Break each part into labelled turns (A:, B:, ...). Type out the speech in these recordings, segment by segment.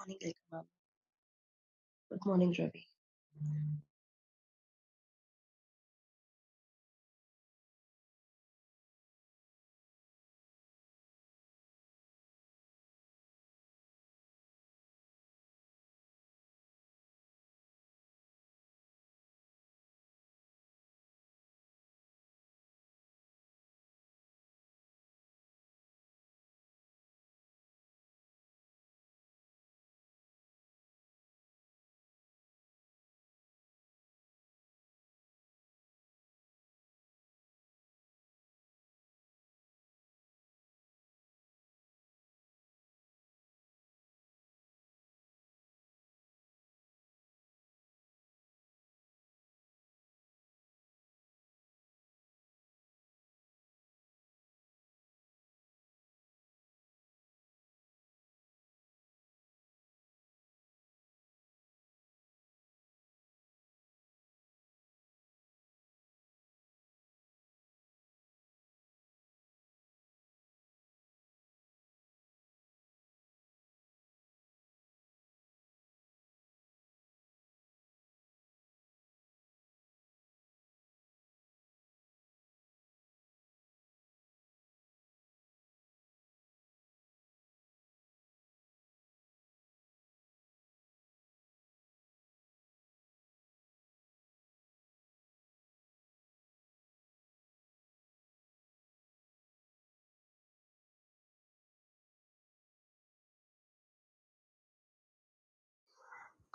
A: Morning ma'am good morning Ravi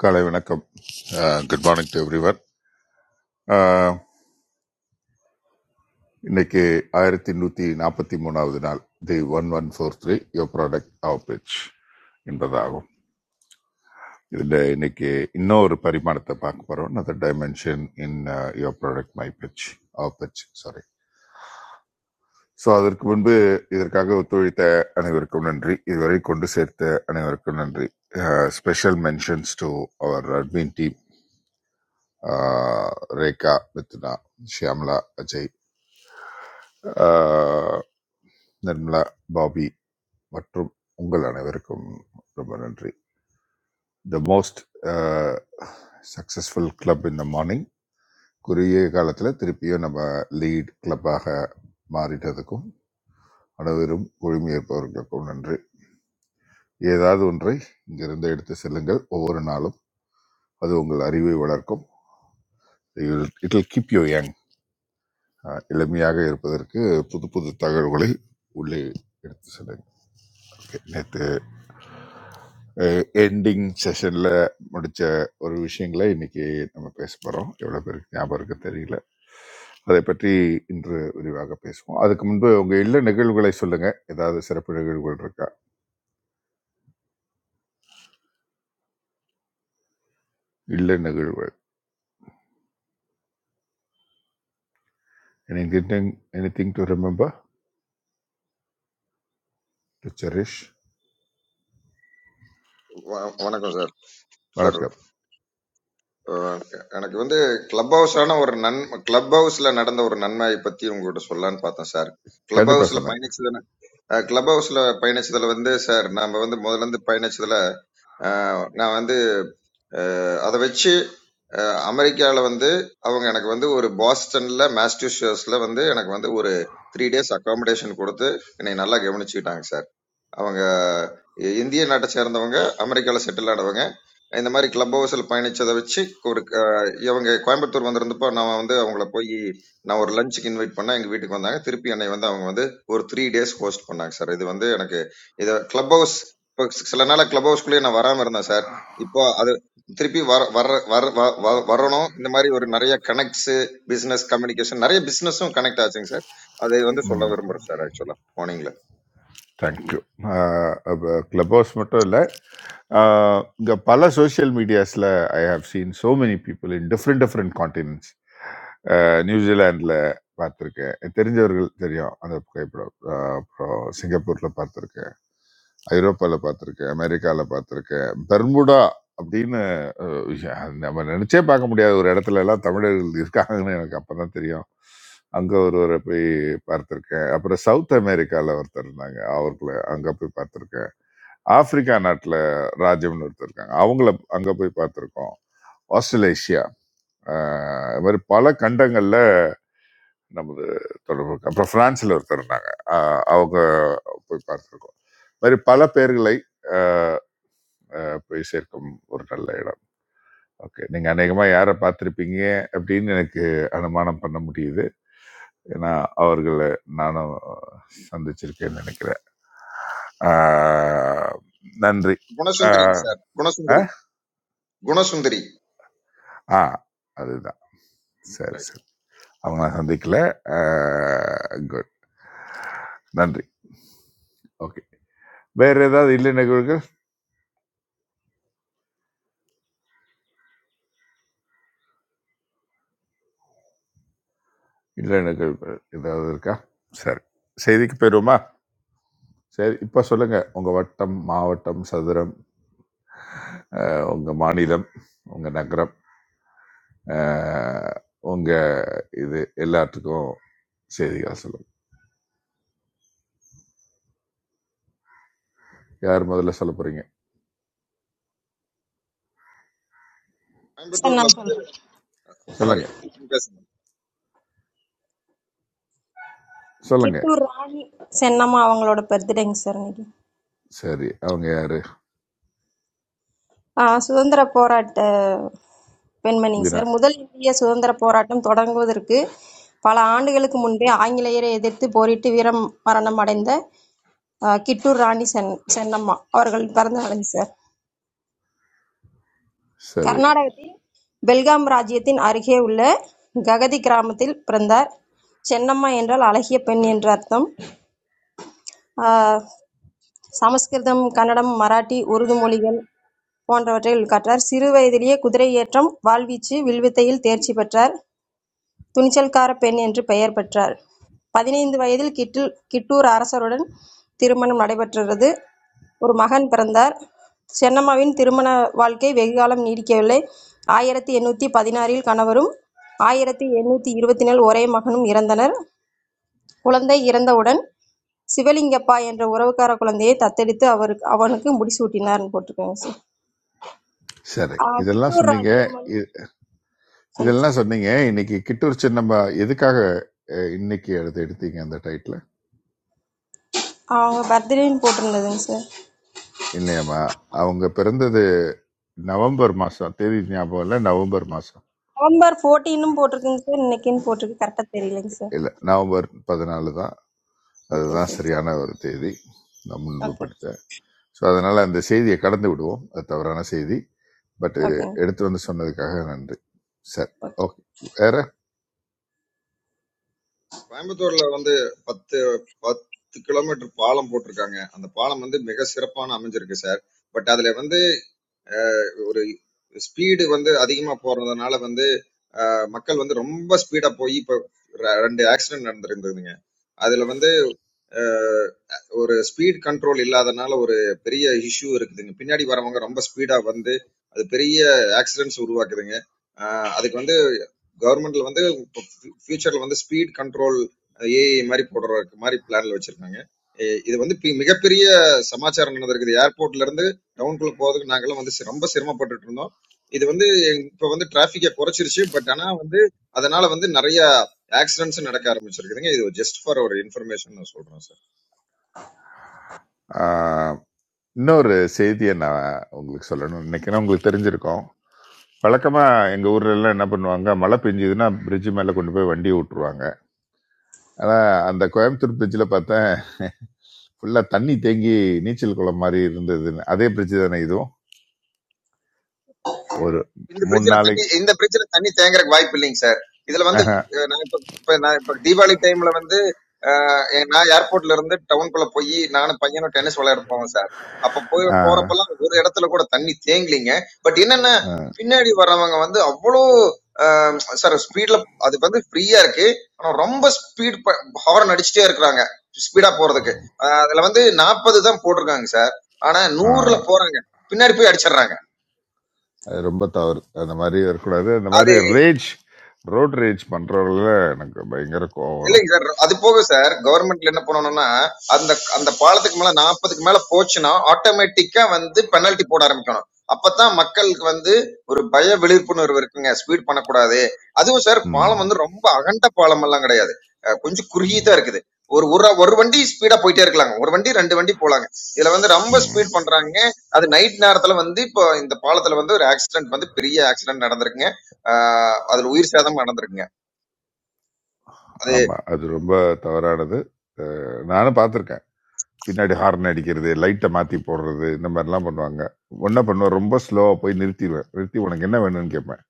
B: காலை வணக்கம் good morning to everyone இன்னைக்கு ஆயிரத்தி நூற்றி நாற்பத்தி மூணாவது நாள் the one one four three your product our pitch என்பதாகும் இதில் இன்னைக்கு இன்னொரு பரிமாணத்தை பார்க்க போகிறோம் அந்த dimension in your product my pitch our pitch sorry so அதற்கு முன்பு இதற்காக ஒத்துழைத்த அனைவருக்கும் நன்றி இதுவரை கொண்டு சேர்த்த அனைவருக்கும் நன்றி special mentions to our admin team Rekha Mithna Shyamala Ajay ah Nirmala Babi மற்றும் உங்கள் அனைவருக்கும் ரொம்ப நன்றி த மோஸ்ட் சக்ஸஸ்ஃபுல் கிளப் இந்த மார்னிங் குறுகிய காலத்தில் திருப்பியும் நம்ம லீட் கிளப்பாக மாறிட்டதுக்கும் அனைவரும் ஒழுமையேற்பவர்களுக்கும் நன்றி ஏதாவது ஒன்றை இங்கிருந்து எடுத்து செல்லுங்கள் ஒவ்வொரு நாளும் அது உங்கள் அறிவை வளர்க்கும் it will keep you young. Young இளமையாக இருப்பதற்கு புது புது தகவல்களை உள்ளே எடுத்து செல்லுங்கள் நேற்று எண்டிங் செஷனில் முடித்த ஒரு விஷயங்களை இன்னைக்கு நம்ம பேச போகிறோம் எவ்வளோ பேருக்கு ஞாபகம் இருக்கு தெரியல அதை பற்றி இன்று விரிவாக பேசுவோம் அதுக்கு முன்பு உங்கள் இல்ல நிகழ்வுகளை சொல்லுங்கள் ஏதாவது சிறப்பு நிகழ்வுகள் இருக்கா இல்ல நிகழ்வுகள் any anything to remember to cherish
C: வ- வணக்கம் சார் சார்
B: வணக்கம்
C: அஹ், எனக்கு வந்து கிளப் ஹவுஸான ஒரு நன் கிளப் ஹவுஸ்ல நடந்த ஒரு நன்மையை பத்தி உங்ககிட்ட சொல்லலான்னு பார்த்தேன் சார் கிளப்
B: கண்டிப்பாக
C: ஹவுஸ்ல
B: சொல்லுங்க
C: பயணிச்சதுல கிளப் ஹவுஸ்ல பயணிச்சதுல வந்து சார் நாம வந்து முதல்ல இருந்து பயணிச்சதுல அஹ், நான் வந்து அதை வச்சு அஹ், அமெரிக்கால வந்து அவங்க எனக்கு வந்து ஒரு பாஸ்டன்ல மேஸ்டியூசஸ்ல வந்து எனக்கு வந்து ஒரு த்ரீ டேஸ் அகாமடேஷன் கொடுத்து என்னை நல்லா கவனிச்சுக்கிட்டாங்க சார் அவங்க இந்திய நாட்டை சேர்ந்தவங்க அமெரிக்காவில் செட்டில் ஆனவங்க இந்த மாதிரி கிளப் ஹவுஸில் பயணிச்சதை வச்சு ஒரு அஹ், இவங்க கோயம்புத்தூர் வந்திருந்தப்போ நான் வந்து அவங்கள போய் நான் ஒரு லஞ்சுக்கு இன்வைட் பண்ணேன் எங்கள் வீட்டுக்கு வந்தாங்க திருப்பி என்னை வந்து அவங்க வந்து ஒரு த்ரீ டேஸ் ஹோஸ்ட் பண்ணாங்க சார் இது வந்து எனக்கு இதை கிளப் ஹவுஸ் இப்போ சில நாள் கிளப் ஹவுஸ்க்குள்ளேயே நான் வராமல் இருந்தேன் சார் இப்போ அது திருப்பி வர வர வர வ- வ- வரணும் இந்த மாதிரி ஒரு நிறைய கனெக்ட்ஸ் பிசினஸ் கம்யூனிகேஷன் நிறைய பிசினஸும் கனெக்ட் ஆச்சுங்க சார் அதை வந்து சொல்ல
B: ம்.
C: விரும்புறேன் சார் ஆக்சுவலா மார்னிங்ல
B: தேங்க்யூ கிளப் ஹவுஸ் மட்டும் இல்லை இங்கே பல சோஷியல் மீடியாஸில் I have seen so many people in different different continents நியூசிலாண்டில் பார்த்துருக்கேன் எனக்கு தெரிஞ்சவர்கள் தெரியும் அந்த புகைப்படம் அஹ், அப்புறம் சிங்கப்பூரில் பார்த்துருக்கேன் ஐரோப்பாவில் பார்த்துருக்கேன் அமெரிக்காவில் பார்த்துருக்கேன் பெர்முடா அப்படின்னு அஹ் யா, நம்ம நினைச்சே பார்க்க முடியாத ஒரு இடத்துல எல்லாம் தமிழர்கள் இருக்காங்கன்னு எனக்கு அப்பதான் தெரியும் அங்க ஒருவரை போய் பார்த்திருக்கேன் அப்புறம் சவுத் அமெரிக்கால ஒருத்தர் இருந்தாங்க அவர்களை அங்க போய் பார்த்திருக்கேன் ஆப்பிரிக்கா நாட்டுல ராஜம்னு ஒருத்தர் இருக்காங்க அவங்கள அங்க போய் பார்த்திருக்கோம் ஆஸ்திரேலேஷியா அஹ் இது மாதிரி பல கண்டங்கள்ல நமது தொடர்பு இருக்கு அப்புறம் பிரான்ஸ்ல ஒருத்தர் இருந்தாங்க அஹ் அவங்க போய் பார்த்திருக்கோம் இது மாதிரி பல பேர்களை அஹ், அஹ், போய் சேர்க்கும் ஒரு நல்ல இடம் ஓகே. நீங்க அநேகமா யார பார்த்திருப்பீங்க அப்படின்னு எனக்கு அனுமானம் பண்ண முடியுது. ஏன்னா, அவர்கள நானும் சந்திச்சிருக்கேன்னு நினைக்கிறேன். ஆ நன்றி. ஆ
C: குணசுந்தரிங்க சார்
B: அ
C: குணசுந்தரி குணசுந்தரி
B: ஆ அதுதான். சரி,
C: ரைட்
B: சரி. அவங்க நான் சந்திக்கல. ஆ குட். நன்றி. ஓகே. வேற ஏதாவது இல்லை நிகழ்வுகள்? இல்லை நிகழ்வுகள் ஏதாவது இருக்கா? சரி. செய்திக்கு போயிருவோமா? சரி. இப்ப சொல்லுங்க. உங்க வட்டம், மாவட்டம், சதுரம், அ உங்க மாநிலம், உங்க நகரம். அஹ், உங்க இது எல்லாத்துக்கும் செய்திகள் சொல்லுங்க யார் முதல்ல சொல்ல போறீங்க
D: சார்
C: கோயம்புத்தூர்ல
D: நான்
C: வந்து
D: சொல்றேன்
C: சாரி
B: சொல்லுங்க
C: நீங்க பேசுங்க
B: சொல்லுங்க
D: கிட்டூர் ராணி சென்னம்மா அவங்களோட பர்த்டேங்க சார் இன்னைக்கு
B: சரி அவங்க யாரு
D: ஆ, சுதந்திர போராட்ட பெண்மணிங்க
B: வீணா
D: சார் முதல் இந்திய சுதந்திர போராட்டம் தொடங்குவதற்கு பல ஆண்டுகளுக்கு முன்பே ஆங்கிலேயரை எதிர்த்து போரிட்டு வீரம் மரணம் அடைந்த ஆ, கிட்டூர் ராணி சென் சென்னம்மா அவர்கள் பிறந்த நாளுங்க சார்
B: சரி
D: கர்நாடகத்தில் பெல்காம் ராஜ்யத்தின் அருகே உள்ள ககதி கிராமத்தில் பிறந்தார் சென்னம்மா என்றால் அழகிய பெண் என்று அர்த்தம் ஆஹ் சமஸ்கிருதம், கன்னடம், மராட்டி, உருது மொழிகள் போன்றவற்றில் கற்றார். சிறு வயதிலேயே குதிரை ஏற்றம், வாள்வீச்சு, வில்வித்தையில் தேர்ச்சி பெற்றார். துணிச்சல்காரப் பெண் என்று பெயர் பெற்றார். பதினைந்து வயதில் கிட்டில் கிட்டூர் அரசருடன் திருமணம் நடைபெற்றது. ஒரு மகன் பிறந்தார். சென்னம்மாவின் திருமண வாழ்க்கை வெகுகாலம் நீடிக்கவில்லை. ஆயிரத்து எண்ணூற்று பதினாறில் கணவரும் ஆயிரத்து எண்ணூற்று இருபத்தினில் ஒரே மகனும் இறந்தனர். குழந்தை இறந்தவுடன் சிவலிங்கப்பா என்ற உறவுக்கார குழந்தையை தத்தெடுத்து அவருக்கு அவனுக்கு முடிசூட்டினார்னு போட்டிருக்காங்க சார்
B: சரி
D: ஆஹ்
B: இதெல்லாம்
D: கிட்டூர்
B: சொன்னீங்க
D: ராஜ்யம்மன்
B: இ-
D: சரி.
B: இதெல்லாம் சொன்னீங்க இன்னைக்கு கிட்டூர் சின்னம்மா எதுக்காக அஹ், இன்னைக்கு எடுத்து எடுத்தீங்க அந்த டைட்டில்
D: அவங்க பர்த்டேன்னு போட்டிருந்ததுங்க சார்
B: இல்லையாம்மா அவங்க பிறந்தது நவம்பர் மாசம் தேதி ஞாபகம் இல்லை நவம்பர் மாசம்
D: நவம்பர் ஃபோர்டீனும் போட்டிருக்குங்க சார் இன்னைக்குன்னு போட்டிருக்கு கரெக்டாக தெரியலைங்க சார்
B: இல்லை நவம்பர் பதினாலு தான்
D: ஓகே
B: அதுதான்
D: ஓகேங்க
B: சரியான ஒரு தேதி நான் முன்பு
D: ஓகே
B: படித்தேன் ஸோ அதனால் அந்த செய்தியை கடந்து விடுவோம் அது தவறான செய்தி பட்
D: ஓகேங்க
B: எடுத்து வந்து சொன்னதுக்காக நன்றி சரி ஓகே வேற
C: கோயம்புத்தூர்ல வந்து பத்து பத்து கிலோமீட்டர் பாலம் போட்டிருக்காங்க அந்த பாலம் வந்து மிக சிறப்பான அமைஞ்சிருக்கு சார் பட் அதுல வந்து ஒரு ஸ்பீடு வந்து அதிகமா போறதுனால வந்து அஹ், மக்கள் வந்து ரொம்ப ஸ்பீடா போய் இப்ப ரெ- ரெண்டு ஆக்சிடென்ட் நடந்திருந்ததுங்க அதுல வந்து அஹ் ஒரு ஸ்பீட் கண்ட்ரோல் இல்லாதனால ஒரு பெரிய இஷ்யூ இருக்குதுங்க பின்னாடி வரவங்க ரொம்ப ஸ்பீடா வந்து அது பெரிய ஆக்சிடென்ட்ஸ் உருவாக்குதுங்க அஹ் அதுக்கு வந்து கவர்மெண்ட்ல வந்து ஃபியூச்சர்ல வந்து ஸ்பீட் கண்ட்ரோல் ஏஐ மாதிரி போடுற மாதிரி பிளான்ல வச்சிருக்காங்க எ- இது வந்து பி- மிகப்பெரிய சமாச்சாரம் நடந்திருக்குது ஏர்போர்ட்ல இருந்து டவுனுக்குள்ள போறதுக்கு நாங்கெல்லாம் வந்து சி- ரொம்ப சிரமப்பட்டுட்டு இருந்தோம் இது வந்து எங்க- இப்ப வந்து டிராபிக்கை குறைச்சிருச்சு பட் ஆனா வந்து அதனால வந்து நிறைய ஆக்சிடென்ட்ஸ் நடக்க ஆரம்பிச்சிருக்குதுங்க இது ஜஸ்ட் ஃபார் ஒரு இன்ஃபர்மேஷன் நான் சொல்றேன் சார்
B: ஆஹ், இன்னொரு செய்தியை நான் உங்களுக்கு சொல்லணும் இன்னைக்குன்னா உங்களுக்கு தெரிஞ்சிருக்கோம் வழக்கமாக எங்கள் ஊர்ல எல்லாம் என்ன பண்ணுவாங்க மழை பெஞ்சுதுன்னா பிரிட்ஜு மேலே கொண்டு போய் வண்டியை விட்டுருவாங்க ஆனால் அந்த கோயம்புத்தூர் பிரிட்ஜில் பார்த்தேன் ஃபுல்லாக தண்ணி தேங்கி நீச்சல் குளம் மாதிரி இருந்ததுன்னு அதே பிரிட்ஜு தானே இதுவும் ஒரு
C: இந்த
B: மூணு
C: பிரிட்ஜ்ல தண்ணி
B: நாளைக்கு
C: இந்த பிரிட்ஜ்ல தண்ணி தேங்குறதுக்கு வாய்ப்பு இல்லைங்க சார் இதுல வந்து
B: ஆஹ்,
C: அஹ், நான் இப்ப இப்ப நான் இப்ப தீபாவளி டைம்ல வந்து அஹ், எ- நான் ஏர்போர்ட்ல இருந்து டவுனுக்குள்ள போய் நானும் பையனும் டென்னிஸ் விளையாட போவோம் சார் அப்ப போய்
B: ஆஹ்,
C: போறப்பெல்லாம் ஒரு இடத்துல கூட தண்ணி தேங்கலிங்க பட் என்னன்னா பின்னாடி வர்றவங்க வந்து அவ்வளோ சார் ஸ்பீட்ல அது வந்து ஃப்ரீயா இருக்கு ஆனா ரொம்ப ஸ்பீட் ஹார்ன் அடிச்சுட்டே இருக்கிறாங்க ஸ்பீடா போறதுக்கு அஹ், அதுல வந்து நாற்பது தான் போட்டிருக்காங்க சார் ஆனா நூறுல
B: ஆஹ்,
C: போறாங்க பின்னாடி போய் அடிச்சிடுறாங்க
B: அது ரொம்ப தவறு அந்த மாதிரி இருக்கக்கூடாது அந்த மாதிரி ரேஜ் ரோட் ரேஜ் பண்றவங்கள எனக்கு பயங்கர கோவம் வரும்
C: இல்லைங்க சார் அது போக சார் கவர்மெண்ட்ல என்ன பண்ணணும்னா அந்த அந்த பாலத்துக்கு மேல நாற்பதுக்கு மேல போச்சுன்னா ஆட்டோமேட்டிக்கா வந்து பெனல்ட்டி போட ஆரம்பிக்கணும் அப்பதான் மக்களுக்கு வந்து ஒரு பய விழிப்புணர்வு இருக்குங்க ஸ்பீட் பண்ணக்கூடாது அதுவும் சார்
B: ம்,
C: பாலம் வந்து ரொம்ப அகண்ட பாலம் எல்லாம் கிடையாது அஹ் கொஞ்சம் குறுகியதா
B: ம்,
C: இருக்குது ஒரு ஒரு ஒரு வண்டி ஸ்பீடா போயிட்டே இருக்கலாங்க ஒரு வண்டி ரெண்டு வண்டி போலாங்க இதுல வந்து ரொம்ப
B: ம்.
C: ஸ்பீட் பண்றாங்க அது நைட் நேரத்துல வந்து இப்போ இந்த பாலத்துல வந்து ஒரு ஆக்சிடென்ட் வந்து பெரிய ஆக்சிடென்ட் நடந்திருக்குங்க அஹ் அதுல உயிர் சேதம் நடந்திருக்குங்க அது
B: ஆமா அது ரொம்ப தவறானது அஹ், நானும் பார்த்துருக்கேன் பின்னாடி ஹார்ன் அடிக்கிறது லைட்டை மாத்தி போடுறது இந்த மாதிரிலாம் பண்ணுவாங்க என்ன பண்ணுவேன் ரொம்ப ஸ்லோவா போய் நிறுத்திடுவேன் நிறுத்தி உனக்கு என்ன வேணும்னு கேட்பேன்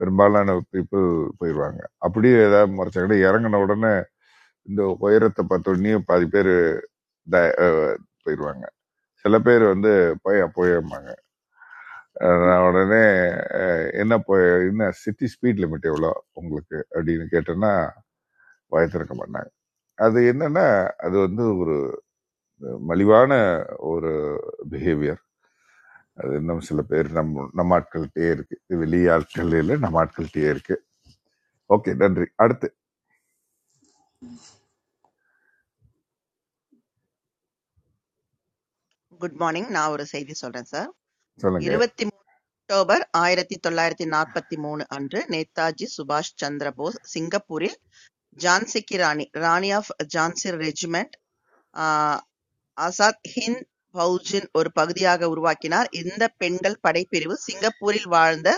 B: பெரும்பாலான பீப்புள் போயிடுவாங்க அப்படியே ஏதாவது முறைச்சாங்கன்னா இறங்கின உடனே இந்த உயரத்தை பார்த்தோடனே பாதி பேர் போயிடுவாங்க சில பேர் வந்து போய் போய் அஹ் நான் உடனே அஹ் என்ன போய் என்ன சிட்டி ஸ்பீட் லிமிட் எவ்வளோ உங்களுக்கு அப்படின்னு கேட்டேன்னா வாய் திறக்க மாட்டாங்க அது என்னன்னா அது வந்து ஒரு மலிவான ஒரு பிஹேவியர் அது இன்னும் சில பேர் நம்ம நம்ம ஆட்கள்கிட்டயே இருக்கு இது வெளி ஆட்கள் இல்லை நம்ம ஆட்கள்கிட்டயே இருக்கு ஓகே நன்றி அடுத்து
E: குட் மார்னிங். நான் ஒரு செய்தி சொல்றேன் சார்.
B: சொல்லுங்க
E: 23 அக்டோபர் 1943 அன்று நேதாஜி சுபாஷ் சந்திர போஸ் சிங்கப்பூரில் ஜான்சிக்கு ராணி, ராணி ஆஃப் ஜான்சி ரெஜிமெண்ட் ஆஹ், ஆசாத் ஹிந்த் பௌஜின் ஒரு பகுதியாக உருவாக்கினார். இந்த பெண்கள் படைப்பிரிவு சிங்கப்பூரில் வாழ்ந்த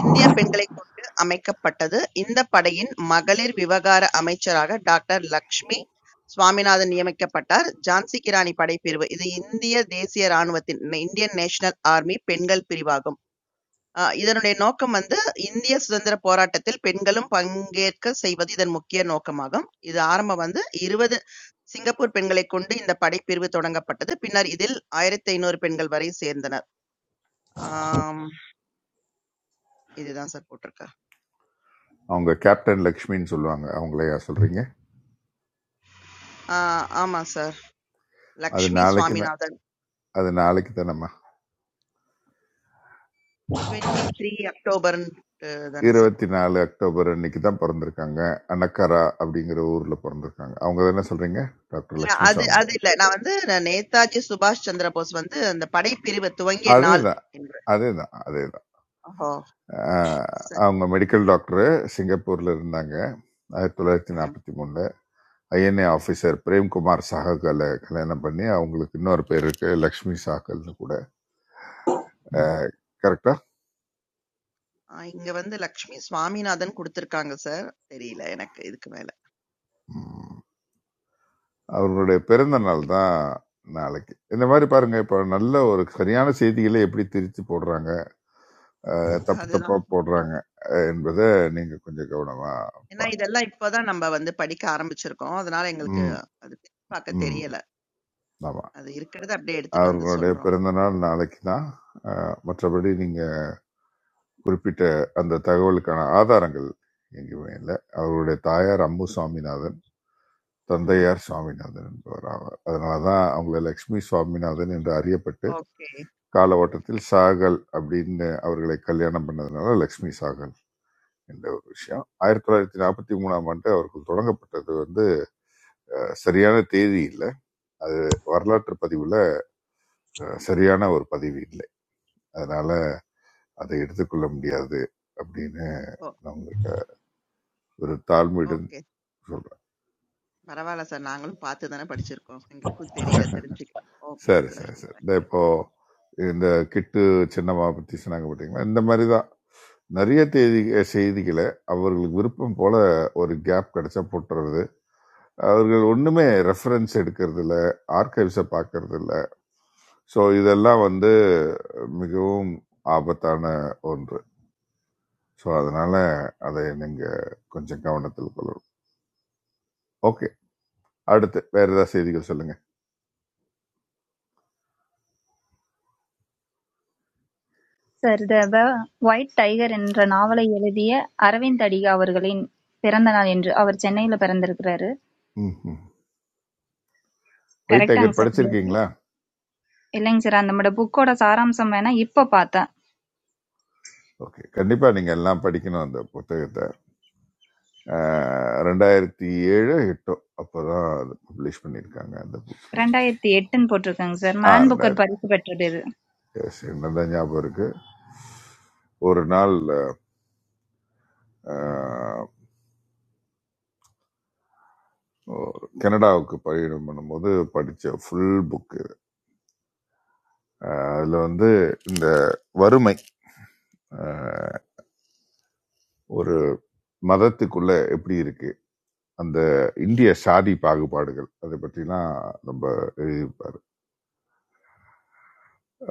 E: இந்தியப் பெண்களைக் கொண்டு அமைக்கப்பட்டது. இந்தப் படையின் மகளிர் விவகார அமைச்சராக டாக்டர் லக்ஷ்மி சுவாமிநாதன் நியமிக்கப்பட்டார். ஜான்சி கி ராணி படைப்பிரிவு இது இந்திய தேசிய ராணுவத்தின் இந்தியன் நேஷனல் ஆர்மி பெண்கள் பிரிவாகும். அஹ் இதனுடைய நோக்கம் வந்து இந்திய சுதந்திரப் போராட்டத்தில் பெண்களும் பங்கேற்க செய்வது இதன் முக்கிய நோக்கமாகும். இது ஆரம்பம் வந்து 20 சிங்கப்பூர் பெண்களைக் கொண்டு இந்த படைப்பிரிவு தொடங்கப்பட்டது. பின்னர் இதில் 1500 பெண்கள் வரை சேர்ந்தனர். ஆம், இதுதான் சார் போட்டிருக்கா.
B: அவங்க கேப்டன் லக்ஷ்மின்னு சொல்லுவாங்க அவங்களையா சொல்றீங்க
E: ஆஹ் ஆமா சார்.
B: அது
E: லக்ஷ்மி
B: நாளைக்கு தான்
E: சுவாமிநாதன்
B: அது நாளைக்கு தான் நம்ம
E: 23 த்ரீ அக்டோபர்னு தானே சார்
B: இருபத்தி
E: கொடுத்துருக்கு
B: நாலு அக்டோபர் அன்னைக்கு தான் பிறந்திருக்காங்க அனக்கரா அப்படிங்கிற ஊர்ல பிறந்திருக்காங்க அவங்க என்ன சொல்றீங்க டாக்டர்
E: இல்ல
B: லக்ஷ்மி
E: அது
B: சுவாமி
E: அது இல்ல நான் வந்து நான் நேதாஜி சுபாஷ் சந்திர போஸ் வந்து அந்த படைப்பிரிவு துவங்கிய
B: அதே
E: நாள்
B: தான்
E: என்று
B: அதே தான் அதே தான்
E: ஓஹோ சரி
B: அவங்க
E: சரிங்க
B: மெடிக்கல் டாக்டர் சிங்கப்பூர்ல இருந்தாங்க ஆயிரத்தி தொள்ளாயிரத்தி
E: ம்
B: நாற்பத்தி மூணில் ஐஎன்ஏ ஆஃபீஸர் பிரேம்குமார் சாகலை கல்யாணம் பண்ணி அவங்களுக்கு இன்னொரு பேர் இருக்கு லக்ஷ்மி சாகல்னு கூட கரெக்டா
E: ஆ, இங்க வந்து லக்ஷ்மி சுவாமிநாதன் கொடுத்திருக்காங்க சார் தெரியல எனக்கு இதுக்கு மேல
B: அவர்களுடைய பிறந்த நாள் தான் நாளைக்கு இந்த மாதிரி பாருங்க இப்போ நல்ல ஒரு சரியான செய்திகளை எப்படி திரிச்சு போடுறாங்க அஹ் தப்பு தப்பா
E: அதுதான்
B: போடுறாங்க
E: பாருங்க
B: அஹ் என்பதை நீங்க கொஞ்சம் கவனமா
E: ஏன்னா
B: பார்க்கணும்
E: இதெல்லாம் இப்பதான் நம்ம வந்து படிக்க ஆரம்பிச்சிருக்கோம் அதனால எங்களுக்கு
B: ம்
E: அது பார்க்க
B: ம்
E: தெரியல
B: ஆமா
E: அது இருக்கிறத அப்படியே எடுத்துட்டு வந்து
B: அவர்களுடைய
E: சொல்றோம்
B: பிறந்த நாள் நாளைக்கு தான் அஹ் மற்றபடி நீங்க குறிப்பிட்ட அந்த தகவலுக்கான ஆதாரங்கள் எங்கேயுமே இல்லை அவருடைய தாயார் அம்மு சுவாமிநாதன் தந்தையார் சுவாமிநாதன் என்பவர் ஆவார் அதனாலதான் அவங்கள லக்ஷ்மி சுவாமிநாதன் என்று அறியப்பட்டு
E: ஓகே
B: கால ஓட்டத்தில் சாகல் அப்படின்னு அவர்களை கல்யாணம் பண்ணதுனால லக்ஷ்மி சாகல் என்ற ஒரு விஷயம் ஆயிரத்தி தொள்ளாயிரத்தி நாற்பத்தி மூணாம் ஆண்டு அவர்கள் தொடங்கப்பட்டது வந்து அஹ், சரியான தேதி இல்லை அது வரலாற்று பதிவுல அஹ், சரியான ஒரு பதிவு இல்லை அதனால அதை எடுத்துக்கொள்ள முடியாது அப்படின்னு
E: ஓ
B: நான் உங்களுக்கு ஒரு தாழ்மையுடன்
E: ஓகே.
B: சொல்றேன்
E: பரவால்ல சார். நாங்களும் பாத்து தானே படிச்சிருக்கோம். எங்களுக்கும் தெரியல தெரிஞ்சுக்க. ஓகே
B: சரி
E: சார்.
B: சரி சரி இந்த
E: தேங்க்யூ.
B: இப்போ இந்த கிட்டு சின்னம்மா பத்தி சொன்னாங்க பார்த்தீங்களா இந்த மாதிரி தான் நிறைய தேதி செய்திகளை அவர்களுக்கு விருப்பம் போல ஒரு கேப் கிடைச்சா போட்டுறது அவர்கள் ஒண்ணுமே ரெஃபரன்ஸ் எடுக்கிறது இல்ல ஆர்கைவ்ஸை பார்க்கறது இல்ல ஸோ இதெல்லாம் வந்து மிகவும் ஆபத்தான ஒன்று ஸோ அதனால அதை நீங்கள் கொஞ்சம் கவனத்தில் கொள்ளணும் ஓகே அடுத்து வேற ஏதாவது செய்திகள் சொல்லுங்க
F: சார் இது த ஒயிட் டைகர் என்ற நாவலை எழுதிய அரவிந்த் அடிகா அவர்களின் பிறந்த நாள் என்று அவர் சென்னையில் பிறந்திருக்கிறாரு
B: ம் ம் ஒயிட்
F: கரெக்டாங்க
B: டைகர்
F: சார் உங்களுக்கு
B: படிச்சிருக்கீங்களா
F: இல்லைங்க சார் அந்த புக்கோட சாராம்சம் வேணா இப்போ பார்த்தேன்
B: ஓகே கண்டிப்பா நீங்க எல்லாம் படிக்கணும் அந்த புத்தகத்தை அஹ், ரெண்டாயிரத்தி ஏழு எட்டோ அப்போதான் அது பப்ளிஷ் பண்ணியிருக்காங்க அந்த புக்கு
F: ரெண்டாயிரத்தி எட்டுன்னு போட்டிருக்காங்க சார்
B: ஆ
F: மேன் புக்கர்
B: ரெண்டாயிரத்தி
F: பரிசு பெற்றது இது
B: yes, என்னதான் ஞாபகம் இருக்கு ஒரு நாள் அஹ், ஒரு கனடாவுக்கு பயணம் பண்ணும்போது படிச்ச ஃபுல் புக்கு அதுல வந்து இந்த வறுமை அஹ், ஒரு மதத்துக்குள்ள எப்படி இருக்கு அந்த இந்திய சாதி பாகுபாடுகள் அதை பற்றிலாம் ரொம்ப எழுதியிருப்பாரு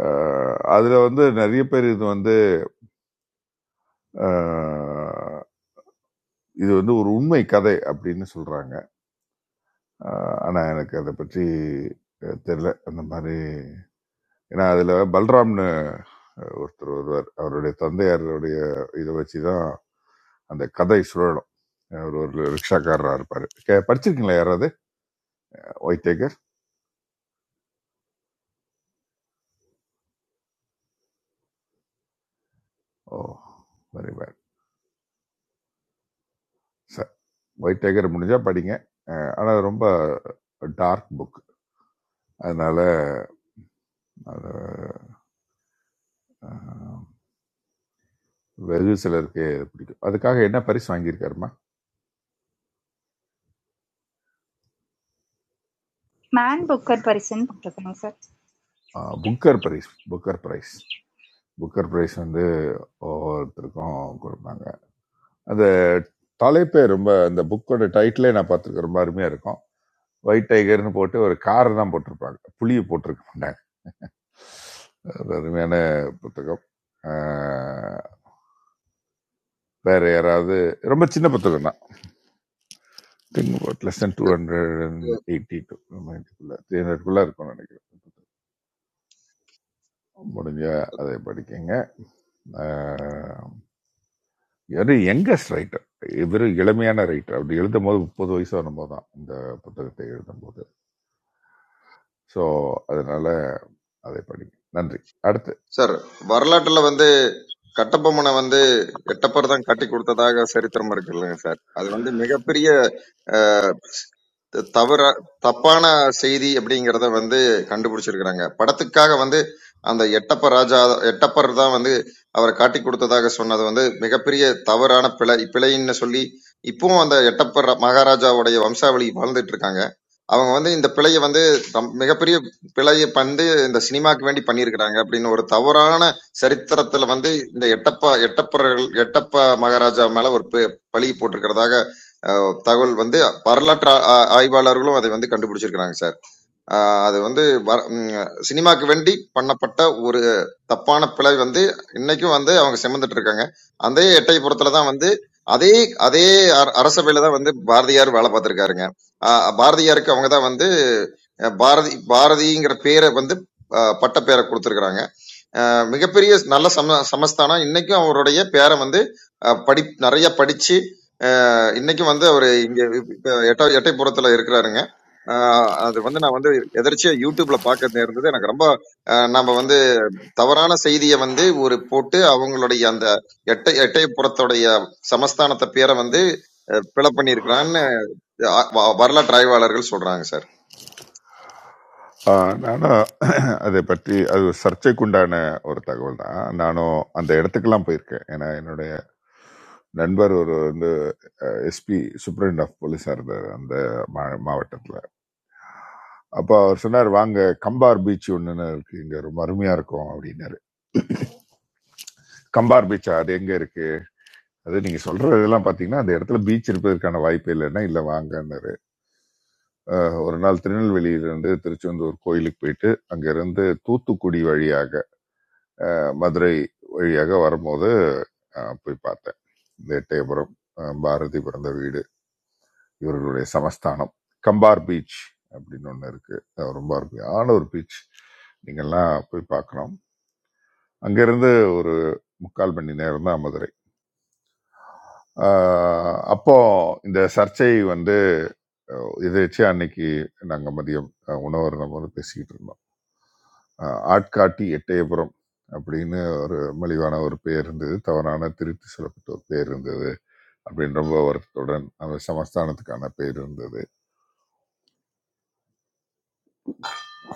B: அஹ் அதுல வந்து நிறைய பேர் இது வந்து அஹ், இது வந்து ஒரு உண்மை கதை அப்படின்னு சொல்றாங்க அஹ் ஆனா எனக்கு அதை பற்றி அஹ், தெரியல அந்த மாதிரி ஏன்னா அதுல பல்ராம்னு அஹ், ஒருத்தர் வருவார் அவருடைய தந்தையாருடைய இதை வச்சுதான் அந்த கதை சுழலும் அவர் ஒரு ரிக்ஷாக்காரராக இருப்பார் படிச்சிருக்கீங்களா யாராவது white tiger oh very bad white tiger முடிஞ்சா படிங்க அஹ் ஆனா ரொம்ப டார்க் புக் அதனால அது அஹ், வெகு சிலருக்கு பிடிக்கும் அதுக்காக என்ன பரிசு வாங்கியிருக்காருமா
F: மேன்
B: சு-
F: புக்கர் பரிசுன்னு போட்டிருக்காங்க சார்
B: அஹ், Booker prize Booker prize Booker prize வந்து ஒவ்வொருத்தருக்கும் கொடுப்பாங்க அந்த தலைப்பே ரொம்ப அந்த புக்கோட டைட்டிலே நான் பார்த்துருக்கேன் ரொம்ப அருமையா இருக்கும் ஒயிட் டைகர்னு போட்டு ஒரு காரை தான் போட்டிருப்பாங்க புளியை போட்டிருக்க மாட்டாங்க அது அருமையான புத்தகம் வேற யாராவது ரொம்ப சின்ன புத்தகம் தான் think about less then two hundred and eighty two நைன்டிக்குள்ள த்ரீ ஹண்ட்ரட்குள்ளே இருக்கும்னு நினைக்கிறேன் முடிஞ்சா அதை படிக்கங்க ஆஹ் இவர் யங்கஸ்ட் ரைட்டர் இவர் இளமையான ரைட்டர் அப்படி எழுதும் போது முப்பது வயசு வரும்போது தான் இந்த புத்தகத்தை எழுதும் போது ஸோ அதனால அதை படிங்க நன்றி அடுத்து
C: சார் வரலாற்றுல வந்து கட்டபொம்மனை வந்து எட்டப்பர் தான் கட்டி கொடுத்ததாக சரித்திரம் இருக்குல்லங்க சார் அது வந்து மிகப்பெரிய த- தவற தப்பான செய்தி அப்படிங்கிறத வந்து கண்டுபிடிச்சிருக்கிறாங்க படத்துக்காக வந்து அந்த எட்டப்ப ராஜா எட்டப்பர் தான் வந்து அவரை காட்டி கொடுத்ததாக சொன்னது வந்து மிகப்பெரிய தவறான பிழை பிழைன்னு சொல்லி இப்பவும் அந்த எட்டப்பர் ர- மகாராஜாவுடைய வம்சாவளி வாழ்ந்துட்டு இருக்காங்க அவங்க வந்து இந்த பிழையை வந்து தம்- மிகப்பெரிய பிழையை வந்து இந்த சினிமாக்கு வேண்டி பண்ணியிருக்கிறாங்க அப்படின்னு ஒரு தவறான சரித்திரத்துல வந்து இந்த எட்டப்பா எட்டப்பர்கள் எட்டப்ப மகாராஜா மேல ஒரு பி- பழி போட்டிருக்கிறதாக தகவல் வந்து வரலாற்று ஆ- ஆ- ஆய்வாளர்களும் அதை வந்து கண்டுபிடிச்சிருக்கிறாங்க சார் ஆஹ் அது வந்து வர- ம், சினிமாக்கு வேண்டி பண்ணப்பட்ட ஒரு தப்பான பிழை வந்து இன்னைக்கும் வந்து அவங்க சுமந்துட்டு இருக்காங்க அதே எட்டயபுரத்துல தான் வந்து அதே அதே அர- அரசவையில தான் வந்து பாரதியார் வேலை பார்த்திருக்காருங்க ஆஹ் பாரதியாருக்கு அவங்க தான் வந்து அஹ் பாரதி பாரதிங்கிற பேரை வந்து அஹ் பட்ட பேரை கொடுத்துருக்குறாங்க மிகப்பெரிய நல்ல சம சமஸ்தானம் இன்னைக்கும் அவருடைய பேரை வந்து அஹ் படி நிறைய படிச்சு இன்னைக்கும் வந்து அவர் இங்க இப்ப எட்ட எட்டைப்புறத்துல இருக்கிறாருங்க ஆஹ் அது வந்து நான் வந்து எதர்ச்சியா யூடியூப்ல பார்க்க இருந்தது எனக்கு ரொம்ப ஆஹ் நாம வந்து தவறான செய்தியை வந்து ஒரு போட்டு அவங்களுடைய அந்த எட்டை எட்டைப்புறத்துடைய சமஸ்தானத்தை பேரை வந்து அஹ், பிழை பண்ணியிருக்கிறான்னு அஹ், வ- வரலாற்று ஆய்வாளர்கள் சொல்றாங்க சார்
B: ஆ, நானும் அதை பற்றி அது ஒரு சர்ச்சைக்குண்டான ஒரு தகவல் தான் நானும் அந்த இடத்துக்கெல்லாம் போயிருக்கேன் ஏன்னா என்னுடைய நண்பர் ஒரு வந்து எஸ்பி சூப்பரண்ட் ஆஃப் போலீஸாக இருந்தார் அந்த மாவட்டத்தில் அப்போ அவர் சொன்னார் வாங்க கம்பார் பீச் ஒன்றுன்னு இருக்கு இங்கே ரொம்ப அருமையாக இருக்கும் அப்படின்னாரு கம்பார் பீச்சா அது எங்கே இருக்கு அது நீங்க சொல்ற இதெல்லாம் பாத்தீங்கன்னா அந்த இடத்துல பீச் இருப்பதற்கான வாய்ப்பே இல்லைன்னா இல்ல வாங்கன்னாரு அஹ் ஒரு நாள் திருநெல்வேலியிலிருந்து திருச்செந்தூர் கோயிலுக்கு போயிட்டு அங்கிருந்து தூத்துக்குடி வழியாக அஹ், மதுரை வழியாக வரும்போது அஹ், போய் பார்த்தேன் வேட்டையபுரம் அஹ், பாரதி பிறந்த வீடு இவர்களுடைய சமஸ்தானம் கம்பார் பீச் அப்படின்னு ஒன்று இருக்கு அது ரொம்ப அருமையான ஒரு பீச் நீங்கெல்லாம் போய் பார்க்கணும் அங்கிருந்து ஒரு முக்கால் மணி நேரம் தான் மதுரை ஆஹ் அப்போ இந்த சர்ச்சை வந்து அஹ் எதேச்சையா அன்னைக்கு நாங்கள் மதியம் அஹ், உணவருந்தம் போது பேசிக்கிட்டு இருந்தோம் அஹ், ஆட்காட்டி எட்டயபுரம் அப்படின்னு ஒரு மலிவான ஒரு பெயர் இருந்தது தவறான திருத்தி சொல்லப்பட்ட ஒரு பெயர் இருந்தது அப்படின்னு ரொம்ப வருத்தத்துடன் அந்த சமஸ்தானத்துக்கான பெயர் இருந்தது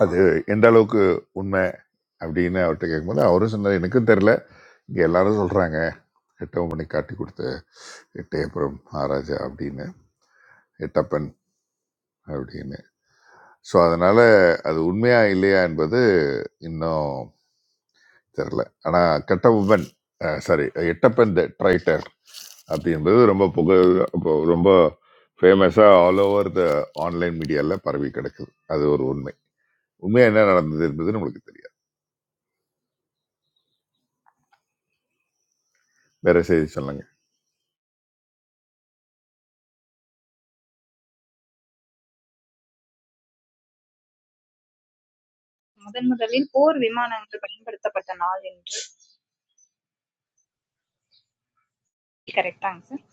B: அது எந்த அளவுக்கு உண்மை அப்படின்னு அவர்கிட்ட கேட்கும்போது அவரும் சொன்னார் எனக்கும் தெரியல இங்க எல்லாரும் சொல்றாங்க எட்டவன் பண்ணி காட்டி கொடுத்த எட்டயபுரம் மகாராஜா அப்படின்னு எட்டப்பன் அப்படின்னு ஸோ அதனால அது உண்மையா இல்லையா என்பது இன்னும் தெரில ஆனா கட்டவுவன் சாரி எட்டப்பன் த ட்ரைட்டர் அப்படி என்பது ரொம்ப புக இப்போ ரொம்ப ஃபேமஸாக ஆல் ஓவர் த ஆன்லைன் மீடியாவில் பரவி கிடக்குது அது ஒரு உண்மை உண்மையாக என்ன நடந்தது என்பது நம்மளுக்கு தெரியாது வேற செய்தி சொல்லுங்க
F: முதன் முதலில் போர்
G: மார்னிங் சார்.
F: விமானங்கள் பயன்படுத்தப்பட்ட நாள் என்று கரெக்டாங்க சார்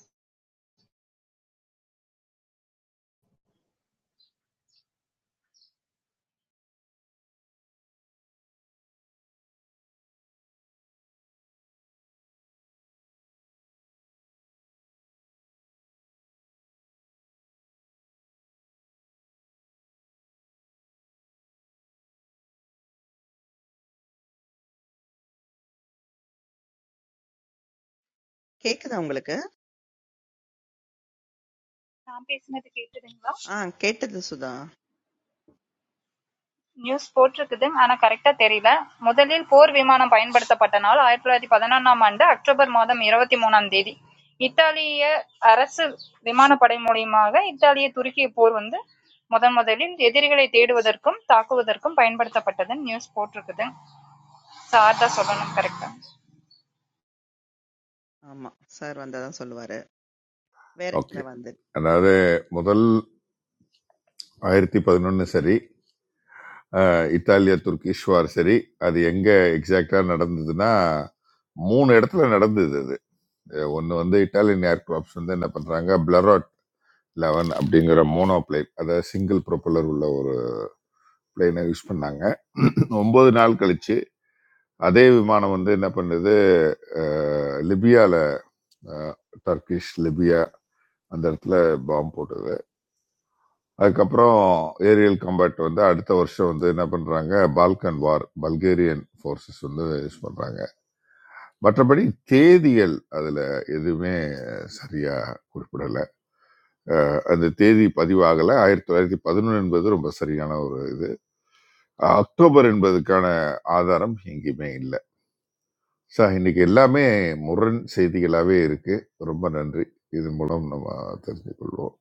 E: கேக்குதா உங்களுக்கு?
F: நான் பேசினது கேட்டதுங்களா
E: ஆ கேட்டது சுதா.
F: நியூஸ் போட்டிருக்குது. ஆனா correct ஆ தெரியல. முதலில் போர் விமானம் பயன்படுத்தப்பட்ட நாள் ஆயிரத்து தொள்ளாயிரத்து பதினொன்றாம் ஆண்டு அக்டோபர் மாதம் இருபத்தி மூணாம் தேதி. இத்தாலிய அரசு விமானப்படை மூலியமாக இத்தாலிய துருக்கிய போர் வந்து முதன் முதலில் எதிரிகளை தேடுவதற்கும் தாக்குவதற்கும் பயன்படுத்தப்பட்டதுன்னு நியூஸ் போட்டிருக்குது. சார் தான் சொல்லணும் கரெக்டா.
E: ஆமா. சார் வந்தா தான் சொல்லுவாரு. வேற இந்த
B: ஓகே
E: வந்து.
B: அதாவது முதல் ஆயிரத்தி பதினொன்று சரி அஹ் இத்தாலிய துர்கிஷ் வார் சரி அது எங்கே எக்ஸாக்டாக நடந்ததுன்னா மூணு இடத்துல நடந்தது அது ஒன்று வந்து இட்டாலியன் ஏர்கிராப்ட்ஸ் வந்து என்ன பண்ணுறாங்க லெவன் அப்படிங்கிற மோனோ பிளேன் அதாவது சிங்கிள் ப்ரொப்பல்லர் உள்ள ஒரு பிளேனை யூஸ் பண்ணாங்க ஒன்பது நாள் கழிச்சு அதே விமானம் வந்து என்ன பண்ணுது அஹ், லிபியால அஹ், டர்க்கிஷ் லிபியா அந்த இடத்துல பாம்பு போட்டது அதுக்கப்புறம் ஏரியல் கம்பேட் வந்து அடுத்த வருஷம் வந்து என்ன பண்றாங்க பால்கன் வார் பல்கேரியன் ஃபோர்ஸஸ் வந்து யூஸ் பண்றாங்க மற்றபடி தேதியல் அதுல எதுவுமே சரியா குறிப்பிடல அந்த தேதி பதிவாகல ஆயிரத்தி தொள்ளாயிரத்தி பதினொன்று என்பது ரொம்ப சரியான ஒரு அக்டோபர் என்பதற்கான ஆதாரம் எங்கேயுமே இல்லை சார் இன்னைக்கு எல்லாமே முரண் செய்திகளாகவே இருக்கு ரொம்ப நன்றி இதன் மூலம் நம்ம தெரிஞ்சு கொள்வோம்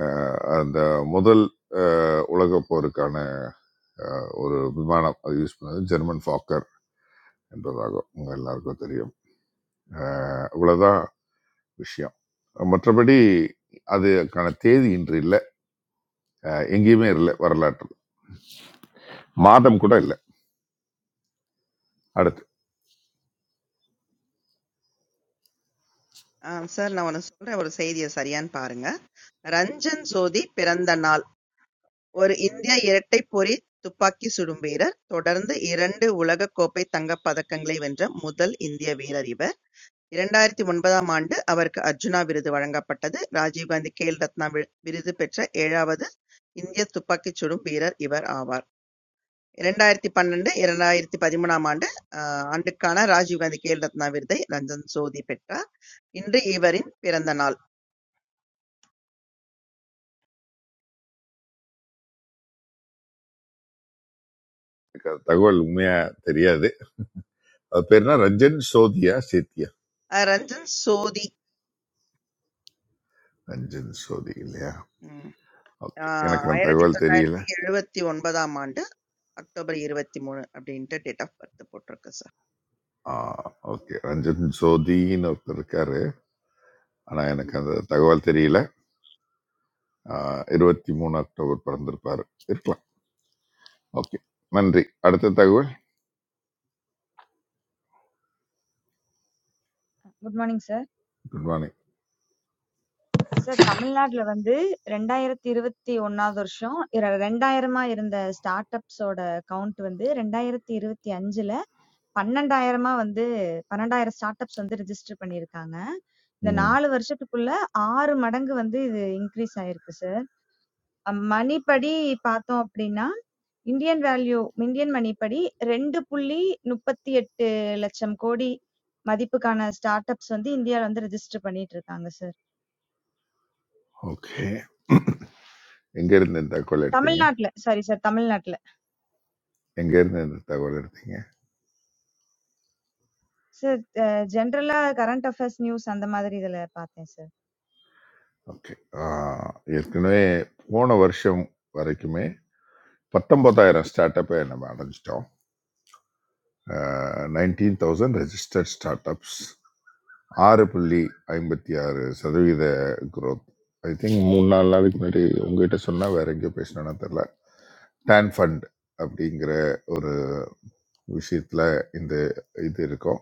B: அஹ் அந்த முதல் அஹ், உலகப் போருக்கான அஹ், ஒரு விமானம் அது யூஸ் பண்ணது ஜெர்மன் ஃபாக்கர் என்பதாகும் உங்க எல்லாருக்கும் தெரியும் அஹ், இவ்வளவுதான் விஷயம் மற்றபடி அதுக்கான தேதி இன்று இல்லை எங்கேயுமே இல்லை வரலாற்றில் மாதம் கூட இல்லை அடுத்து
E: ஆ சார் நான் ஒண்ணு சொல்றேன். ஒரு செய்திய சரியான்னு பாருங்க. ரஞ்சன் சோதி பிறந்த நாள். ஒரு இந்திய இரட்டை பொறி துப்பாக்கி சுடும் வீரர். தொடர்ந்து 2 உலகக்கோப்பை தங்கப் பதக்கங்களை வென்ற முதல் இந்திய வீரர் இவர். இரண்டாயிரத்து ஒன்பதாம் ஆண்டு அவருக்கு அர்ஜுனா விருது வழங்கப்பட்டது. ராஜீவ் காந்தி கேல் ரத்னா விருது பெற்ற ஏழாவது இந்தியத் துப்பாக்கிச் சுடும் வீரர் இவர் ஆவார். இரண்டாயிரத்து பன்னெண்டு -இரண்டாயிரத்து பதிமூணாம் ஆண்டு அஹ் ஆண்டுக்கான ராஜீவ் காந்தி கேல் ரத்னா விருதை ரஞ்சன் சோதி பெற்றார். இன்று இவரின் பிறந்த நாள்.
B: எனக்கு அந்த தகவல் உண்மையா தெரியாது அது பேர்னா ரஞ்சன் சோதியா சேத்தியா
E: அஹ் ரஞ்சன் சோதி
B: ரஞ்சன் சோதி இல்லையா
E: ம்,
B: ஓகே
E: அஹ்
B: எனக்கு அந்த
E: ஆயிரத்து
B: தகவல் தெரியல
E: தொள்ளாயிரத்து எழுபத்தி ஒன்பதாம் ஆண்டு அக்டோபர் இருபத்தி மூணு அப்படின்ட்டு டேட் ஆஃப் பர்த் போட்டிருக்கு சார்.
B: ஆ, ஓகே ரஞ்சன் சோதின்னு ஒருத்தர் இருக்காரு ஆனா எனக்கு அந்த தகவல் தெரியல ஆ, இருபத்தி மூணு அக்டோபர் பிறந்திருப்பாரு இருக்கலாம் ஓகே நன்றி அடுத்த தகவல்
G: good morning sir.
B: Good morning
G: sir தமிழ்நாட்டுல வந்து 2021ஆவது வருஷம் இர 2000ஆ இருந்த ஸ்டார்ட் அப்ஸோட கவுண்ட் வந்து 2025ல 12,000ஆ வந்து 12,000 ஸ்டார்ட் அப்ஸ் வந்து ரிஜிஸ்டர் பண்ணியிருக்காங்க. இந்த
B: ம்
G: 4 வருஷத்துக்குள்ள 6 மடங்கு வந்து இது இன்க்ரீஸ் ஆயிருக்கு சார். மணி படி பார்த்தோம் அப்படின்னா இந்தியன் வேல்யூ இந்தியன் மணி படி 2.38 லட்சம் கோடி மதிப்புக்கான ஸ்டார்ட் அப்ஸ் வந்து இந்தியால வந்து ரிஜிஸ்டர் பண்ணிட்டு இருக்காங்க சார்.
B: ஓகே எங்க இருந்து இந்த தகவல் எடுத்தீங்க
G: தமிழ்நாட்டுல. சாரி சார் தமிழ்நாட்டுல.
B: எங்க இருந்து இந்த தகவல் எடுத்தீங்க
G: சார் அ ஜெனரலா கரண்ட் அஃபேர்ஸ் நியூஸ் அந்த மாதிரி இதுல பார்த்தேன் சார்.
B: ஓகே ஆ, ஏற்கனவே போன வருஷம் வரைக்குமே பத்தொன்பதாயிரம் ஸ்டார்ட் அப்பை நம்ம அடைஞ்சிட்டோம் nineteen thousand registered start ups ஆறு புள்ளி ஐம்பத்தி ஆறு சதவீத growth ஐ திங்க் மூணு நாலு நாளைக்கு முன்னாடி உங்ககிட்ட சொன்னால் வேற எங்கேயோ பேசினா தெரில டேன் ஃபண்ட் அப்படிங்கிற ஒரு விஷயத்தில் இந்த இது இருக்கும்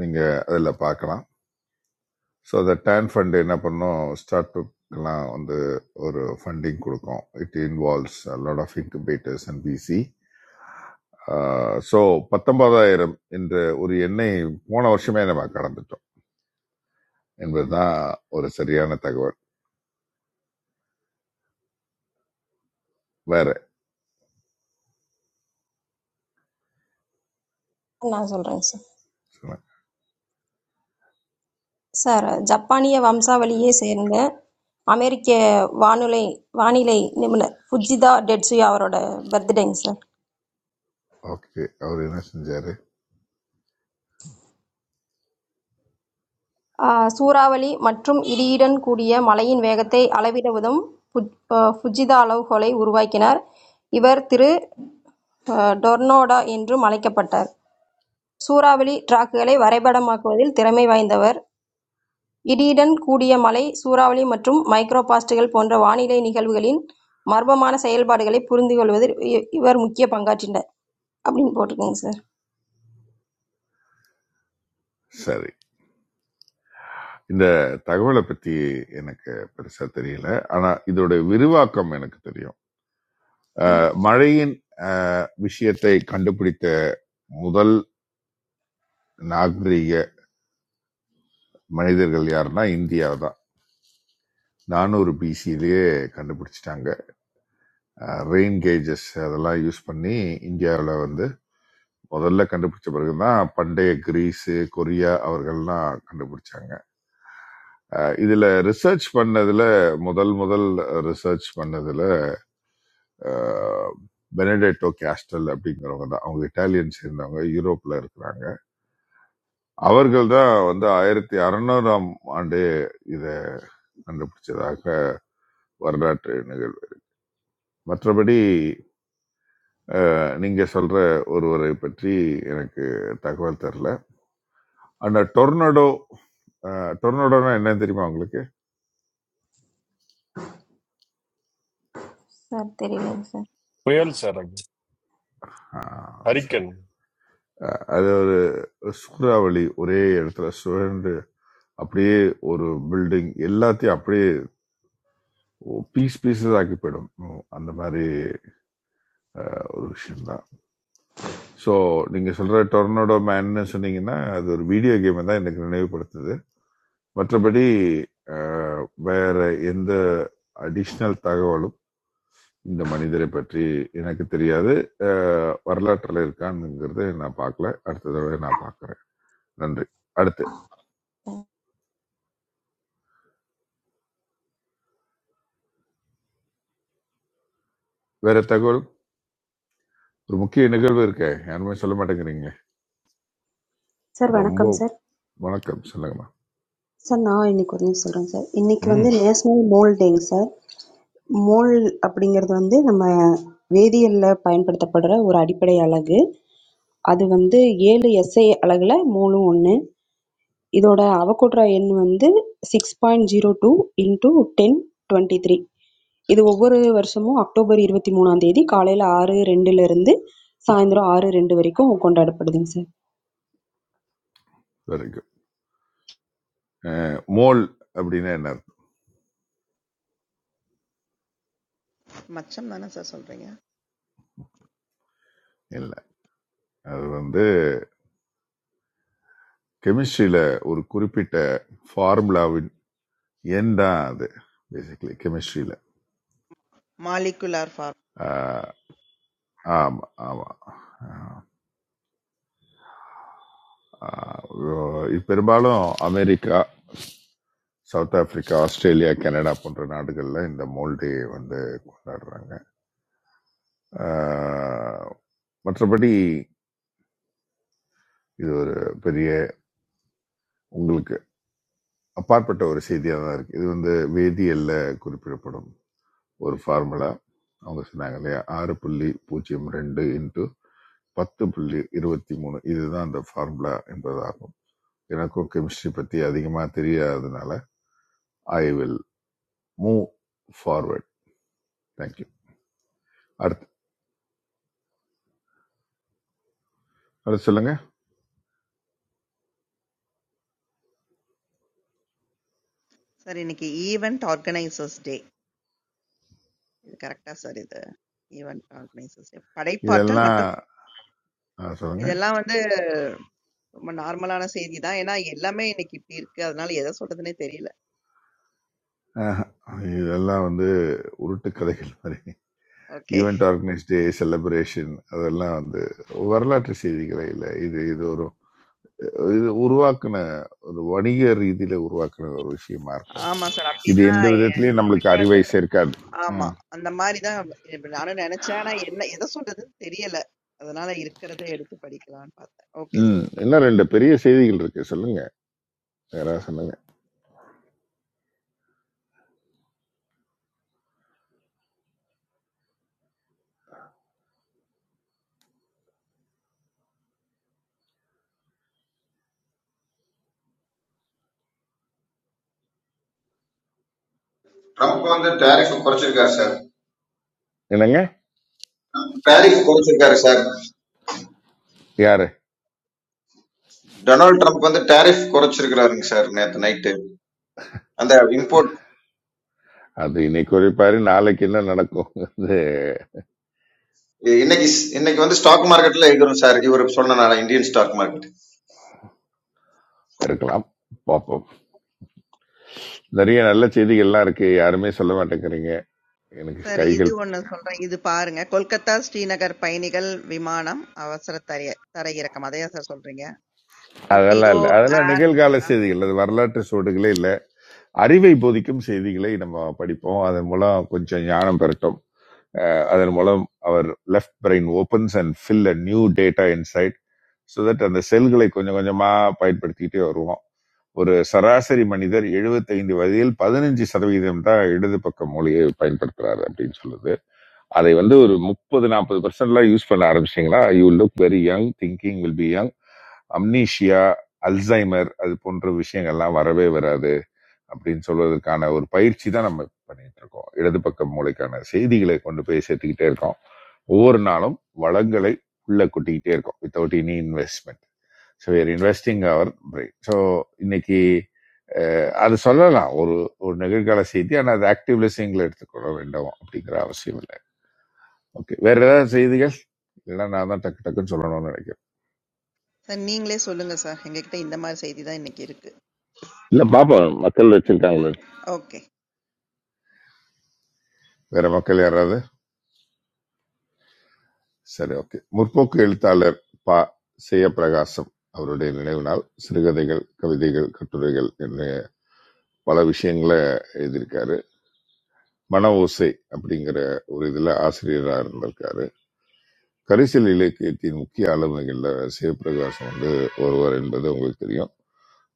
B: நீங்கள் அதில் பார்க்கலாம் ஸோ அந்த டேன் ஃபண்ட் என்ன பண்ணும் ஸ்டார்ட் அப்லாம் வந்து ஒரு ஃபண்டிங் கொடுக்கும் it involves lot of incubators and PC so பத்தொன்பதாயிரம் என்ற ஒரு எண்ணை போன வருஷமே நம்ம கடந்துட்டோம் என்பதுதான் ஒரு சரியான தகவல் வேற
D: ஓகே நான் சொல்கிறேங்க சார் சார் ஜப்பானிய வம்சாவளியை சேர்ந்த அமெரிக்க வானொலி வானிலை நிபுணர் ஃபுஜிதா டெட்சுயா அவரோட பர்த்டேங்க சார்
B: ஓகே அவர் என்ன செஞ்சாரு
D: சூறாவளி மற்றும் இடியுடன் கூடிய மழையின் வேகத்தை அளவிட உதவும் ஃபுஜிதா அளவுகோலை உருவாக்கினார். இவர் திரு. டொர்னடோ என்றும் அழைக்கப்பட்டார். சூறாவளி டிராக்குகளை வரைபடமாக்குவதில் திறமை வாய்ந்தவர். இடியுடன் கூடிய மழை, சூறாவளி மற்றும் மைக்ரோபாஸ்ட்கள் போன்ற வானிலை நிகழ்வுகளின் மர்மமான செயல்பாடுகளைப் புரிந்துகொள்வதில் இவர் முக்கிய பங்காற்றினார். அப்படின்னு போட்டிருக்கேங்க சார்.
B: சரி இந்த தகவலை பத்தி எனக்கு பெருசா தெரியல ஆனா இதோட விரிவாக்கம் எனக்கு தெரியும் அஹ், மழையின் அஹ், விஷயத்தை கண்டுபிடித்த முதல் நாகரீக மனிதர்கள் யாருன்னா இந்தியா தான் நானூறு பிசிலேயே கண்டுபிடிச்சிட்டாங்க ரெயின் கேஜஸ் அதெல்லாம் யூஸ் பண்ணி இந்தியாவில் வந்து முதல்ல கண்டுபிடிச்ச பிறகுதான் பண்டைய கிரீஸ் கொரியா அவர்கள்லாம் கண்டுபிடிச்சாங்க அஹ் இதுல ரிசர்ச் பண்ணதுல முதல் முதல் ரிசர்ச் பண்ணதுல அஹ், பெனடெட்டோ கேஸ்டல் அப்படிங்கிறவங்க தான் அவங்க இட்டாலியன் சேர்ந்தவங்க யூரோப்ல இருக்கிறாங்க அவர்கள் தான் வந்து ஆயிரத்தி அறுநூறாம் ஆண்டு இத கண்டுபிடிச்சதாக வரலாற்று நிகழ்வு மற்றபடி அஹ், நீங்க சொல்ற ஒருவரை பற்றி எனக்கு தகவல் தெரில அந்த டொர்னடோ டொர்னடோனா என்னன்னு தெரியுமா உங்களுக்கு
D: சார் தெரியலங்க சார்.
H: Very sir,
B: ஆஹ் சரி
H: Hariken.
B: அஹ் அது ஒரு சூறாவளி ஒரே இடத்துல சுழன்று அப்படியே ஒரு பில்டிங் எல்லாத்தையும் அப்படியே பீஸ் பீசஸ் ஆக்கி போயிடும் உம் அந்த மாதிரி அஹ், ஒரு விஷயம்தான் ஸோ நீங்க சொல்ற டொர்னடோ மேன்னு சொன்னீங்கன்னா அது ஒரு வீடியோ கேம் தான் எனக்கு நினைவுபடுத்துது மற்றபடி அஹ், வேற எந்த அடிஷ்னல் தகவலும் இந்த மனிதரை பற்றி எனக்கு தெரியாது அஹ், வரலாற்றுல இருக்கான்னுங்கிறத நான் பார்க்கல அடுத்த தடவை நான் பார்க்கறேன் நன்றி அடுத்து வேற தகவல் ஒரு முக்கிய நிகழ்வு இருக்கே யாருமே சொல்ல மாட்டேங்கிறீங்க
I: சார்
B: ரொம்ப
I: வணக்கம் சார்.
B: வணக்கம் சொல்லுங்கம்மா
I: சார் நான் இன்னைக்கு ஒரு நியூஸ் சொல்றேன் சார். இன்னைக்கு வந்து
B: ம்
I: நேஷனல் மோல் டேங்க சார். மோல் அப்படிங்கிறது வந்து நம்ம வேதியியல்ல பயன்படுத்தப்படுற ஒரு அடிப்படை அலகு. அது வந்து 7 எஸ்ஐ அலகுல மோலும் ஒண்ணு. இதோட அவகோட்ரா எண் வந்து 6.02 into 1023. இது ஒவ்வொரு வருஷமும் அக்டோபர் 23ஆம் தேதி காலையில 6:02 ல இருந்து சாயந்தரம் 6:02 வரைக்கும் கொண்டாடப்படுதுங்க சார்.
B: வெரி குட் மோல் அப்படின்னா என்ன அர்த்தம்?
E: மச்சம் தானே சார் சொல்றீங்க?
B: இல்ல அது வந்து கெமிஸ்ட்ரியில ஒரு குறிப்பிட்ட ஃபார்முலாவின் எண் தான் அது பேசிக்கலி கெமிஸ்ட்ரியில
E: மாலிகுலார்
B: ஆமா ஆமா ஆஹ் இது பெரும்பாலும் America south Africa Australia Canada போன்ற நாடுகளில் இந்த மோல்டே வந்து கொண்டாடுறாங்க ஆஹ் மற்றபடி இது ஒரு பெரிய உங்களுக்கு அப்பாற்பட்ட ஒரு செய்தியாக தான் இருக்குது இது வந்து வேதியியல்ல குறிப்பிடப்படும் ஒரு ஃபார்முலா அவங்க சொன்னாங்க இல்லையா ஆறு புள்ளி பூஜ்ஜியம் ரெண்டு இன்ட்டு பத்து புள்ளி இருபத்தி மூணு இதுதான் அந்த ஃபார்முலா என்பதாகும் எனக்கும் கெமிஸ்ட்ரி பற்றி அதிகமாக தெரியாததுனால I will move forward thank you அடுத்து அடுத்து சொல்லுங்க
E: சார் இன்னைக்கு ஈவென்ட் ஆர்கனைசர்ஸ் டே இது கரெக்டா சார் இது ஈவென்ட் ஆர்கனைசர்ஸ் டே படைப்பாற்றல்
B: இதெல்லாம்
E: மற்றும்
B: ஆ, சொல்லுங்க
E: இதெல்லாம் வந்து ரொம்ப நார்மலான செய்தி தான் ஏன்னா எல்லாமே இன்னைக்கு இப்படி இருக்கு அதனால எதை சொல்றதுனே தெரியல
B: ஆஹ், இதெல்லாம் வந்து உருட்டு கதைகள் மாதிரி
E: okay
B: event organise day celebration அதெல்லாம் வந்து வரலாற்று செய்திகளே இல்லை இது இது ஒரு இது உருவாக்குன ஒரு வணிக ரீதியில உருவாக்குன ஒரு விஷயமா இருக்கும்
E: ஆமா சார்
B: இது
E: அப்படிதான்
B: எந்த
E: எ-
B: விதத்திலயும் நம்மளுக்கு
E: எனக்கு கூட
B: அறிவை
E: சார்
B: சேர்க்காது
E: ஆமா
B: ம்
E: அந்த மாதிரி தான் இப்ப நானும் நினைச்சேன் ஆனா என்ன எதை சொல்றதுன்னு தெரியல அதனால இருக்கிறத எடுத்து படிக்கலாம்னு பார்த்தேன் ஓகே
B: ம், இன்னும் ரெண்டு பெரிய செய்திகள் இருக்கு சொல்லுங்க யாராவது சொல்லுங்க
C: ட்ரம்ப் வந்து டேரிஃப் குறைச்சிருக்காரு சார்
B: என்னங்க
C: டேரிஃப் குறைச்சிருக்காரு சார்
B: யாரு
C: டொனால்ட் ட்ரம்ப் வந்து டேரிஃப் குறைச்சிருக்கிறாருங்க சார் நேற்று நைட்டு அந்த இம்போர்ட்
B: அது இன்னைக்கு குறிப்பாரு நாளைக்கு என்ன நடக்கும் அது
C: இன்னைக்கு இன்னைக்கு வந்து ஸ்டாக் மார்க்கெட்ல இருக்கிறோம் சார் இவர் சொன்னனால இந்தியன் ஸ்டாக் மார்க்கெட்
B: இருக்கலாம் பார்ப்போம் நிறைய நல்ல செய்திகள்லாம் இருக்கு யாருமே சொல்ல மாட்டேங்கிறீங்க எனக்கு
E: சார் இது
B: கைகள்
E: ஒண்ணு சொல்றேன் இது பாருங்க கொல்கத்தா ஸ்ரீநகர் பயணிகள் விமானம் அவசர தரை தரையிறக்கம் அதையா சார் சொல்றீங்க
B: அதெல்லாம்
E: இண்டிகோ
B: இல்லை அதெல்லாம்
E: ஏர்
B: நிகழ்கால செய்திகள் அது வரலாற்று சூடுகளே இல்லை அறிவை போதிக்கும் செய்திகளை நம்ம படிப்போம் அதன் மூலம் கொஞ்சம் ஞானம் பெறட்டும் அஹ் அதன் மூலம் அவர் left brain opens and fill a new data inside so that அந்த செல்களை கொஞ்சம் கொஞ்சமா பயன்படுத்திக்கிட்டே வருவோம் ஒரு சராசரி மனிதர் 75 வயதில் பதினஞ்சு சதவீதம் தான் இடது பக்க மூலையை பயன்படுத்துறாரு அப்படின்னு சொல்லுது அதை வந்து ஒரு முப்பது நாற்பது பர்சன்ட்லாம் யூஸ் பண்ண ஆரம்பிச்சிங்கன்னா you look very young thinking will be young amnesia Alzheimer அது போன்ற விஷயங்கள்லாம் வரவே வராது அப்படின்னு சொல்வதற்கான ஒரு பயிற்சி தான் நம்ம பண்ணிட்டு இருக்கோம் இடது பக்க மூளைக்கான செய்திகளை கொண்டு போய் சேர்த்துக்கிட்டே இருக்கோம் ஒவ்வொரு நாளும் வளங்களை உள்ள கொட்டிக்கிட்டே இருக்கோம் without any investment so we are investing our brain so இன்னைக்கு அஹ், அது சொல்லலாம் ஒரு ஒரு நிகழ்கால செய்தி ஆனால் அது ஆக்டிவ் லிசனிங்ல எடுத்துக்கணும் வேண்டாம் அப்படிங்கிற அவசியம் இல்லை ஓகே வேற ஏதாவது செய்திகள் இல்லைன்னா நான் தான் டக்கு டக்குன்னு சொல்லணும்னு நினைக்கிறேன்
E: சார் நீங்களே சொல்லுங்க சார் எங்ககிட்ட இந்த மாதிரி செய்தி தான் இன்னைக்கு இருக்கு
B: இல்ல பாப்போம் மக்கள் வச்சிருக்காங்களே
E: ஓகே
B: வேற மக்கள் யாராவது சரி ஓகே முற்போக்கு எழுத்தாளர் பா செய்ய பிரகாசம் அவருடைய நினைவு நாள் சிறுகதைகள் கவிதைகள் கட்டுரைகள் என்ன பல விஷயங்களை எழுதியிருக்காரு மன ஓசை அப்படிங்கிற ஒரு இதுல ஆசிரியராக இருந்திருக்காரு கரிசல் இலக்கியத்தின் முக்கிய ஆளுமைகள்ல சிவபிரகாசம் வந்து ஒருவர் என்பது உங்களுக்கு தெரியும்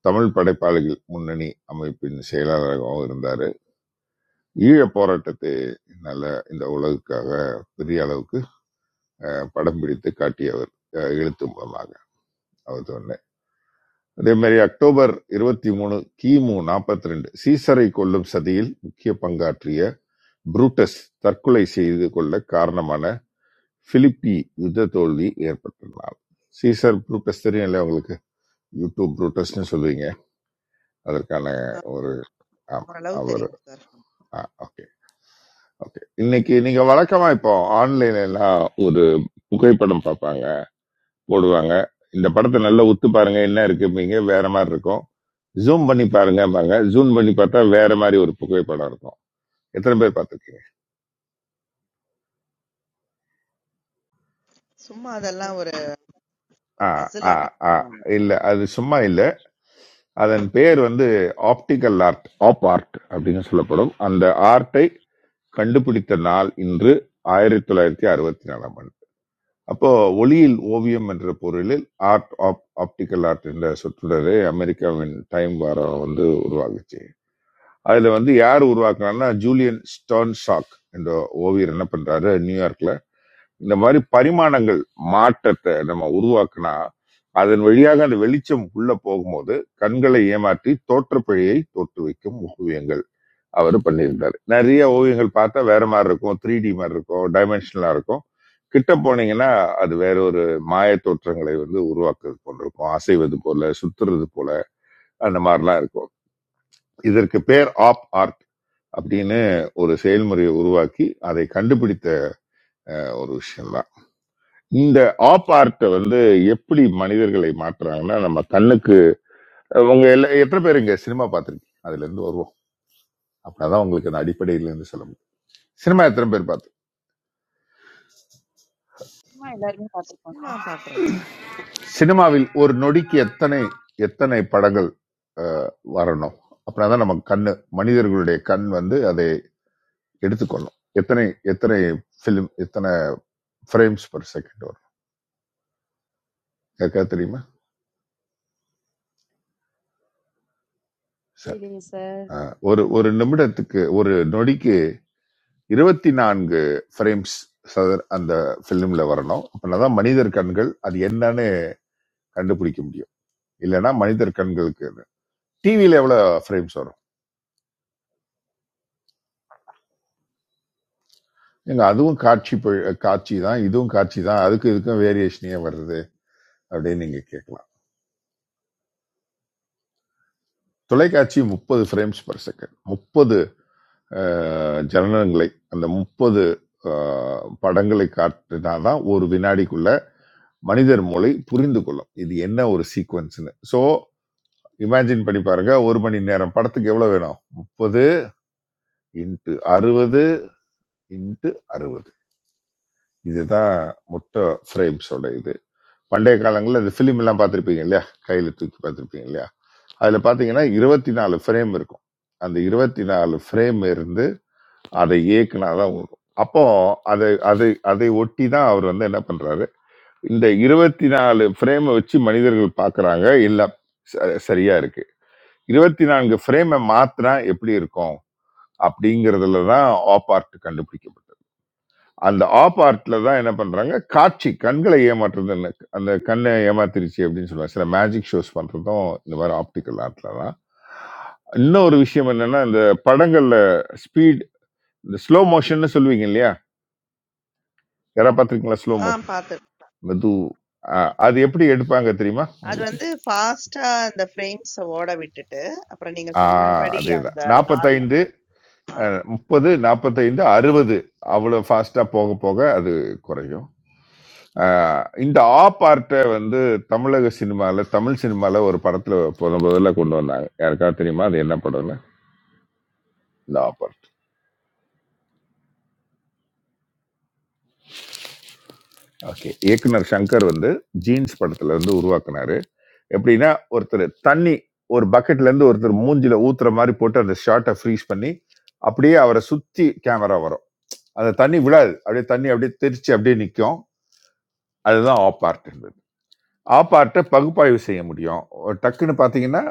B: தமிழ் படைப்பாளிகள் முன்னணி அமைப்பின் செயலாளராகவும் இருந்தாரு ஈழப் போராட்டத்தை நல்ல இந்த உலகுக்காக பெரிய அளவுக்கு அஹ், படம் பிடித்து காட்டியவர் அஹ், எழுத்து மூலமாக அவர் சொன்னேன் அதே மாதிரி அக்டோபர் இருபத்தி மூணு கிமு நாற்பத்தி ரெண்டு சீசரை கொல்லும் சதியில் முக்கிய பங்காற்றிய புரூட்டஸ் தற்கொலை செய்து கொள்ள காரணமான பிலிப்பி யுத்த தோல்வி ஏற்பட்டதால் சீசர் புரூட்டஸ் தெரியும் இல்லையா உங்களுக்கு யூடியூப் புரூட்டஸ்னு சொல்லுவீங்க அதற்கான ஒரு ஆமா
E: ஓரளவு
B: அவர்
E: தெரியும் சார்
B: ஓகே ஓகே இன்னைக்கு நீங்க வழக்கமா இப்போ ஆன்லைன்ல எல்லாம் ஒரு புகைப்படம் பார்ப்பாங்க போடுவாங்க இந்த படத்தை நல்லா உத்து பாருங்க என்ன இருக்குப்பீங்க வேற மாதிரி இருக்கும் ஜூம் பண்ணி பாருங்கம்பாங்க ஜூம் பண்ணி பார்த்தா வேற மாதிரி ஒரு புகைப்படம் இருக்கும் எத்தனை பேர் பார்த்துருக்கீங்க
E: சும்மா அதெல்லாம் ஒரு ஒரு
B: ஆ
E: பசில்
B: ஆ
E: ஆட்டம்
B: ஆ
E: போடுவாங்க
B: இல்ல அது சும்மா இல்ல அதன் பெயர் வந்து ஆப்டிக்கல் ஆர்ட் ஆப் ஆர்ட் அப்படின்னு சொல்லப்படும் அந்த ஆர்ட்டை கண்டுபிடித்த நாள் இன்று ஆயிரத்தி தொள்ளாயிரத்தி அறுபத்தி நாலாம் ஆண்டு அப்போ ஒளியில் ஓவியம் என்ற பொருளில் ஆர்ட் ஆப் ஆப்டிக்கல் ஆர்ட் என்ற சொற்றொடரை அமெரிக்காவின் டைம் வாரம் வந்து உருவாக்குச்சு அதுல வந்து யார் உருவாக்குனாங்கன்னா ஜூலியன் ஸ்டோன்ஷாக் என்ற ஓவியர் என்ன பண்றாரு நியூயார்க்ல இந்த மாதிரி பரிமாணங்கள் மாற்றத்தை நம்ம உருவாக்குனா அதன் வழியாக அந்த வெளிச்சம் உள்ள போகும்போது கண்களை ஏமாற்றி தோற்றப்பிழையை தோற்று வைக்கும் ஓவியங்கள் அவர் பண்ணியிருந்தாரு நிறைய ஓவியங்கள் பார்த்தா வேற மாதிரி இருக்கும் த்ரீ டி மாதிரி இருக்கும் டைமென்ஷனலா இருக்கும் கிட்ட போனீங்கன்னா அது வேற ஒரு மாய தோற்றங்களை வந்து உருவாக்குறது போல இருக்கும் அசைவது போல சுத்துறது போல அந்த மாதிரிலாம் இருக்கும் இதற்கு பேர் ஆப் ஆர்ட் அப்படின்னு ஒரு செயல்முறையை உருவாக்கி அதை கண்டுபிடித்த ஒரு விஷயம் இந்த ஆப் ஆர்ட் வந்து எப்படி மனிதர்களை மாற்றுறாங்கன்னா நம்ம கண்ணுக்கு உங்க எல்லா எத்தனை பேர் இங்க சினிமா பார்த்துருக்கீங்க அதுல இருந்து வருவோம் அப்படின்னா உங்களுக்கு அந்த அடிப்படையில இருந்து சொல்ல முடியும் சினிமா எத்தனை பேர் பார்த்து
J: ஆமா, எல்லாருமே பார்த்துருக்கோம்
E: ஆமா
J: சார்.
E: பாக்குறேன் சார்
B: சினிமாவில் ஒரு நொடிக்கு எத்தனை எத்தனை படங்கள் அஹ், வரணும் அப்படின்னா நம்ம கண்ணு மனிதர்களுடைய கண் வந்து அதை எடுத்துக்கொள்ளும் எத்தனை எத்தனை ஃபிலிம் எத்தனை ஃப்ரேம்ஸ் per செகண்ட் வரும் யாருக்காவது தெரியுமா சரி
J: புரியலையே சார்.
B: அஹ், ஒரு ஒரு நிமிடத்துக்கு ஒரு நொடிக்கு இருபத்தி நான்கு ஃப்ரேம்ஸ் அந்த பிலிம்ல வரணும் அப்படின்னா மனிதர் கண்கள் அது என்னன்னு கண்டுபிடிக்க முடியும் இல்லைன்னா மனிதர் கண்களுக்கு டிவியில எவ்வளவு ஃப்ரேம்ஸ் வரும் நீங்க அதுவும் காட்சி ப- காட்சி தான் இதுவும் காட்சி தான் அதுக்கு இதுக்கும் வேரியேஷனே வருது அப்படின்னு நீங்க கேட்கலாம் தொலைக்காட்சி முப்பது ஃப்ரேம்ஸ் per செகண்ட் முப்பது ஜனனங்களை அந்த முப்பது படங்களை காட்டினாதான் ஒரு வினாடிக்குள்ள மனிதர் மூளை புரிந்து கொள்ளும் இது என்ன ஒரு சீக்வன்ஸ்னு ஸோ இமேஜின் பண்ணி பாருங்க ஒரு மணி நேரம் படத்துக்கு எவ்வளவு வேணும் முப்பது இன்ட்டு அறுபது இன்ட்டு அறுபது இதுதான் மொத்த ஃப்ரேம்ஸோட இது பண்டைய காலங்களில் இந்த ஃபிலிம் எல்லாம் பார்த்துருப்பீங்க இல்லையா கையில தூக்கி பார்த்துருப்பீங்க இல்லையா அதுல பாத்தீங்கன்னா இருபத்தி நாலு ஃப்ரேம் இருக்கும் அந்த இருபத்தி நாலு ஃப்ரேம் இருந்து அதை இயக்குனாதான் உங்களுக்கு அப்போ அதை அதை அதை ஒட்டி தான் அவர் வந்து என்ன பண்றாரு இந்த இருபத்தி நாலு ஃப்ரேமை வச்சு மனிதர்கள் பார்க்கறாங்க இல்ல ச- சரியா இருக்கு இருபத்தி நான்கு ஃப்ரேமை மாத்தினா எப்படி இருக்கும் அப்படிங்கிறதுல தான் ஆப் ஆர்ட் கண்டுபிடிக்கப்பட்டது அந்த ஆப் ஆர்ட்ல தான் என்ன பண்றாங்க காட்சி கண்களை ஏமாற்றுறது இல்ல. அந்த கண்ணை ஏமாத்திருச்சு அப்படின்னு சொல்லுவாங்க சில மேஜிக் ஷோஸ் பண்றதும் இந்த மாதிரி ஆப்டிக்கல் ஆர்ட்ல தான் இன்னொரு விஷயம் என்னன்னா இந்த படங்கள்ல ஸ்பீட் இந்த ஸ்லோ மோஷன்னு சொல்லுவீங்க இல்லையா யாராவது பார்த்துருக்கீங்களா ஸ்லோ
E: ஆ
B: மோஷன்
E: பாத்து
B: மெது ஆஹ், அது எப்படி எடுப்பாங்க தெரியுமா
E: அது
B: உங்களுக்கு
E: வந்து ஃபாஸ்டா அந்த ஃப்ரேம்ஸ் ஓட விட்டுட்டு அப்புறம் நீங்க
B: ஆஹ்
E: சொன்னபடி
B: அதேதான்
E: அந்த நார்மல்
B: நாற்பத்தைந்து முப்பது நாற்பத்தைந்து அறுபது அவ்வளோ ஃபாஸ்டா போக போக அது குறையும் ஆஹ் இந்த ஆ பார்ட்டை வந்து தமிழக சினிமால தமிழ் சினிமால ஒரு படத்துல போன முதல்ல கொண்டு வந்தாங்க யாருக்காவது தெரியுமா அது என்ன படம்னு இந்த ஆ பார்ட் ஓகே இயக்குனர் சங்கர் வந்து ஜீன்ஸ் படத்துல இருந்து உருவாக்குனாரு எப்படின்னா ஒருத்தர் தண்ணி ஒரு பக்கெட்ல இருந்து ஒருத்தர் மூஞ்சில ஊத்துற மாதிரி போட்டு அந்த ஷார்ட்டை ஃப்ரீஸ் பண்ணி அப்படியே அவரை சுத்தி கேமரா வரும் அந்த தண்ணி விழாது அப்படியே தண்ணி அப்படியே தெரிச்சு அப்படியே நிற்கும் அதுதான் ஆப் ஆர்ட் என்பது ஆப் ஆர்ட்டை பகுப்பாய்வு செய்ய முடியும் ஒரு டக்குன்னு பார்த்தீங்கன்னா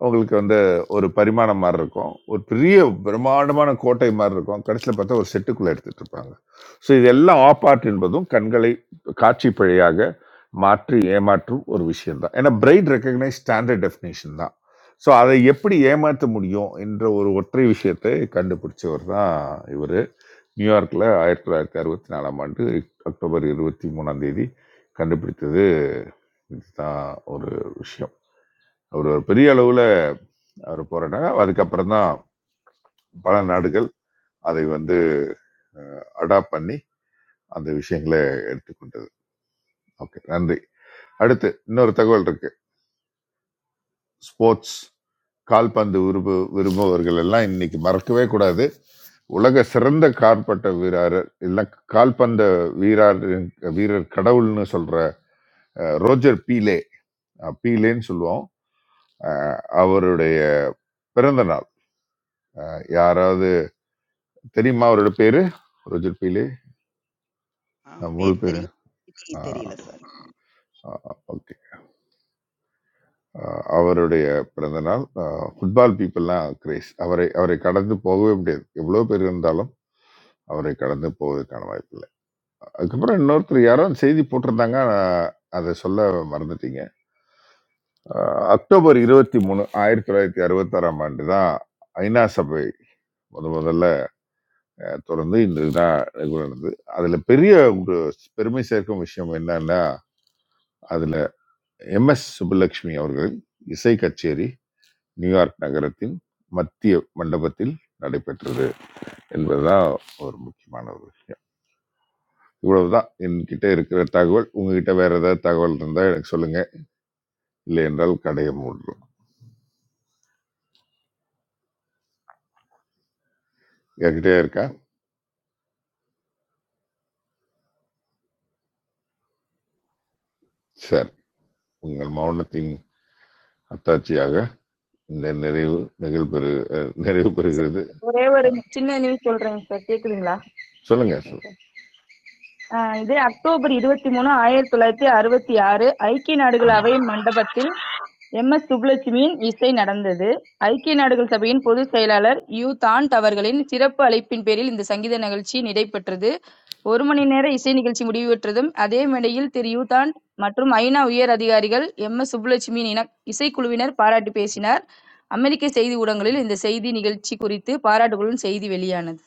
B: அவங்களுக்கு வந்து ஒரு பரிமாணம் மாதிரி இருக்கும் ஒரு பெரிய பிரம்மாண்டமான கோட்டை மாதிரி இருக்கும் கடைசியில் பார்த்தா ஒரு செட்டுக்குள்ளே எடுத்துட்டு இருப்பாங்க ஸோ இதெல்லாம் ஆப்பார்ட் என்பதும் கண்களை காட்சி பிழையாக மாற்றி ஏமாற்றும் ஒரு விஷயம்தான் ஏன்னா பிரைட் ரெக்கக்னைஸ் ஸ்டாண்டர்ட் டெஃபினேஷன் தான் ஸோ அதை எப்படி ஏமாற்ற முடியும் என்ற ஒரு ஒற்றை விஷயத்தை கண்டுபிடிச்சவர் தான் இவர் நியூயார்க்கில் ஆயிரத்தி தொள்ளாயிரத்தி அறுபத்தி நாலாம் ஆண்டு அக்டோபர் இருபத்தி மூணாம் தேதி கண்டுபிடித்தது இதுதான் ஒரு விஷயம். அவரு பெரிய அளவுல அவரு போராடுனாங்க. அதுக்கப்புறம் தான் பல நாடுகள் அதை வந்து அடாப்ட் பண்ணி அந்த விஷயங்களை எடுத்துக்கொண்டது. ஓகே நன்றி. அடுத்து இன்னொரு தகவல் இருக்கு. ஸ்போர்ட்ஸ் கால்பந்து விரும்பு விரும்புபவர்கள் எல்லாம் இன்னைக்கு மறக்கவே கூடாது. உலக சிறந்த கால்பட்ட வீரர் இல்ல கால்பந்த வீரர் வீரர் கடவுள்னு சொல்ற அஹ், ரோஜர் பீலே அஹ், பீலேன்னு சொல்லுவோம் அஹ் அவருடைய பிறந்த நாள் அஹ் யாராவது தெரியுமா அவரோட பேரு ரோஜர் பீலே அஹ் முழு
E: பேர்
B: பேரு
E: தெரியும் திதி தெரியல சார்
B: ஓகே அவருடைய பிறந்த நாள் ஃபுட்பால் பீப்புள்லாம் கிரேஸ் அவரை அவரை கடந்து போகவே முடியாது எவ்வளோ பேர் இருந்தாலும் அவரை கடந்து போவதற்கான வாய்ப்பு இல்லை அதுக்கப்புறம் இன்னொருத்தர் யாரும் செய்தி போட்டிருந்தாங்க நான் அதை சொல்ல மறந்துட்டீங்க அஹ் அக்டோபர் இருபத்தி மூணு ஆயிரத்தி தொள்ளாயிரத்தி அறுபத்தாறாம் ஆண்டு தான் ஐநா சபை முத முதல்ல அஹ் தொடர்ந்து இந்த இதாக நடந்தது அதில் பெரிய ஒரு பெருமை சேர்க்கும் விஷயம் என்னன்னா அதில் எம்எஸ் சுப்புலட்சுமி அவர்கள் இசை கச்சேரி நியூயார்க் நகரத்தின் மத்திய மண்டபத்தில் நடைபெற்றது என்பதுதான் ஒரு முக்கியமான ஒரு விஷயம் இவ்வளவுதான் என்கிட்ட இருக்கிற தகவல் உங்ககிட்ட வேற ஏதாவது தகவல் இருந்தால் எனக்கு சொல்லுங்க இல்லை என்றால் கடையை மூடுறோம் என்கிட்டே இருக்கா சார் உங்கள் மௌனத்தின் அத்தாட்சியாக இந்த நிறைவு நிகழ்வு நிறைவு
J: சார்
B: பெறுகிறது
J: ஒரே ஒரு
B: அஹ்
J: சின்ன நியூஸ் சொல்றேங்க சார். கேக்குதுங்களா?
B: சொல்லுங்க சொல்லுங்க.
J: ஆ, இது அக்டோபர் 23, 1966 ஐக்கிய நாடுகள்
B: ம்.
J: அவையின் மண்டபத்தில் எம்.எஸ். சுப்புலட்சுமியின் இசை நடந்தது. ஐக்கிய நாடுகள் சபையின் பொதுச் செயலாளர் யூ தான்ட் அவர்களின் சிறப்பு அழைப்பின் பேரில் இந்த சங்கீத நிகழ்ச்சி நடைபெற்றது. ஒரு மணி நேர இசை நிகழ்ச்சி முடிவுற்றதும், அதே மேடையில் திரு யூதான் மற்றும் ஐ.நா. உயர் அதிகாரிகள், எம்.எஸ். சுப்புலட்சுமியின் இணக் இசைக்குழுவினர் பாராட்டிப் பேசினார். அமெரிக்க செய்தி ஊடகங்களில் இந்த செய்தி நிகழ்ச்சி குறித்து பாராட்டுகளுடன் செய்தி வெளியானது.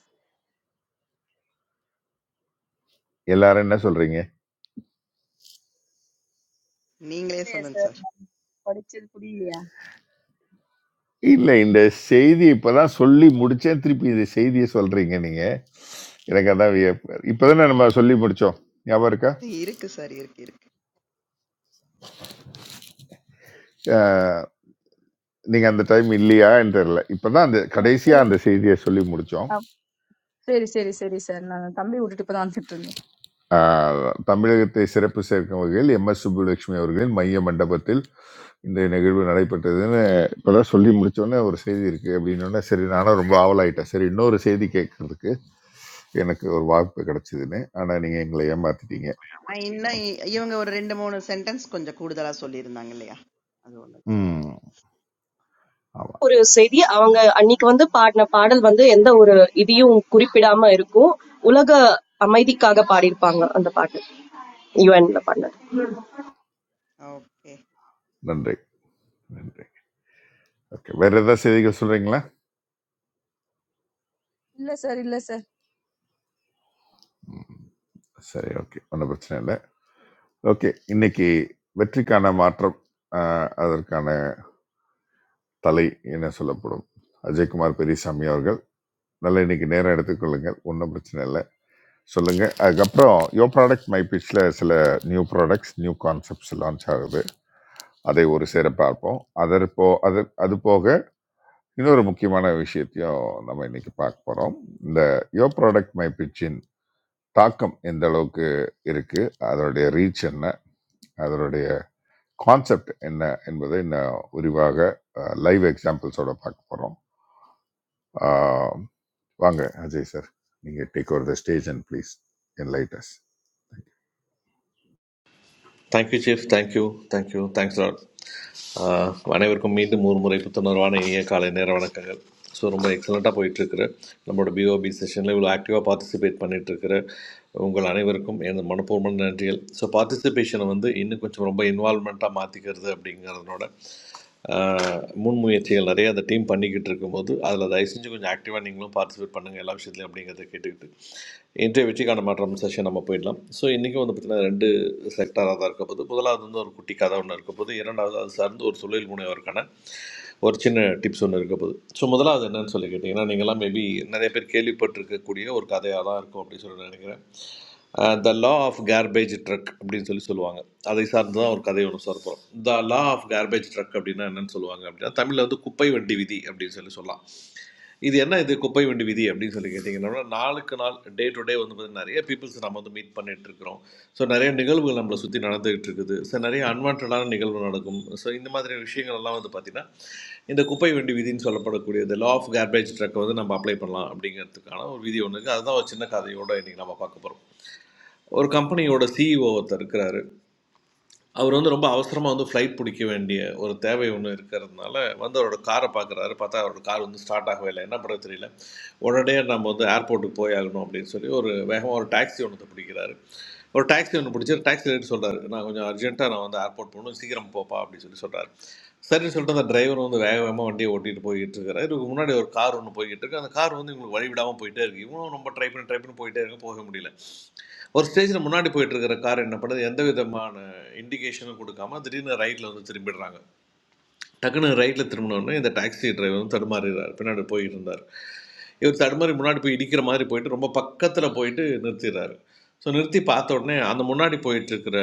B: எல்லாரும் என்ன சொல்றீங்க
E: நீங்களே
J: இல்லையா
E: சொல்லுங்க
J: சார்
E: சார்
J: படிச்சது புரியலையா
B: இல்ல இந்த செய்தி இப்பதான் சொல்லி முடிச்சேன் திருப்பி இந்த செய்தியை சொல்றீங்க நீங்க எனக்கு அதான் வியப்பு. இப்பதானே நம்ம சொல்லி முடிச்சோம் ஞாபகம் இருக்கா
E: இருக்கு சார் இருக்கு இருக்கு
B: அஹ், நீங்க அந்த டைம் இல்லையான்னு தெரியல இப்பதான் அந்த கடைசியா அந்த செய்தியை சொல்லி முடிச்சோம்
J: அப்- சரி, சரி, சரி சார். நான் தம்பிய விட்டுட்டு இப்பதான் வந்துட்டு இருந்தேன்.
B: ஆஹ் தமிழகத்தை சிறப்பு சேர்க்கும் வகையில் எம் எஸ் சுப்புலட்சுமி அவர்களின் மைய மண்டபத்தில் இந்த நிகழ்வு நடைபெற்றதுன்னு இப்போதான் சொல்லி முடிச்சோடனே ஒரு செய்தி இருக்கு அப்படின்னோடனே சரி நானும் ரொம்ப ஆவலாயிட்டேன் சரி இன்னொரு செய்தி கேட்கறதுக்கு எனக்கு ஒரு வாய்ப்பு கிடைச்சதுன்னு ஆனால் நீங்கள் எங்களை ஏமாத்திட்டீங்க
E: ஆ, இன்னும்
B: ஓகே
E: இ- இவங்க ஒரு ரெண்டு மூணு சென்டென்ஸ் கொஞ்சம் கூடுதலா சொல்லியிருந்தாங்க இல்லையா அது ஒண்ணு
B: ம் ஆமாம்
A: ஒரு செய்தி அவங்க அன்னைக்கு வந்து பாடின பாடல் வந்து எந்த ஒரு இதையும் குறிப்பிடாம இருக்கும் உலக அமைதிக்காக பாடியிருப்பாங்க அந்த பாட்டு யுஎன்ல பாடின
E: ஓகே.
B: நன்றி நன்றி ஓகே வேற ஏதாவது செய்திகள் சொல்றீங்களா
J: இல்ல சார், இல்ல சார்.
B: ம். சரி ஓகே ஒன்றும் பிரச்சனை இல்லை ஓகே இன்னைக்கு வெற்றிக்கான மாற்றம் ஆஹ், அதற்கான தலை என சொல்லப்படும் அஜய்குமார் பெரியசாமி அவர்கள் நல்லா இன்னைக்கு நேரம் எடுத்துக்கொள்ளுங்கள் ஒன்றும் பிரச்சனை இல்லை சொல்லுங்க அதுக்கப்புறம் யோ ப்ராடக்ட் மை பிச்சில் சில new products new concepts launch ஆகுது அதை ஒரு சேர பார்ப்போம் அதர் போ அது அது போக இன்னொரு முக்கியமான விஷயத்தையும் நம்ம இன்னைக்கு பார்க்க போகிறோம் இந்த யோ ப்ராடக்ட் மை பிச்சின் தாக்கம் எந்த அளவுக்கு இருக்கு அதனுடைய ரீச் என்ன அதனுடைய கான்செப்ட் என்ன என்பதை இன்னும் விரிவாக லைவ் எக்ஸாம்பிள்ஸோட பார்க்க போகிறோம் வாங்க அஜய் சார் நீங்கள் take over the stage and please on lights
K: thank you chief thank you thank you thanks lot அனைவருக்கும் மீண்டும் ஒரு முறை புத்துணர்வான இனிய காலை நேர வணக்கங்கள் ஸோ ரொம்ப எக்ஸலண்ட்டாக போயிட்டுருக்குற நம்மளோட பிஓபி செஷனில் இவ்வளோ ஆக்டிவாக பார்ட்டிசிபேட் பண்ணிகிட்ருக்கிற உங்கள் அனைவருக்கும் எனது மனப்பூர்வமான நன்றிகள் ஸோ பார்ட்டிசிபேஷனை வந்து இன்னும் கொஞ்சம் ரொம்ப இன்வால்மெண்ட்டாக மாற்றிக்கிறது அப்படிங்கிறதோட ஆஹ் முன்முயற்சிகள் நிறைய அந்த டீம் பண்ணிக்கிட்டு இருக்கும்போது அதில் தயவு செஞ்சு கொஞ்சம் ஆக்டிவாக நீங்களும் பார்ட்டிசிபேட் பண்ணுங்கள் எல்லா விஷயத்துலையும் அப்படிங்கிறத கேட்டுக்கிட்டு இன்றைய வெற்றிக்கான மாற்றம் செஷன் நம்ம போயிடலாம் ஸோ இன்றைக்கும் வந்து பார்த்திங்கன்னா ரெண்டு செக்டராக தான் இருக்க போது முதலாவது வந்து ஒரு குட்டி கதை ஒன்று இருக்க போது இரண்டாவது அது சார்ந்து ஒரு தொழில் முனைவோருக்கான ஒரு சின்ன டிப்ஸ் ஒன்று இருக்க போது ஸோ முதலாவது என்னன்னு சொல்லி கேட்டிங்கன்னா நீங்களாம் மேபி நிறைய பேர் கேள்விப்பட்டிருக்கக்கூடிய ஒரு கதையாக தான் இருக்கும் அப்படின்னு சொல்லி நான் நினைக்கிறேன் the law of garbage truck அப்படின்னு சொல்லி சொல்லுவாங்க அதை சார்ந்து தான் ஒரு கதை ஒன்று சொல்கிறோம் the law of garbage truck அப்படின்னா என்னன்னு சொல்லுவாங்க அப்படின்னா தமிழில் வந்து குப்பை வண்டி விதி அப்படின்னு சொல்லி சொல்லலாம் இது என்ன இது குப்பை வண்டி விதி அப்படின்னு சொல்லி கேட்டிங்கன்னா நாளுக்கு நாள் டே டு டே வந்து பார்த்தீங்கன்னா நிறைய பீப்புள்ஸ் நம்ம வந்து மீட் பண்ணிட்டு இருக்கிறோம் ஸோ நிறைய நிகழ்வுகள் நம்மளை சுற்றி நடந்துகிட்டு இருக்குது ஸோ நிறைய அன்வான்டான நிகழ்வு நடக்கும் ஸோ இந்த மாதிரி விஷயங்கள் எல்லாம் வந்து பார்த்திங்கன்னா இந்த குப்பை வண்டி விதின்னு சொல்லப்படக்கூடிய இந்த லா ஆஃப் கார்பேஜ் ட்ரக்கை வந்து நம்ம அப்ளை பண்ணலாம் அப்படிங்கிறதுக்கான ஒரு விதி ஒன்று இருக்குது அதுதான் ஒரு சின்ன கதையோட இன்றைக்கி நம்ம பார்க்க போகிறோம் ஒரு கம்பெனியோட சிஇஓ ஒருத்தர் இருக்கிறாரு அவர் வந்து ரொம்ப அவசரமாக வந்து ஃப்ளைட் பிடிக்க வேண்டிய ஒரு தேவை ஒன்று இருக்கிறதுனால வந்து அவரோட காரை பார்க்குறாரு பார்த்தா அவரோட கார் வந்து ஸ்டார்ட் ஆகவே இல்லை என்ன பண்ணுறது தெரியல உடனே நம்ம வந்து ஏர்போர்ட்டுக்கு போய் ஆகணும் அப்படின்னு சொல்லி ஒரு வேகமாக ஒரு டாக்ஸி ஒன்று பிடிக்கிறாரு ஒரு டாக்ஸி ஒன்று பிடிச்சி டாக்ஸி ரேட் சொல்கிறாரு நான் கொஞ்சம் அர்ஜென்ட்டாக நான் வந்து ஏர்போர்ட் போகணும் சீக்கிரம் போப்பா அப்படின்னு சொல்லி சொல்கிறாரு சரின்னு சொல்லிட்டு அந்த டிரைவர் வந்து வேக வேகமாக வண்டியை ஓட்டிகிட்டு போய்கிட்டு இருக்காரு இதுக்கு முன்னாடி ஒரு கார் ஒன்று போய்கிட்டு இருக்கு அந்த கார் வந்து இவங்களுக்கு வழி விடாமல் போயிட்டே இருக்கு இவனும் ரொம்ப ட்ரை பண்ணி ட்ரை பண்ணி போயிட்டே இருக்க போக முடியல ஒரு ஸ்டேஜில் முன்னாடி போயிட்டு இருக்கிற கார் என்ன பண்ணுது எந்த விதமான இண்டிகேஷனும் கொடுக்காம திடீர்னு ரைட்டில் வந்து திரும்பிடுறாங்க டக்குன்னு ரைட்டில் திரும்பினோடனே இந்த டாக்ஸி டிரைவர் வந்து தடுமாறுகிறார் பின்னாடி போயிட்டு இருந்தார் இவர் தடுமாறி முன்னாடி போய் இடிக்கிற மாதிரி போயிட்டு ரொம்ப பக்கத்தில் போயிட்டு நிறுத்திடுறாரு ஸோ நிறுத்தி பார்த்த உடனே அந்த முன்னாடி போயிட்டு இருக்கிற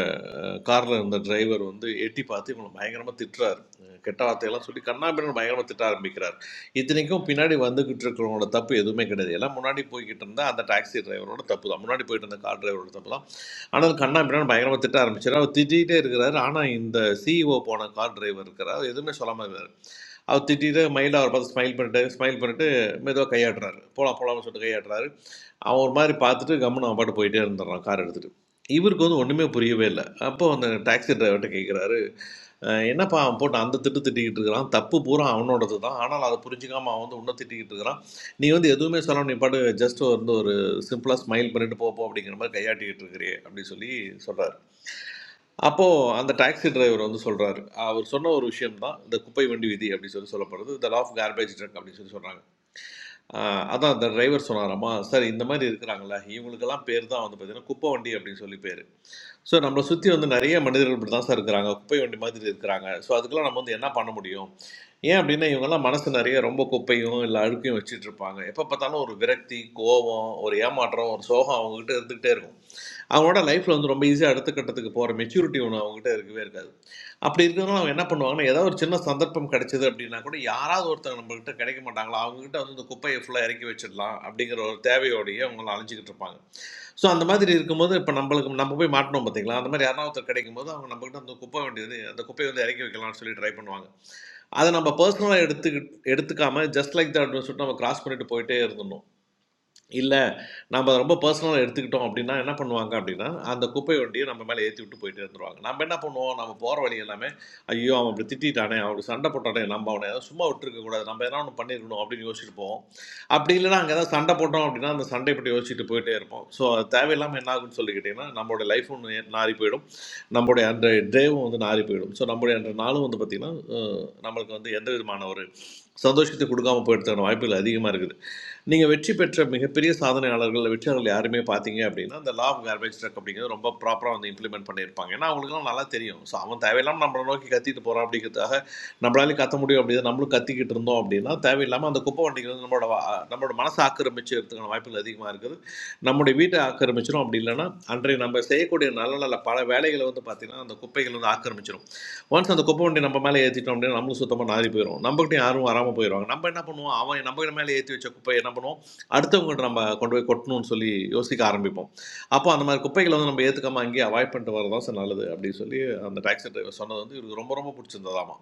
K: காரில் இருந்த டிரைவர் வந்து எட்டி பார்த்து இவங்களை பயங்கரமாக திட்டுறாரு அஹ் கெட்ட வார்த்தையெல்லாம் சொல்லி கண்ணாபின்னு பயங்கரமாக திட்ட ஆரம்பிக்கிறார் இத்தனைக்கும் பின்னாடி வந்துகிட்டு இருக்கிறவங்களோட தப்பு எதுவுமே கிடையாது எல்லாம் முன்னாடி போய்கிட்டு இருந்தால் அந்த டாக்ஸி டிரைவரோட தப்பு தான் முன்னாடி போயிட்டு இருந்த கார் டிரைவரோட தப்பு தான் ஆனால் கண்ணா பின்னாடி பயங்கரமாக திட்ட ஆரம்பிச்சார் அவர் திட்டிகிட்டே இருக்கிறாரு ஆனால் இந்த சிஇஓ போன கார் டிரைவர் இருக்கிறார் அவர் எதுவுமே சொல்லாமல் இருக்காரு அவர் திட்டிட்டு மைல்டாக அவர் பார்த்து ஸ்மைல் பண்ணிட்டு ஸ்மைல் பண்ணிட்டு மெதுவாக கையாடுறாரு போலாம் போலாம்னு சொல்லிட்டு கையாடுறாரு அவன் ஒரு மாதிரி பார்த்துட்டு கம்முன்னு அவன் பாட்டு போயிட்டே இருந்துடுறான் கார் எடுத்துகிட்டு இவருக்கு வந்து ஒன்றுமே புரியவே இல்லை அப்போ அந்த டாக்ஸி டிரைவர்கிட்ட கேட்குறாரு அஹ் என்னப்பா அவன் போட்டு அந்த திட்டு திட்டிக்கிட்டு இருக்கிறான் தப்பு பூரா அவனோடது தான் ஆனால் அதை புரிஞ்சுக்காம அவன் வந்து உன்னை திட்டிக்கிட்டு இருக்கிறான் நீ வந்து எதுவுமே சொல்லாம நீ பாட்டு ஜஸ்ட் வந்து ஒரு சிம்பிளாக ஸ்மைல் பண்ணிட்டு போப்போ அப்படிங்கிற மாதிரி கையாட்டிக்கிட்டு இருக்கிறே அப்படின்னு சொல்லி சொல்கிறார் அப்போது அந்த டாக்ஸி டிரைவர் வந்து சொல்கிறாரு அவர் சொன்ன ஒரு விஷயம் தான் இந்த குப்பை வண்டி விதி அப்படின்னு சொல்லி சொல்லப்படுறது the law of garbage truck அப்படின்னு சொல்லி சொல்கிறாங்க அதான் அந்த டிரைவர் சொன்னாராம்மா சார் இந்த மாதிரி இருக்கிறாங்களே இவங்களுக்கெல்லாம் பேர் தான் வந்து பார்த்தீங்கன்னா குப்பை வண்டி அப்படின்னு சொல்லி பேர் ஸோ நம்மளை சுற்றி வந்து நிறைய மனிதர்கள் இப்படி தான் சார் இருக்கிறாங்க குப்பை வண்டி மாதிரி இருக்கிறாங்க ஸோ அதுக்கெல்லாம் நம்ம வந்து என்ன பண்ண முடியும் ஏன் அப்படின்னா இவங்கெல்லாம் மனசு நிறைய ரொம்ப குப்பையும் இல்லை அழுக்கையும் வச்சுட்டு இருப்பாங்க எப்போ பார்த்தாலும் ஒரு விரக்தி கோபம் ஒரு ஏமாற்றம் ஒரு சோகம் அவங்ககிட்ட இருந்துகிட்டே இருக்கும் அவங்களோட லைஃப்பில் வந்து ரொம்ப ஈஸியாக அடுத்த கட்டத்துக்கு போகிற மெச்சூரிட்டி ஒன்று அவங்ககிட்ட இருக்கவே இருக்காது அப்படி இருக்கிறதுனால அவங்க என்ன பண்ணுவாங்கன்னா ஏதாவது ஒரு சின்ன சந்தர்ப்பம் கிடைச்சது அப்படின்னா கூட யாராவது ஒருத்தங்க நம்மகிட்ட கிடைக்க மாட்டாங்களா அவங்ககிட்ட வந்து இந்த குப்பையை ஃபுல்லாக இறக்கி வச்சிடலாம் அப்படிங்கிற ஒரு தேவையோடையே அவங்கள அலைஞ்சிக்கிட்டு இருப்பாங்க ஸோ அந்த மாதிரி இருக்கும்போது இப்போ நம்மளுக்கு நம்ம போய் மாட்டினோம் பார்த்தீங்களா அந்த மாதிரி யாராவது ஒருத்தர் கிடைக்கும் போது அவங்க நம்மகிட்ட அந்த குப்பை வேண்டியது அந்த குப்பையை வந்து இறக்கி வைக்கலாம்னு சொல்லி ட்ரை பண்ணுவாங்க அதை நம்ம பர்சனலாக எடுத்துக்கிட்டு எடுத்துக்காம ஜஸ்ட் லைக் தட்னு சொல்லிட்டு நம்ம கிராஸ் பண்ணிட்டு போயிட்டே இருந்தோம் இல்ல, நம்ம ரொம்ப பர்சனலா எடுத்துக்கிட்டோம் அப்படின்னா, என்ன பண்ணுவாங்க அப்படின்னா, அந்த குப்பை வண்டிய நம்ம மேல ஏத்திவிட்டு போயிட்டே இருந்துருவாங்க. நம்ம என்ன பண்ணுவோம், நம்ம போற வழி எல்லாமே, "ஐயோ! அவன் இப்படி திட்டிட்டானே, அவன் இப்படி சண்டை போட்டானே, நம்ம அவன சும்மா விட்டுருக்கக்கூடாது. நம்ம எதனா ஒண்ணு பண்ணியிருக்கணும்" அப்படின்னு யோசிச்சுட்டு போவோம். அப்படி இல்லன்னா, அங்க ஏதாவது சண்டை போட்டோம் அப்படின்னா, அந்த சண்டைய பத்தி யோசிச்சுட்டு போயிட்டே இருப்போம். ஸோ, அது தேவையில்லாம என்ன ஆகும்ன்னு சொல்லி கேட்டீங்கன்னா, நம்மளுடைய லைஃப் ஒண்ணு நாறி போயிடும். நம்முடைய அந்த டேவும் வந்து நாறி போயிடும். ஸோ, நம்முடைய அந்த நாளும் வந்து பாத்தீங்கன்னா, அ நம்மளுக்கு வந்து எந்த விதமான ஒரு சந்தோஷத்தையும் குடுக்காம போயிறதுக்கான வாய்ப்புகள் அதிகமா இருக்குது. நீங்கள் வெற்றி பெற்ற மிகப்பெரிய சாதனையாளர்கள் வெற்றியாளர்கள் யாருமே பார்த்தீங்க அப்படின்னா அந்த லா ஆஃப் கார்பேஜ் ட்ரக் அப்படிங்கிறது ரொம்ப ப்ராப்பராக வந்து இம்ப்ளிமெண்ட் பண்ணியிருப்பாங்க ஏன்னா அவங்களுக்குலாம் நல்லா தெரியும் ஸோ அவன் தேவையில்லாமல் நம்மளை நோக்கி கத்திட்டு போகிறான் அப்படிங்கிறதுக்காக நம்மளாலையும் கத்த முடியும் அப்படின்னு நம்மளும் கத்திக்கிட்டு இருந்தோம் அப்படின்னா தேவையில்லாமல் அந்த குப்பை வண்டிங்கிறது நம்மளோட வா- நம்மளோட மனசை ஆக்கிரமிச்சுக்கிறதுக்கான வாய்ப்புகள் அதிகமாக இருக்குது நம்முடைய வீட்டை ஆக்கிரமிச்சிடும் அப்படி இல்லைன்னா அன்றைய நம்ம செய்யக்கூடிய நல்ல நல்ல பல வேலைகளை வந்து பார்த்திங்கன்னா அந்த குப்பைகள் வந்து ஆக்கிரமிச்சிடும் ஒன்ஸ் அந்த குப்பை வண்டி நம்ம மேலே ஏற்றிட்டோம் அப்படின்னா நம்மளும் சுத்தமாக நாரி போயிடும் நம்மகிட்ட யாரும் வராமல் போயிடுவாங்க நம்ம என்ன பண்ணுவோம் அவன் நம்ம மேலே ஏற்றி வச்ச குப்பையை என்ன பண்ணுவோம் அடுத்தவங்கள்ட்ட நம்ம கொண்டு போய் கொட்டணும்னு சொல்லி யோசிக்க ஆரம்பிப்போம் அப்போ அந்த மாதிரி குப்பைகளை வந்து நம்ம ஏற்றுக்காம அங்கேயே அவாய்ட் பண்ணிட்டு வரதான் சார் நல்லது அப்படின்னு சொல்லி அந்த டாக்ஸி டிரைவர் சொன்னது வந்து இவருக்கு ரொம்ப ரொம்ப பிடிச்சிருந்ததாமா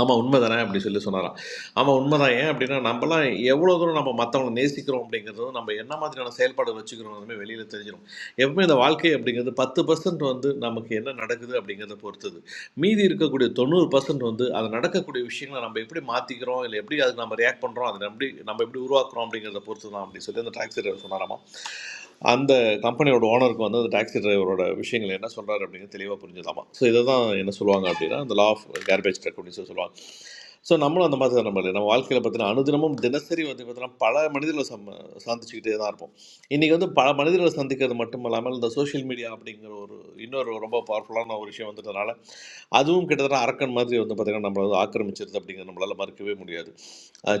K: ஆமா உண்மைதானே அப்படி சொல்லி சொன்னாராம். ஆமா உண்மைதான். ஏன் அப்படின்னா, நம்பலாம் எவ்வளோ தூரம் நம்ம மத்தவங்கள நேசிக்கிறோம் அப்படிங்கிறதும், நம்ம என்ன மாதிரியான செயல்பாடுகள் வச்சுக்கிறோம்னு வெளியில தெரிஞ்சிரும். எப்பவுமே இந்த வாழ்க்கை அப்படிங்கிறது 10% வந்து நமக்கு என்ன நடக்குது அப்படிங்கிறத பொறுத்தது. மீதி இருக்கக்கூடிய 90% வந்து அது நடக்கக்கூடிய விஷயங்கள நம்ம எப்படி மாத்திக்கிறோம், இல்ல எப்படி அதுக்கு நம்ம ரியாக்ட் பண்றோம், அத எப்படி நம்ம எப்படி உருவாக்குறோம் அப்படிங்கிறத பொறுத்துதான் அப்படின்னு சொல்லி அந்த டாக்ஸி டிரைவர் சொன்னாராமா. அந்த கம்பெனியோட ஓனருக்கு வந்து அந்த டாக்ஸி டிரைவரோட விஷயங்கள் என்ன சொல்கிறாரு அப்படிங்கிறது தெளிவாக புரிஞ்சுதாமா ஸோ இதை தான் என்ன சொல்லுவாங்க அப்படின்னா அந்த லா ஆஃப் கேர்பேஜ் ட்ரக் அப்படின்னு சொல்லி சொல்லுவாங்க ஸோ நம்மளும் அந்த மாதிரி தான் நம்ம நம்ம வாழ்க்கையில் பார்த்தீங்கன்னா அனுதினமும் தினசரி வந்து பார்த்தீங்கன்னா பல மனிதர்களை சம்ம சந்திச்சுக்கிட்டே தான் இருப்போம் இன்றைக்கி வந்து பல மனிதர்களை சந்திக்கிறது மட்டும் இல்லாமல் இந்த சோஷியல் மீடியா அப்படிங்கிற ஒரு இன்னொரு ரொம்ப பவர்ஃபுல்லான ஒரு விஷயம் வந்ததுனால அதுவும் கிட்டத்தட்ட அரக்கன் மாதிரி வந்து பார்த்திங்கன்னா நம்மளை வந்து ஆக்கிரமிச்சிருது அப்படிங்கிறது நம்மளால் மறுக்கவே முடியாது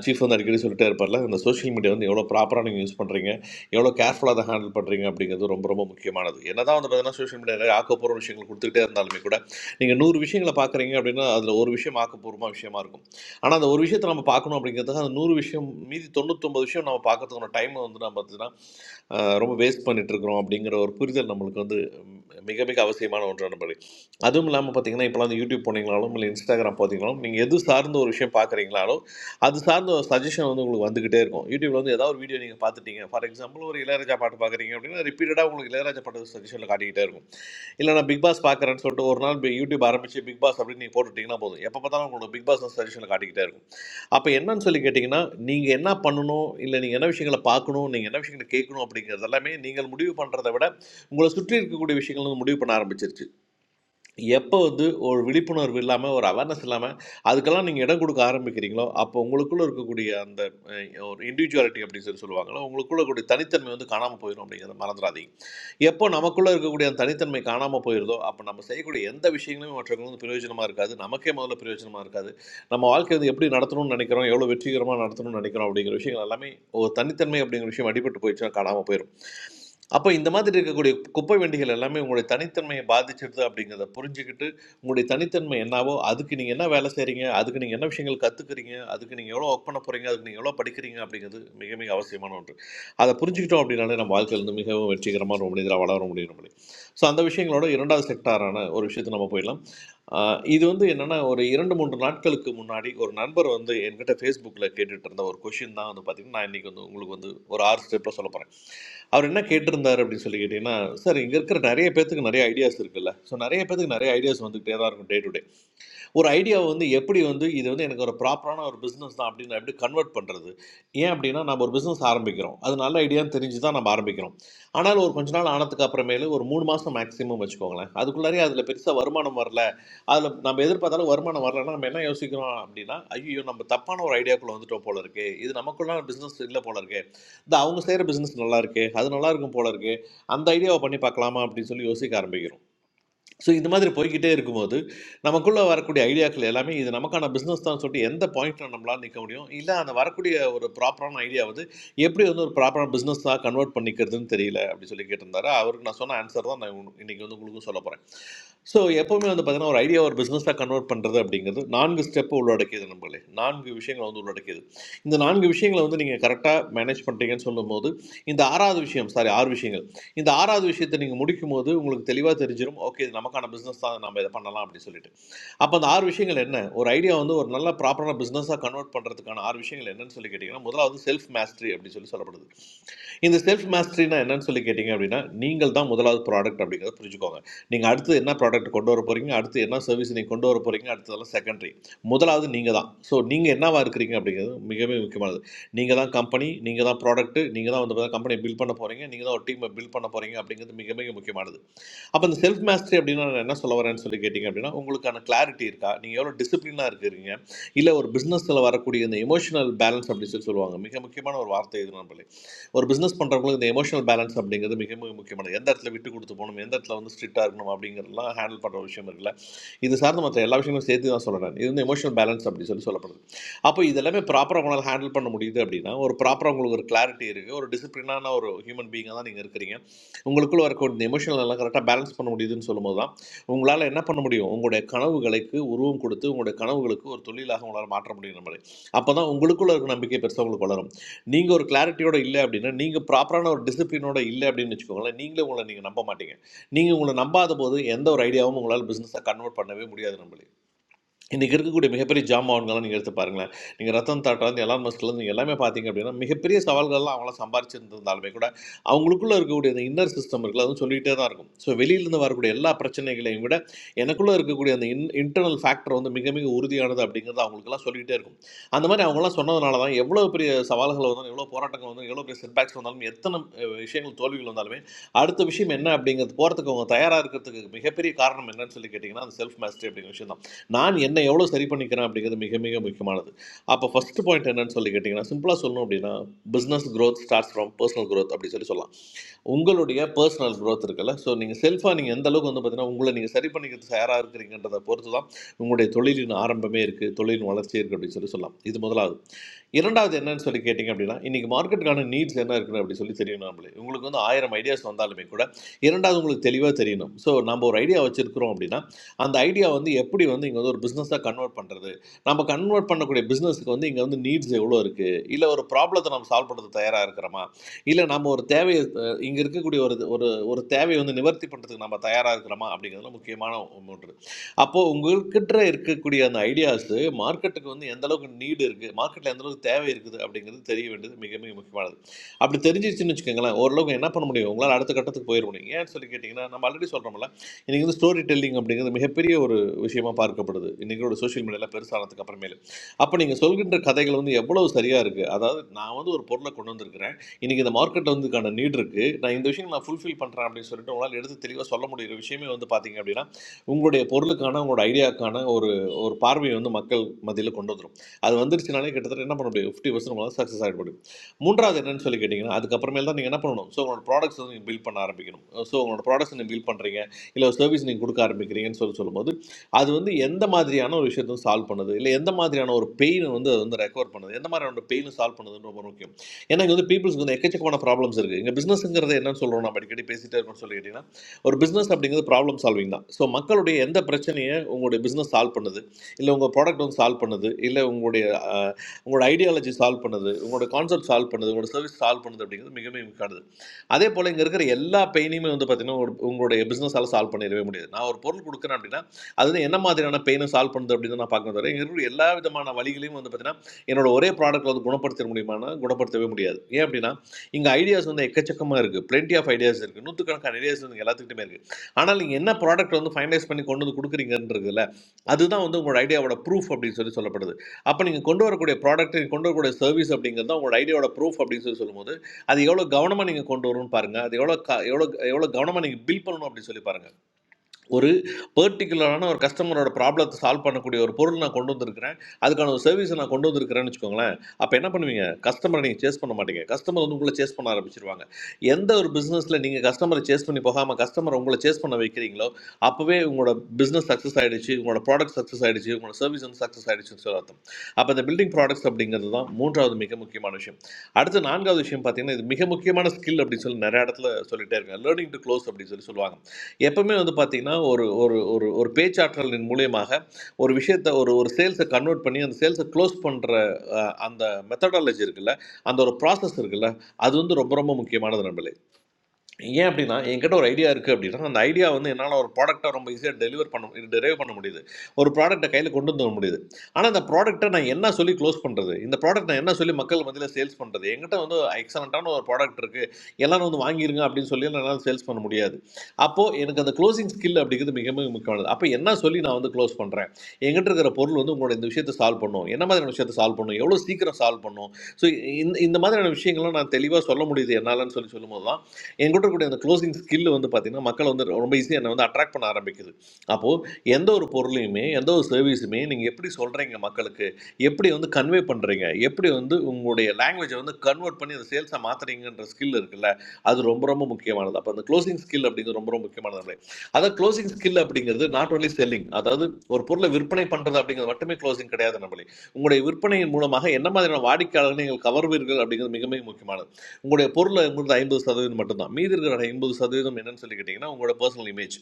K: சீஃப் வந்து அடிக்கடி சொல்லிட்டே இருப்பார்ல அந்த சோஷியல் மீடியா வந்து எவ்வளோ ப்ராப்பராக நீங்கள் யூஸ் பண்ணுறீங்க எவ்வளோ கேர்ஃபுல்லாக அதை ஹேண்டில் பண்ணுறீங்க அப்படிங்கிறது ரொம்ப ரொம்ப முக்கியமானது என்ன தான் வந்து பார்த்தீங்கன்னா சோஷியல் மீடியாவில் ஆக்கப்பூர்வ விஷயங்கள் கொடுத்துக்கிட்டே இருந்தாலுமே கூட நீங்கள் நூறு விஷயங்களை பார்க்குறீங்க அப்படின்னா அதில் ஒரு விஷயம் ஆக்கப்பூர்வமாக விஷயமா இருக்கும் ஆனால் அந்த ஒரு விஷயத்தை நம்ம பார்க்கணும் அப்படிங்கிறதுக்கு அந்த நூறு விஷயம் மீதி தொண்ணூத்தொம்பது விஷயம் நம்ம பார்க்கறதுக்கான டைம் வந்து நம்ம பார்த்தீங்கன்னா அஹ் ரொம்ப வேஸ்ட் பண்ணிட்டு இருக்கிறோம் அப்படிங்கிற ஒரு புரிதல் நம்மளுக்கு வந்து மிக மிக அவசியமான ஒன்றான படி அதுவும் இல்லாமல் பார்த்தீங்கன்னா இப்போலாம் அந்த யூடியூப் போனீங்களாலும் இல்லை இன்ஸ்டாகிராம் பார்த்தீங்களாலும் நீங்கள் எது சார்ந்த ஒரு விஷயம் பார்க்குறீங்களாலும் அது சார்ந்த ஒரு சஜஷன் வந்து உங்களுக்கு வந்துக்கிட்டே இருக்கும் யூடியூப்ல வந்து ஏதாவது ஒரு வீடியோ நீங்கள் பார்த்துட்டீங்க ஃபார் எக்ஸாம்பிள் ஒரு இளையராஜா பாட்டு பார்க்குறீங்க அப்படின்னா ரிப்பீட்டடாக உங்களுக்கு இளையராஜா பாட்டு சஜஷனில் காட்டிக்கிட்டே இருக்கும் இல்லை நான் பிக் பாஸ் பார்க்குறேன்னு சொல்லிட்டு ஒரு நாள் பி- யூடியூப் ஆரம்பிச்சு பிக் பாஸ் அப்படின்னு நீங்கள் போட்டுட்டீங்கன்னா போதும் எப்போ பார்த்தாலும் உங்களுக்கு பிக் பாஸ் சஜஷனில் காட்டிக்கிட்டே இருக்கும் அப்போ என்னன்னு சொல்லி கேட்டிங்கன்னா நீங்கள் என்ன பண்ணணும் இல்லை நீங்கள் என்ன விஷயங்களை பார்க்கணும் நீங்கள் என்ன விஷயங்களை கேட்கணும் அப்படிங்கிறது எல்லாமே நீங்கள் முடிவு பண்ணுறதை விட உங்களை சுற்றி இருக்கக்கூடிய விஷயங்கள் வந்து முடிவு பண்ண ஆரம்பிச்சிருச்சு எப்போ வந்து ஒரு விழிப்புணர்வு இல்லாமல் ஒரு அவேர்னஸ் இல்லாமல் அதுக்கெல்லாம் நீங்கள் இடம் கொடுக்க ஆரம்பிக்கிறீங்களோ அப்போ உங்களுக்குள்ளே இருக்கக்கூடிய அந்த அஹ், ஒரு இண்டிவிஜுவாலிட்டி அப்படின்னு சொல்லி சொல்லுவாங்களோ உங்களுக்குள்ள இருக்கக்கூடிய தனித்தன்மை வந்து காணாமல் போயிடும் அப்படிங்கிறத மறந்துடாதீங்க எப்போ நமக்குள்ளே இருக்கக்கூடிய அந்த தனித்தன்மை காணாமல் போயிருதோ அப்போ நம்ம செய்யக்கூடிய எந்த விஷயங்களுமே மற்றவங்களுக்கு வந்து பிரயோஜனமாக இருக்காது நமக்கே முதல்ல பிரயோஜனமாக இருக்காது நம்ம வாழ்க்கை வந்து எப்படி நடத்தணும்னு நினைக்கிறோம் எவ்வளோ வெற்றிகரமாக நடத்தணும்னு நினைக்கிறோம் அப்படிங்கிற விஷயங்கள் எல்லாமே ஒரு தனித்தன்மை அப்படிங்கிற விஷயம் அடிபட்டு போயிடுச்சுன்னா காணாமல் போயிடும் அப்போ இந்த மாதிரி இருக்கக்கூடிய குப்பை வண்டிகள் எல்லாமே உங்களுடைய தனித்தன்மையை பாதிச்சிடுது அப்படிங்கிறத புரிஞ்சுக்கிட்டு உங்களுடைய தனித்தன்மை என்னவோ அதுக்கு நீங்கள் என்ன வேலை செய்கிறீங்க அதுக்கு நீங்கள் என்ன விஷயங்கள் கற்றுக்குறீங்க அதுக்கு நீங்கள் எவ்வளோ ஒர்க் பண்ண போகிறீங்க அதுக்கு நீங்கள் எவ்வளோ படிக்கிறீங்க அப்படிங்கிறது மிக மிக அவசியமான ஒன்று அதை புரிஞ்சுக்கிட்டோம் அப்படின்னாலே நம்ம வாழ்க்கையிலேருந்து மிகவும் வெற்றிகரமான ஒரு மனிதராக வளர முடியும் நம்மளே ஸோ அந்த விஷயங்களோட இரண்டாவது செக்டாரான ஒரு விஷயத்தை நம்ம போயிடலாம் ஆஹ் இது வந்து என்னென்னா ஒரு இரண்டு மூன்று நாட்களுக்கு முன்னாடி ஒரு நண்பர் வந்து என்கிட்ட ஃபேஸ்புக்கில் கேட்டுட்டு இருந்த ஒரு கொஷின் தான் வந்து பார்த்திங்கன்னா நான் இன்றைக்கி வந்து உங்களுக்கு வந்து ஒரு ஆறு ஸ்டெப்பில் சொல்ல போகிறேன் அவர் என்ன கேட்டிருந்தார் அப்படின்னு சொல்லி கேட்டிங்கன்னா சார் இங்கே இருக்கிற நிறைய பேத்துக்கு நிறைய ஐடியாஸ் இருக்குல்ல ஸோ நிறைய பேத்துக்கு நிறைய ஐடியாஸ் வந்துகிட்டே தான் இருக்கும் டே டு டே. ஒரு ஐடியாவை வந்து எப்படி வந்து இது வந்து எனக்கு ஒரு ப்ராப்பரான ஒரு பிஸ்னஸ் தான் அப்படின்னு எப்படி கன்வெர்ட் பண்ணுறது ஏன் அப்படின்னா நம்ம ஒரு பிஸ்னஸ் ஆரம்பிக்கிறோம் அது நல்ல ஐடியான்னு தெரிஞ்சு தான் நம்ம ஆரம்பிக்கிறோம் ஆனால் ஒரு கொஞ்ச நாள் ஆனதுக்கு அப்புறமேலு ஒரு மூணு மாதம் மேக்ஸிமம் வச்சுக்கோங்களேன் அதுக்குள்ளாரே அதில் பெருசாக வருமானம் வரல அதில் நம்ம எதிர்பார்த்தாலும் வருமானம் வரலன்னா நம்ம என்ன யோசிக்கிறோம் அப்படின்னா ஐயோ நம்ம தப்பான ஒரு ஐடியாக்குள்ளே வந்துட்டோம் போல இருக்கு இது நமக்குள்ளான பிஸ்னஸ் இல்லை போல இருக்கு இந்த அவங்க செய்கிற பிஸ்னஸ் நல்லா இருக்கு அது நல்லா இருக்கும் போல இருக்கு அந்த ஐடியாவை பண்ணி பார்க்கலாமா அப்படின்னு சொல்லி யோசிக்க ஆரம்பிக்கிறோம் ஸோ இந்த மாதிரி போய்க்கிட்டே இருக்கும்போது நமக்குள்ளே வரக்கூடிய ஐடியாக்கள் எல்லாமே இது நமக்கான பிஸ்னஸ் தான் சொல்லிட்டு எந்த பாயிண்ட்டில் நம்மளால் நிற்க முடியும் இல்லை அந்த வரக்கூடிய ஒரு ப்ராப்பரான ஐடியா வந்து எப்படி வந்து ஒரு ப்ராப்பரான பிஸ்னஸ் தான் கன்வெர்ட் பண்ணிக்கிறதுன்னு தெரியல அப்படி சொல்லி கேட்டிருந்தாரு அவருக்கு நான் சொன்ன ஆன்சர் தான் நான் உங்க- இன்னைக்கு வந்து உங்களுக்கும் சொல்ல போகிறேன் ஸோ எப்போவுமே வந்து பார்த்தீங்கன்னா ஒரு ஐடியா ஒரு பிஸ்னஸாக கன்வெர்ட் பண்ணுறது அப்படிங்கிறது நான்கு ஸ்டெப்பு உள்ளடக்கியது நம்மளே நான்கு விஷயங்களை வந்து உள்ளடக்கியது இந்த நான்கு விஷயங்களை வந்து நீங்கள் கரெக்டாக மேனேஜ் பண்ணுறீங்கன்னு சொல்லும்போது இந்த ஆறாவது விஷயம் சாரி ஆறு விஷயங்கள் இந்த ஆறாவது விஷயத்தை நீங்கள் முடிக்கும் போது உங்களுக்கு தெளிவாக தெரிஞ்சிடும் ஓகே இது நமக்கான பிஸ்னஸ் தான் நம்ம இதை பண்ணலாம் அப்படின்னு சொல்லிட்டு அப்போ அந்த ஆறு விஷயங்கள் என்ன ஒரு ஐடியா வந்து ஒரு நல்ல ப்ராப்பரான பிஸ்னஸாக கன்வெர்ட் பண்ணுறதுக்கான ஆறு விஷயங்கள் என்னன்னு சொல்லி கேட்டிங்கன்னா முதலாவது செல்ஃப் மாஸ்டரி அப்படின்னு சொல்லி சொல்லப்படுது இந்த செல்ஃப் மாஸ்டரினா என்னன்னு சொல்லி கேட்டிங்க அப்படின்னா நீங்கள் தான் முதலாவது ப்ராடக்ட் அப்படிங்கிறத புரிஞ்சுக்கோங்க நீங்கள் அடுத்து என்ன ப்ராடக்ட் கொண்டு வர போகிறீங்க அடுத்து என்ன சர்வீஸ் நீங்கள் கொண்டு வர போகிறீங்க அடுத்ததெல்லாம் செகண்டரி முதலாவது நீங்கள் தான் ஸோ நீங்கள் என்னவா இருக்கிறீங்க அப்படிங்கிறது மிகவும் முக்கியமானது நீங்கள் தான் கம்பெனி நீங்கள் தான் ப்ராடக்ட் நீங்கள் தான் வந்து கம்பெனியை பில்ட் பண்ண போகிறீங்க நீங்கள் தான் ஒரு டீமை பில்ட் பண்ண போகிறீங்க அப்படிங்கிறது மிக மிக முக்கியமானது அப்போ இந்த செல்ஃப் மாஸ்டரி அப்படின்னா நான் என்ன சொல்ல வரேன்னு சொல்லி கேட்டிங்க அப்படின்னா உங்களுக்கான கிளாரிட்டி இருக்கா நீங்கள் எவ்வளோ டிசிப்ளினாக இருக்கிறீங்க இல்லை ஒரு பிஸ்னஸில் வரக்கூடிய இந்த எமோஷனல் பேலன்ஸ் அப்படின்னு சொல்லி சொல்லுவாங்க மிக முக்கியமான ஒரு வார்த்தை இது நம்பளே ஒரு பிஸ்னஸ் பண்ணுறவங்களுக்கு இந்த எமோஷனல் பேலன்ஸ் அப்படிங்கிறது மிக மிக முக்கியமானது எந்த இடத்துல விட்டு கொடுத்து போகணும் எந்த இடத்துல வந்து ஸ்ட்ரிக்டாக இருக்கணும் அப்படிங்கிறதுலாம் ஹேண்டில் பண்ணுற விஷயம் இருக்குல்ல இது சார்ந்த மற்ற எல்லா விஷயங்களும் சேர்த்து தான் சொல்கிறேன் இது வந்து எமோஷனல் பேலன்ஸ் அப்படி சொல்லி சொல்லப்படுது அப்போ இதெல்லாமே ப்ராப்பராக உங்களால் ஹேண்டில் பண்ண முடியுது அப்படின்னா ஒரு ப்ராப்பராக உங்களுக்கு ஒரு கிளாரிட்டி இருக்குது ஒரு டிசிப்ளினான ஒரு ஹியூமன் பீயிங்காக தான் நீங்கள் இருக்கிறீங்க உங்களுக்குள்ள இருக்க இந்த எமோஷனல் எல்லாம் கரெக்டாக பேலன்ஸ் பண்ண முடியுதுன்னு சொல்லும்போது தான் உங்களால் என்ன பண்ண முடியும் உங்களுடைய கனவுகளுக்கு உருவம் கொடுத்து உங்களுடைய கனவுகளுக்கு ஒரு தொழிலாக உங்களால் மாற்ற முடியும் நம்மளை அப்போ தான் உங்களுக்குள்ள இருக்க நம்பிக்கை பெருசாக உங்களுக்கு வளரும் நீங்கள் ஒரு கிளாரிட்டியோட இல்லை அப்படின்னா நீங்கள் ப்ராப்பரான ஒரு டிசிப்ளினோட இல்லை அப்படின்னு வச்சுக்கோங்களேன் நீங்களே உங்களை நீங்கள் நம்ப மாட்டீங்க நீங்கள் உங்களை நம்பாத போது எந்த ஒரு ஐடியாவும் உங்களால் பிஸ்னஸை கன்வெர்ட் பண்ணவே முடியாது நம்மளுக்கு இன்றைக்கி இருக்கக்கூடிய மிகப்பெரிய ஜாமான்கள்லாம் நீங்கள் எடுத்து பாருங்களேன் நீங்கள் ரத்தன் டாட்டாலேருந்து எலான் மஸ்க்லேருந்து நீங்கள் எல்லாமே பார்த்தீங்க அப்படின்னா மிகப்பெரிய சவால்கள்லாம் அவங்களாம் சம்பாரிச்சிருந்திருந்தாலுமே கூட அவங்களுக்குள்ள இருக்கக்கூடிய அந்த இன்னர் சிஸ்டம் இருக்குல்ல அதுவும் சொல்லிகிட்டே தான் இருக்கும் ஸோ வெளியிலேருந்து வரக்கூடிய எல்லா பிரச்சனைகளையும் விட எனக்குள்ளே இருக்கக்கூடிய அந்த இன் இன்டர்னல் ஃபேக்டர் வந்து மிக மிக உறுதியானது அப்படிங்கிறது அவங்களுக்குலாம் சொல்லிக்கிட்டே இருக்கும் அந்த மாதிரி அவங்களாம் சொன்னதுனால தான் எவ்வளோ பெரிய சவால்கள் வந்தாலும் எவ்வளோ போராட்டங்கள் வந்தாலும் எவ்வளோ பெரிய செட்பேக்ஸ் வந்தாலும் எத்தனை அஹ், விஷயங்கள் தோல்விகள் வந்தாலுமே அடுத்த விஷயம் என்ன அப்படிங்கிறது போகிறதுக்கு அவங்க தயாராக இருக்கிறதுக்கு மிகப்பெரிய காரணம் என்னன்னு சொல்லி கேட்டிங்கன்னா அந்த செல்ஃப் மாஸ்டரி அப்படிங்கிற விஷயம் தான் நான் என்னை எவ்வளோ சரி பண்ணிக்கிறேன் அப்படிங்கிறது மிக மிக முக்கியமானது அப்போ ஃபர்ஸ்ட் பாயிண்ட் என்னன்னு சொல்லி கேட்டிங்கன்னா சிம்பிளாக சொல்லணும் அப்படின்னா business growth starts from personal growth அப்படி சொல்லி சொல்லலாம் உங்களுடைய பர்சனல் growth இருக்குல்ல ஸோ நீங்கள் செல்ஃபாக நீங்கள் எந்த அளவுக்கு வந்து பார்த்தீங்கன்னா உங்களை நீங்கள் சரி பண்ணிக்கிறது யாராக இருக்கிறீங்கன்றதை பொறுத்து தான் உங்களுடைய தொழிலின் ஆரம்பமே இருக்குது தொழிலின் வளர்ச்சி இருக்குது அப்படின்னு சொல்லி சொல்லலாம் இது முதலாவது இரண்டாவது என்னன்னு சொல்லி கேட்டிங்க அப்படின்னா இன்றைக்கி மார்க்கெட்டுக்கான நீட்ஸ் என்ன இருக்குது அப்படி சொல்லி தெரியணும் நம்மளே உங்களுக்கு வந்து ஆயிரம் ஐடியாஸ் வந்தாலுமே கூட இரண்டாவது உங்களுக்கு தெளிவாக தெரியணும் ஸோ நம்ம ஒரு ஐடியா வச்சுருக்கிறோம் அப்படின்னா அந்த ஐடியா வந்து எப்படி வந்து இங்கே வந்து ஒரு பிஸ்னஸாக கன்வெர்ட் பண்ணுறது நம்ம கன்வெர்ட் பண்ணக்கூடிய பிஸ்னஸுக்கு வந்து இங்கே வந்து நீட்ஸ் எவ்வளோ இருக்குது இல்லை ஒரு ப்ராப்ளத்தை நம்ம சால்வ் பண்ணுறது தயாராக இருக்கிறோமா இல்லை நம்ம ஒரு தேவையை இங்கே இருக்கக்கூடிய ஒரு ஒரு ஒரு தேவையை வந்து நிவர்த்தி பண்ணுறதுக்கு நம்ம தயாராக இருக்கிறோமா அப்படிங்கிறதுல முக்கியமான ஒன்று அப்போது உங்கள்கிட்ட இருக்கக்கூடிய அந்த ஐடியாஸு மார்க்கெட்டுக்கு வந்து எந்த அளவுக்கு நீடு இருக்குது மார்க்கெட்டில் எந்த அளவுக்கு தேவை இருக்குது அப்படிங்கிறது தெரிய வேண்டியது மிக மிக முக்கியமானது அப்படி தெரிஞ்சிருச்சுன்னு வச்சுக்கோங்களேன் ஓரளவுக்கு என்ன பண்ண முடியும் உங்களால் அடுத்த கட்டத்துக்கு போயிட முடியும் ஏன்னு சொல்லி கேட்டிங்கன்னா நம்ம ஆல்ரெடி சொல்கிறோம்ல இன்றைக்கி வந்து ஸ்டோரி டெல்லிங் அப்படிங்கிறது மிகப்பெரிய ஒரு விஷயமா பார்க்கப்படுது இன்றைக்கோட சோஷியல் மீடியாவில் பெருசானதுக்கு அப்புறமேலு அப்போ நீங்கள் சொல்கின்ற கதைகள் வந்து எவ்வளவு சரியாக இருக்குது அதாவது நான் வந்து ஒரு பொருளை கொண்டு வந்திருக்கிறேன் இன்றைக்கி இந்த மார்க்கெட்டில் வந்துக்கான நீட் இருக்குது நான் இந்த விஷயம் நான் ஃபுல்ஃபில் பண்ணுறேன் அப்படின்னு சொல்லிட்டு உங்களால் எடுத்து தெளிவாக சொல்ல முடியுற விஷயமே வந்து பார்த்தீங்க அப்படின்னா உங்களுடைய பொருளுக்கான உங்களோட ஐடியாக்கான ஒரு ஒரு பார்வையை வந்து மக்கள் மத்தியில் கொண்டு வந்துடும் அது வந்துருச்சுனாலே கிட்டத்தட்ட என்ன பண்ண முடியும் ஃபிஃப்டி பர்சன்ட் உங்களால் சக்ஸஸ் ஆகிட முடியும் மூன்றாவது என்னன்னு சொல்லி கேட்டிங்கன்னா அதுக்கப்புறமேல் தான் நீங்கள் என்ன பண்ணணும் ஸோ உங்களோட ப்ராடக்ட்ஸ் வந்து நீங்கள் பில்ட் பண்ண ஆரம்பிக்கணும் ஸோ உங்களோட ப்ராடக்ட்ஸ் நீங்கள் பில்ட் பண்ணுறீங்க இல்லை ஒரு சர்வீஸ் நீங்கள் கொடுக்க ஆரம்பிக்கிறீங்கன்னு சொல்லி சொல்லும்போது அது வந்து எந்த மாதிரியான ஒரு விஷயத்தையும் சால்வ் பண்ணுது இல்லை எந்த மாதிரியான ஒரு பெயினை வந்து அது வந்து ரெக்கவர் பண்ணுது எந்த மாதிரியான ஒரு பெயினும் சால்வ் பண்ணுதுன்னு ரொம்ப முக்கியம் ஏன்னா இங்கே வந்து பீப்புள்ஸ்க்கு வந்து எக்கச்சக்கமான ப்ராப்ளம்ஸ் இருக்குது இங்கே பிஸ்னஸ்ங்கிறது என்னன்னு சொல்கிறோம் நம்ம அடிக்கடி பேசிட்டே இருக்கோம்னு சொல்லி கேட்டிங்கன்னா ஒரு பிஸ்னஸ் அப்படிங்கிறது ப்ராப்ளம் சால்விங் தான் ஸோ மக்களுடைய எந்த பிரச்சனையை உங்களுடைய பிஸ்னஸ் சால்வ் பண்ணுது இல்லை உங்கள் ப்ராடக்ட் வந்து சால்வ் பண்ணுது இல்லை உங்களுடைய அஹ், உங்களோட ஐடியாலஜி சால்வ் பண்ணுது உங்களோட கான்செப்ட் சால்வ் பண்ணுது உங்களோட சர்வீஸ் சால்வ் பண்ணுது அப்படிங்கிறது மிக மிக முக்கியமானது அதே போல் இங்கே இருக்கிற எல்லா பெயினையுமே வந்து பார்த்தீங்கன்னா ஒரு- உங்களுடைய பிஸ்னஸால் சால்வ் பண்ணிடவே முடியாது நான் ஒரு பொருள் கொடுக்குறேன் அப்படின்னா அது வந்து என்ன மாதிரியான பெயினை சால்வ் பண்ணுது அப்படின்னு தான் நான் பார்க்க தவிர இங்கே இருக்கிற எல்லா விதமான வழிகளையும் வந்து பார்த்தீங்கன்னா என்னோட ஒரே ப்ராடக்ட்டில் வந்து குணப்படுத்த முடியுமானா குணப்படுத்தவே முடியாது ஏன் அப்படின்னா இங்கே ஐடியாஸ் வந்து எக்கச்சக்கமாக இருக்குது plenty ஆஃப் ஐடியாஸ் இருக்குது நூற்றுக்கணக்கான ஐடியாஸ் வந்து எல்லாத்துக்கிட்டுமே இருக்குது ஆனால் நீங்கள் என்ன ப்ராடக்ட் வந்து ஃபைனலைஸ் பண்ணி கொண்டு வந்து கொடுக்குறீங்கன்றதுல அதுதான் வந்து உங்களோட ஐடியாவோட ப்ரூஃப் அப்படின்னு சொல்லி சொல்லப்படுது அப்போ நீங்கள் கொண்டு வரக்கூடிய ப்ராடக்ட் கொண்டு வரக்கூடிய சர்வீஸ் அப்படிங்கிறது தான் உங்களோட ஐடியாவோட ப்ரூஃப் அப்படின்னு சொல்லி சொல்லும்போது அது எவ்வளோ கவனமாக நீங்கள் கொண்டு வரணும்னு பாருங்கள் அது எவ்வளோ க எவ்வளோ எவ்வளோ கவனமாக நீங்கள் பில் பண்ணணும் அப்படின்னு சொல்லி பாருங்கள் ஒரு பர்டிகுலரான ஒரு கஸ்டமரோட ப்ராப்ளத்தை சால்வ் பண்ணக்கூடிய ஒரு பொருள் நான் கொண்டு வந்திருக்கிறேன் அதுக்கான ஒரு சர்வீஸை நான் கொண்டு வந்திருக்கிறேன்னு வச்சுக்கோங்களேன் அப்போ என்ன பண்ணுவீங்க கஸ்டமரை நீங்கள் சேஸ் பண்ண மாட்டீங்க கஸ்டமர் வந்து உங்களை சேஸ் பண்ண ஆரம்பிச்சிருவாங்க எந்த ஒரு பிஸ்னஸில் நீங்கள் கஸ்டமரை சேஸ் பண்ணி போகாமல் கஸ்டமர் உங்களை சேஸ் பண்ண வைக்கிறீங்களோ அப்போவே உங்களோட பிஸ்னஸ் சக்ஸஸ் ஆகிடுச்சு உங்களோட ப்ராடக்ட் சக்ஸஸ் ஆகிடுச்சு உங்களோட சர்வீஸ் வந்து சக்ஸஸ் ஆகிடுச்சுன்னு சொல்லி அர்த்தம் அப்போ இந்த பில்டிங் ப்ராடக்ட்ஸ் அப்படிங்கிறது தான் மூன்றாவது மிக முக்கியமான விஷயம் அடுத்து நான்காவது விஷயம் பார்த்தீங்கன்னா இது மிக முக்கியமான ஸ்கில் அப்படின்னு சொல்லி நிறைய இடத்துல சொல்லிட்டே இருக்காங்க லேர்னிங் டு க்ளோஸ் அப்படின்னு சொல்லி சொல்லுவாங்க எப்பவுமே வந்து பார்த்தீங்கன்னா ஒரு ஒரு ஒரு ஒரு பேச்சாற்றலின் மூலியமாக ஒரு விஷயத்தை ஒரு ஒரு சேல்ஸை கன்வெர்ட் பண்ணி அந்த சேல்ஸை க்ளோஸ் பண்ணுற அந்த மெத்தடாலஜி இருக்குல்ல அந்த ஒரு ப்ராசஸ் இருக்குல்ல அது வந்து ரொம்ப ரொம்ப முக்கியமானது நம்மளே ஏன் அப்படின்னா என்கிட்ட ஒரு ஐடியா இருக்குது அப்படின்னா அந்த ஐடியா வந்து என்னால் ஒரு ப்ராடக்ட்டை ரொம்ப ஈஸியாக டெலிவர் பண்ண டெரைவ் பண்ண முடியுது ஒரு ப்ராடக்ட்டை கையில் கொண்டு வந்து வர முடியுது ஆனால் அந்த ப்ராடக்ட்டை நான் என்ன சொல்லி க்ளோஸ் பண்ணுறது இந்த ப்ராடக்ட் நான் என்ன சொல்லி மக்கள் மத்தியில் சேல்ஸ் பண்ணுறது என்கிட்ட வந்து எக்ஸலண்ட்டான ஒரு ப்ராடக்ட் இருக்குது எல்லாரும் வந்து வாங்கிருங்க அப்படின்னு சொல்லி என்னால் சேல்ஸ் பண்ண முடியாது அப்போது எனக்கு அந்த க்ளோசிங் ஸ்கில் அப்படிங்கிறது மிக மிக முக்கியமானது அப்போ என்ன சொல்லி நான் வந்து க்ளோஸ் பண்ணுறேன் என்கிட்ட இருக்கிற பொருள் வந்து உங்களோட இந்த விஷயத்தை சால்வ் பண்ணும் என்ன மாதிரியான விஷயத்தை சால்வ் பண்ணும் எவ்வளோ சீக்கிரம் சால்வ் பண்ணும் ஸோ இந்த இந்த மாதிரியான விஷயங்கள்லாம் நான் தெளிவாக சொல்ல முடியுது என்னாலன்னு சொல்லி சொல்லும்போது தான் என் கூட இருக்கக்கூடிய அந்த க்ளோசிங் ஸ்கில் வந்து பார்த்தீங்கன்னா மக்களை வந்து ரொம்ப ஈஸியாக என்னை வந்து அட்ராக்ட் பண்ண ஆரம்பிக்குது அப்போது எந்த ஒரு பொருளையுமே எந்த ஒரு சர்வீஸுமே நீங்கள் எப்படி சொல்கிறீங்க மக்களுக்கு எப்படி வந்து கன்வே பண்ணுறீங்க எப்படி வந்து உங்களுடைய லாங்குவேஜை வந்து கன்வெர்ட் பண்ணி அந்த சேல்ஸாக மாற்றுறீங்கன்ற ஸ்கில் இருக்குல்ல அது ரொம்ப ரொம்ப முக்கியமானது அப்போ அந்த க்ளோசிங் ஸ்கில் அப்படிங்கிறது ரொம்ப ரொம்ப முக்கியமானது அதாவது க்ளோசிங் ஸ்கில் அப்படிங்கிறது நாட் only செல்லிங் அதாவது ஒரு பொருளை விற்பனை பண்ணுறது அப்படிங்கிறது மட்டுமே க்ளோசிங் கிடையாது நம்மளே உங்களுடைய விற்பனையின் மூலமாக என்ன மாதிரியான வாடிக்கையாளர்களை நீங்கள் கவர்வீர்கள் அப்படிங்கிறது மிக மிக முக்கியமானது உங்களுடைய பொருளை உங்களுக்கு ஐம்பது சதவீதம் மட்டும்தான் மீதி இருக்கிற ஐம்பது சதவீதம் என்னன்னு சொல்லி கேட்டிங்கன்னா உங்களோட பர்சனல் இமேஜ்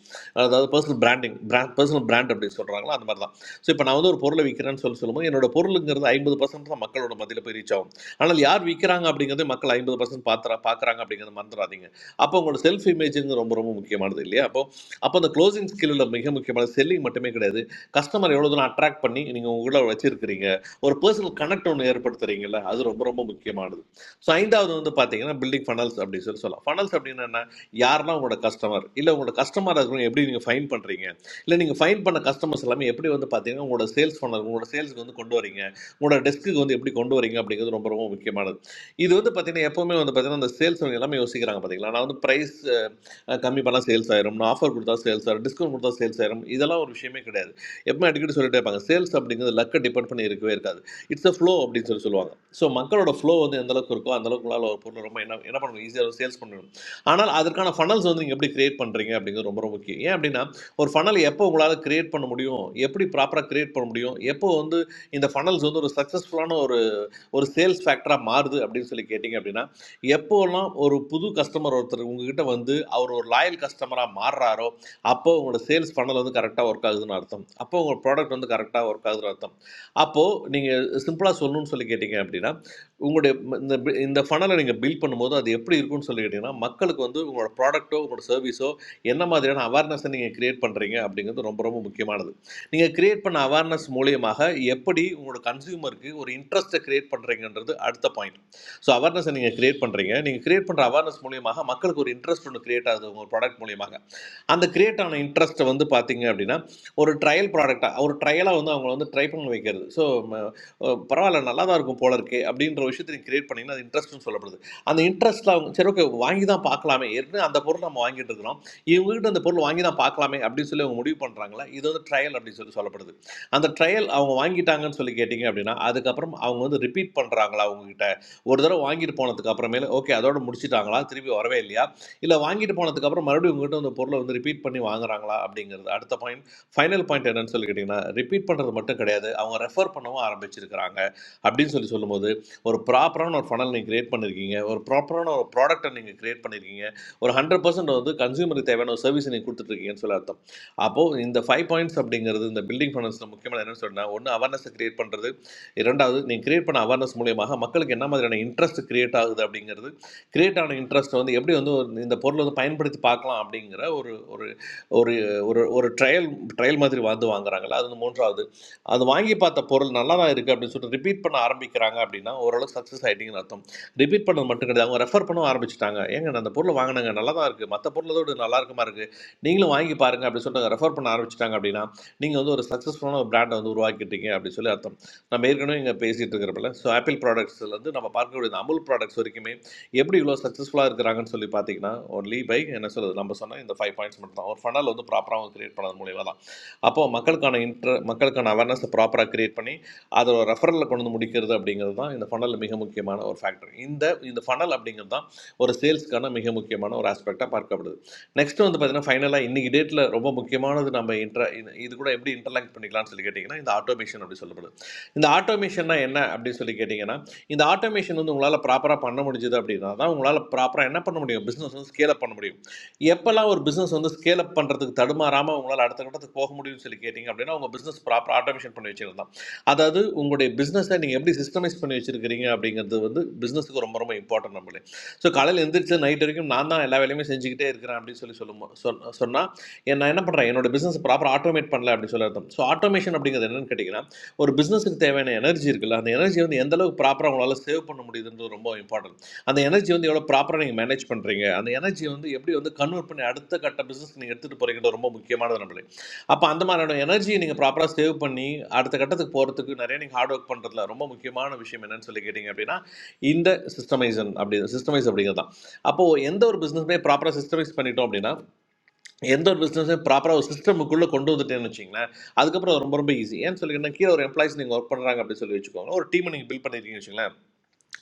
K: அதாவது personal branding brand personal brand அப்படி சொல்கிறாங்களோ அந்த மாதிரி தான் ஸோ இப்போ நான் வந்து ஒரு பொருளை விற்கிறேன்னு சொல்லி சொல்லும்போது என்னோட பொருளுங்கிறது ஐம்பது பர்சன்ட் தான் மக்களோட மத்தியில் போய் ரீச் ஆகும் ஆனால் யார் விற்கிறாங்க அப்படிங்கிறது மக்கள் ஐம்பது பர்சன்ட் பார்த்துறா பார்க்குறாங்க அப்படிங்கிறத மறந்துடாதீங்க அப்போ உங்களோட செல்ஃப் இமேஜுங்கிறது ரொம்ப ரொம்ப முக்கியமானது இல்லையா அப்போ அப்போ அந்த க்ளோசிங் ஸ்கில்லில் மிக முக்கியமான செல்லிங் மட்டுமே கிடையாது கஸ்டமர் எவ்வளோ தூரம் அட்ராக்ட் பண்ணி நீங்கள் உங்களை வச்சிருக்கிறீங்க ஒரு பர்சனல் கனெக்ட் ஒன்று ஏற்படுத்துறீங்கல்ல அது ரொம்ப ரொம்ப முக்கியமானது ஸோ ஐந்தாவது வந்து பார்த்தீங்கன்னா பில்டிங் ஃபனல்ஸ் அப்படின்னு சொல்லி சொல்லலாம் ஃபனல்ஸ் அப்படின்னா என்ன யாரெல்லாம் உங்களோட கஸ்டமர் இல்லை உங்களோட கஸ்டமராக இருக்கிறவங்க எப்படி நீங்கள் ஃபைன் பண்ணுறீங்க இல்லை நீங்கள் ஃபைன் பண்ண கஸ்டமர்ஸ் எல்லாமே எப்படி வந்து பார்த்தீங்கன்னா உங்களோட சேல்ஸ் ஃபனல் உங்களோட சேல்ஸ்க்கு வந்து கொண்டு வரீங்க உங்களோட டெஸ்க்குக்கு வந்து எப்படி கொண்டு வரீங்க அப்படிங்கிறது ரொம்ப ரொம்ப முக்கியமானது இது வந்து பார்த்தீங்கன்னா எப்போவுமே வந்து பார்த்தீங்கன்னா அந்த சேல்ஸ் அவங்க எல்லாமே யோசிக்கிறாங்க பார்த்தீங்களா நான் வந்து ப்ரைஸ் கம்மி பண்ணால் சேல்ஸ் ஆயிரும் நான் ஆஃபர் கொடுத்தா சேல்ஸ் ஆயிரும் டிஸ்கவுண்ட் கொடுத்தா சேல்ஸ் ஆயிரும் இதெல்லாம் ஒரு விஷயமே கிடையாது எப்பவுமே அடிக்கடி சொல்லிட்டே இருப்பாங்க சேல்ஸ் அப்படிங்கிறது லக்கை டிபெண்ட் பண்ணி இருக்கவே இருக்காது இட்ஸ் அ ஃப்ளோ அப்படின்னு சொல்லி சொல்லுவாங்க ஸோ மக்களோட ஃப்ளோ வந்து எந்த அளவுக்கு இருக்கோ அந்த அளவுக்கு உங்களால் ஒரு பொருளை ரொம்ப என்ன என்ன பண்ணணும் ஈஸியாக சேல்ஸ் பண்ணணும் ஆனால் அதற்கான ஃபனல்ஸ் வந்து நீங்கள் எப்படி கிரியேட் பண்ணுறீங்க அப்படிங்கிறது ரொம்ப ரொம்ப முக்கியம் ஏன் அப்படின்னா ஒரு ஃபனல் எப்போ உங்களால் கிரியேட் பண்ண முடியும் எப்படி ப்ராப்பராக கிரியேட் பண்ண முடியும் எப்போ வந்து இந்த ஃபனல்ஸ் வந்து ஒரு சக்ஸஸ்ஃபுல்லான ஒரு ஒரு சேல்ஸ் ஃபேக்டராக மாறுது அப்படின்னு சொல்லி கேட்டிங்க அப்படின்னா எப்போல்லாம் ஒரு புது கஸ்டமர் ஒருத்தர் உங்ககிட்ட வந்து அவர் ஒரு லாயல் கஸ்டமராக மாறுறாரோ அப்போ உங்களோட சேல்ஸ் ஃபனல் வந்து கரெக்டாக ஒர்க் ஆகுதுன்னு அர்த்தம் அப்போ உங்கள் ப்ராடக்ட் வந்து கரெக்டாக ஒர்க் ஆகுதுன்னு அர்த்தம் அப்போ நீங்கள் சிம்பிளாக சொல்லணும்னு சொல்லி கேட்டிங்க அப்படின்னா உங்களுடைய ம- இந்த பி- இந்த ஃபனலை நீங்கள் பில்ட் பண்ணும்போது அது எப்படி இருக்கும்னு சொல்லி கேட்டிங்கன்னா மக்களுக்கு வந்து உங்களோட ப்ராடக்ட்டோ உங்களோட சர்வீஸோ என்ன மாதிரியான அவேர்னஸை நீங்கள் கிரியேட் பண்ணுறீங்க அப்படிங்கிறது ரொம்ப ரொம்ப முக்கியமானது நீங்கள் கிரியேட் பண்ண அவேர்னஸ் மூலியமாக எப்படி உங்களோட கன்சியூமருக்கு ஒரு இன்ட்ரெஸ்ட்டை கிரியேட் பண்ணுறீங்கன்றது அடுத்த பாயிண்ட் ஸோ அவேர்னஸை நீங்கள் கிரியேட் பண்ணுறீங்க நீங்கள் கிரியேட் பண்ணுற அவேர்னஸ் மூலியமாக மக்களுக்கு ஒரு இன்ட்ரெஸ்ட் ஒன்று கிரியேட் ஆகுது உங்கள் ப்ராடக்ட் மூலியமாக அந்த கிரியேட் ஆன இன்ட்ரெஸ்ட்டை வந்து பார்த்தீங்க அப்படின்னா ஒரு ட்ரையல் ப்ராடக்டாக ஒரு ட்ரையலாக வந்து அவங்கள வந்து ட்ரை பண்ண வைக்கிறது ஸோ பரவாயில்ல நல்லா தான் இருக்கும் போல இருக்கே அப்படின்ற விஷயத்தை நீங்கள் கிரியேட் பண்ணிங்கன்னா அது இன்ட்ரெஸ்ட்னு சொல்லப்படுது அந்த இன்ட்ரெஸ்ட்டில் அவங்க சரி ஓகே வாங்கி தான் பார்க்கலாமே ஏற்கனவே அந்த பொருள் நம்ம வாங்கிட்டு இருக்கிறோம் இவங்ககிட்ட அந்த பொருள் வாங்கி தான் பார்க்கலாமே அப்படின்னு சொல்லி அவங்க முடிவு பண்ணுறாங்களா இது வந்து ட்ரையல் அப்படின்னு சொல்லி சொல்லப்படுது அந்த ட்ரையல் அவங்க வாங்கிட்டாங்கன்னு சொல்லி கேட்டிங்க அப்படின்னா அதுக்கப்புறம் அவங்க வந்து ரிப்பீட் பண்ணுறாங்களா அவங்ககிட்ட ஒரு தடவை வாங்கிட்டு போனதுக்கு அப்புறமேல ஓகே அதோட முடிச்சிட்டாங்களா திருப்பி வரவே இல்லையா இல்லை வாங்கிட்டு போனதுக்கப்புறம் மறுபடியும் உங்ககிட்ட அந்த பொருளை வந்து ரிப்பீட் பண்ணி வாங்குறாங்களா அப்படிங்கிறது அடுத்த பாயிண்ட் ஃபைனல் பாயிண்ட் என்னன்னு சொல்லி கேட்டிங்கன்னா ரிப்பீட் பண்ணுறது மட்டும் கிடையாது அவங்க ரெஃபர் பண்ணவும் ஆரம்பிச்சிருக்கிறாங்க அப்படின்னு சொல்லி சொல்லும்போது ஒரு ப்ராப்பரான ஒரு ஃபனல் நீங்கள் கிரியேட் பண்ணியிருக்கீங்க ஒரு ப்ராப்பரான ஒரு ப்ராடக்ட்டை நீங்கள் கிரியேட் பண்ணியிருக்கீங்க ஒரு ஹண்ட்ரட் பர்சன்ட் வந்து கன்சியூமருக்கு தேவையான ஒரு சர்வீஸ் நீங்கள் கொடுத்துட்ருக்கீங்கன்னு சொல்லி அர்த்தம் அப்போது இந்த ஃபைவ் பாயிண்ட்ஸ் அப்படிங்கிறது இந்த பில்டிங் ஃபைனான்ஸில் முக்கியமான என்னன்னு சொன்னால் ஒன்று அவேர்னஸை கிரியேட் பண்ணுறது இரண்டாவது நீங்கள் கிரியேட் பண்ண அவேர்னஸ் மூலியமாக மக்களுக்கு என்ன மாதிரியான இன்ட்ரெஸ்ட் கிரியேட் ஆகுது அப்படிங்கிறது கிரியேட் ஆன இன்ட்ரெஸ்ட் வந்து எப்படி வந்து ஒரு இந்த பொருளை வந்து பயன்படுத்தி பார்க்கலாம் அப்படிங்கிற ஒரு ஒரு ஒரு ஒரு ஒரு ட்ரையல் ட்ரையல் மாதிரி வந்து வாங்குறாங்கல்ல அது வந்து மூன்றாவது அது வாங்கி பார்த்த பொருள் நல்லா தான் இருக்குது அப்படின்னு சொல்லிட்டு ரிப்பீட் பண்ண ஆரம்பிக்கிறாங்க அப்படின்னா ஓரளவு சக்ஸஸ் ஆகிட்டீங்கன்னு அர்த்தம் ரிப்பீட் பண்ணது மட்டும் கிடையாது அவங்க ரெஃபர் பண்ணவும் ஆரம்பிச்சிட்டாங்க ஏங்க நான் அந்த பொருளை வாங்கினாங்க நல்லா தான் இருக்குது மற்ற பொருளோட நல்லா இருக்குமா இருக்குது நீங்களும் வாங்கி பாருங்க அப்படின்னு சொல்லிட்டு ரெஃபர் பண்ண ஆரம்பிச்சிட்டாங்க அப்படின்னா நீங்கள் வந்து ஒரு சக்ஸஸ்ஃபுல்லான ஒரு பிராண்டை வந்து உருவாக்கிட்டீங்க அப்படின்னு சொல்லி அர்த்தம் நம்ம ஏற்கனவே இங்கே பேசிகிட்டு இருக்கிறப்பல ஸோ ஆப்பிள் ப்ராடக்ட்ஸ்லேருந்து நம்ம பார்க்கக்கூடிய இந்த அமுல் ப்ராடக்ட்ஸ் வரைக்குமே எப்படி இவ்வளோ சக்ஸஸ்ஃபுல்லாக இருக்கிறாங்கன்னு சொல்லி பார்த்தீங்கன்னா ஒன்லி பை என்ன சொல்றது நம்ம சொன்ன இந்த ஃபைவ் பாயிண்ட்ஸ் மட்டும் தான் ஒரு ஃபனல் வந்து ப்ராப்பராக அவங்க கிரியேட் பண்ணது மூலியமாக தான் அப்போ மக்களுக்கான இன்ட்ர மக்களுக்கான அவேர்னஸை ப்ராப்பராக கிரியேட் பண்ணி அதை ஒரு ரெஃபரலில் கொண்டு வந்து முடிக்கிறது அப்படிங்கிறது தான் இந்த ஃபனல் மிக முக்கியமான ஒரு ஃபேக்டர் இந்த இந்த ஃபனல் அப்படிங்கிறது தான் ஒரு சேல்ஸ்க்கான மிக முக்கியமான ஒரு ஆஸ்பெக்டாக பார்க்கப்படுது நெக்ஸ்ட் வந்து பார்த்தீங்கன்னா ஃபைனலாக இன்னைக்கு டேட்டில் ரொம்ப முக்கியமானது நம்ம இன்ட்ர இது கூட எப்படி இன்டர்லாக் பண்ணிக்கலாம்னு சொல்லி கேட்டிங்கன்னா இந்த ஆட்டோமேஷன் அப்படி சொல்லப்படுது இந்த ஆட்டோமேஷன்னா என்ன அப்படின்னு சொல்லி கேட்டிங்கன்னா இந்த ஆட்டோமேஷன் வந்து உங்களால் ப்ராப்பராக பண்ண முடிஞ்சது அப்படின்னா தான் உங்களால் ப்ராப்பராக என்ன பண்ண முடியும் பிஸ்னஸ் வந்து ஸ்கேல் அப் பண்ண முடியும் எப்போல்லாம் ஒரு பிஸ்னஸ் வந்து ஸ்கேல் அப் பண்ணுறதுக்கு தடுமாறாமல் உங்களால் அடுத்த கட்டத்துக்கு போக முடியும்னு சொல்லி கேட்டிங்க அப்படின்னா உங்கள் பிஸ்னஸ் ப்ராப்பராக ஆட்டோமேஷன் பண்ணி வச்சிருந்தான் அதாவது உங்களுடைய பிஸ்னஸை நீங்கள் எப்படி சிஸ்டமைஸ் பண்ணி வச்சிருக்கிறீங்க அப்படிங்கிறது வந்து பிஸ்னஸுக்கு ரொம்ப ரொம்ப இம்பார்ட்டன்ட் நம்மளே ஸோ காலையில் எழுந்திரிச்சு நைட் வரைக்கும் நான் தான் எல்லா வேலையுமே செஞ்சுக்கிட்டே இருக்கிறேன் அப்படின்னு சொல்லி சொல்லும் சொன்ன சொன்னால் நான் என்ன பண்ணுறேன் என்னோட பிஸ்னஸ் ப்ராப்பர் ஆட்டோமேட் பண்ணல அப்படின்னு சொல்லி அர்த்தம் ஸோ ஆட்டோமேஷன் அப்படிங்கிறது என்னன்னு கேட்டிங்கன்னா ஒரு பிஸ்னஸுக்கு தேவையான எனர்ஜி இருக்குல்ல அந்த எனர்ஜி வந்து எந்த அளவுக்கு ப்ராப்பராக உங்களால் சேவ் பண்ண முடியுதுன்றது ரொம்ப இம்பார்ட்டன்ட் அந்த எனர்ஜி வந்து எவ்வளோ ப்ராப்பராக நீங்கள் மேனேஜ் பண்ணுறீங்க அந்த எனர்ஜி வந்து எப்படி வந்து கன்வெர்ட் பண்ணி அடுத்த கட்ட பிஸ்னஸ் நீங்கள் எடுத்துகிட்டு போகிறீங்க ரொம்ப முக்கியமானது நம்மளே அப்போ அந்த மாதிரியான எனர்ஜியை நீங்கள் ப்ராப்பராக சேவ் பண்ணி அடுத்த கட்டத்துக்கு போகிறதுக்கு நிறைய நீங்கள் ஹார்ட் ஒர்க் பண்ணுறதுல ரொம்ப முக்கியமான விஷயம் என்னன்னு சொல்லி கேட்டிங்க அப்படின்னா இந்த சிஸ்டமைசன் அப்படி சிஸ்டமைஸ் அப்படிங்கிறது தான் அப்போது எந்த ஒரு பிஸ்னஸுமே ப்ராப்பராக சிஸ்டமைஸ் பண்ணிட்டோம் அப்படின்னா எந்த ஒரு பிஸ்னஸுமே ப்ராப்பராக ஒரு சிஸ்டமுக்குள்ளே கொண்டு வந்துட்டேன்னு வச்சிங்களேன் அதுக்கப்புறம் அது ரொம்ப ரொம்ப ஈஸி ஏன்னு சொல்லிங்கன்னா கீழே ஒரு எம்ப்ளாயிஸ் நீங்கள் ஒர்க் பண்ணுறாங்க அப்படின்னு சொல்லி வச்சுக்கோங்க ஒரு டீமை நீங்கள் பில்ட் பண்ணிருக்கீங்க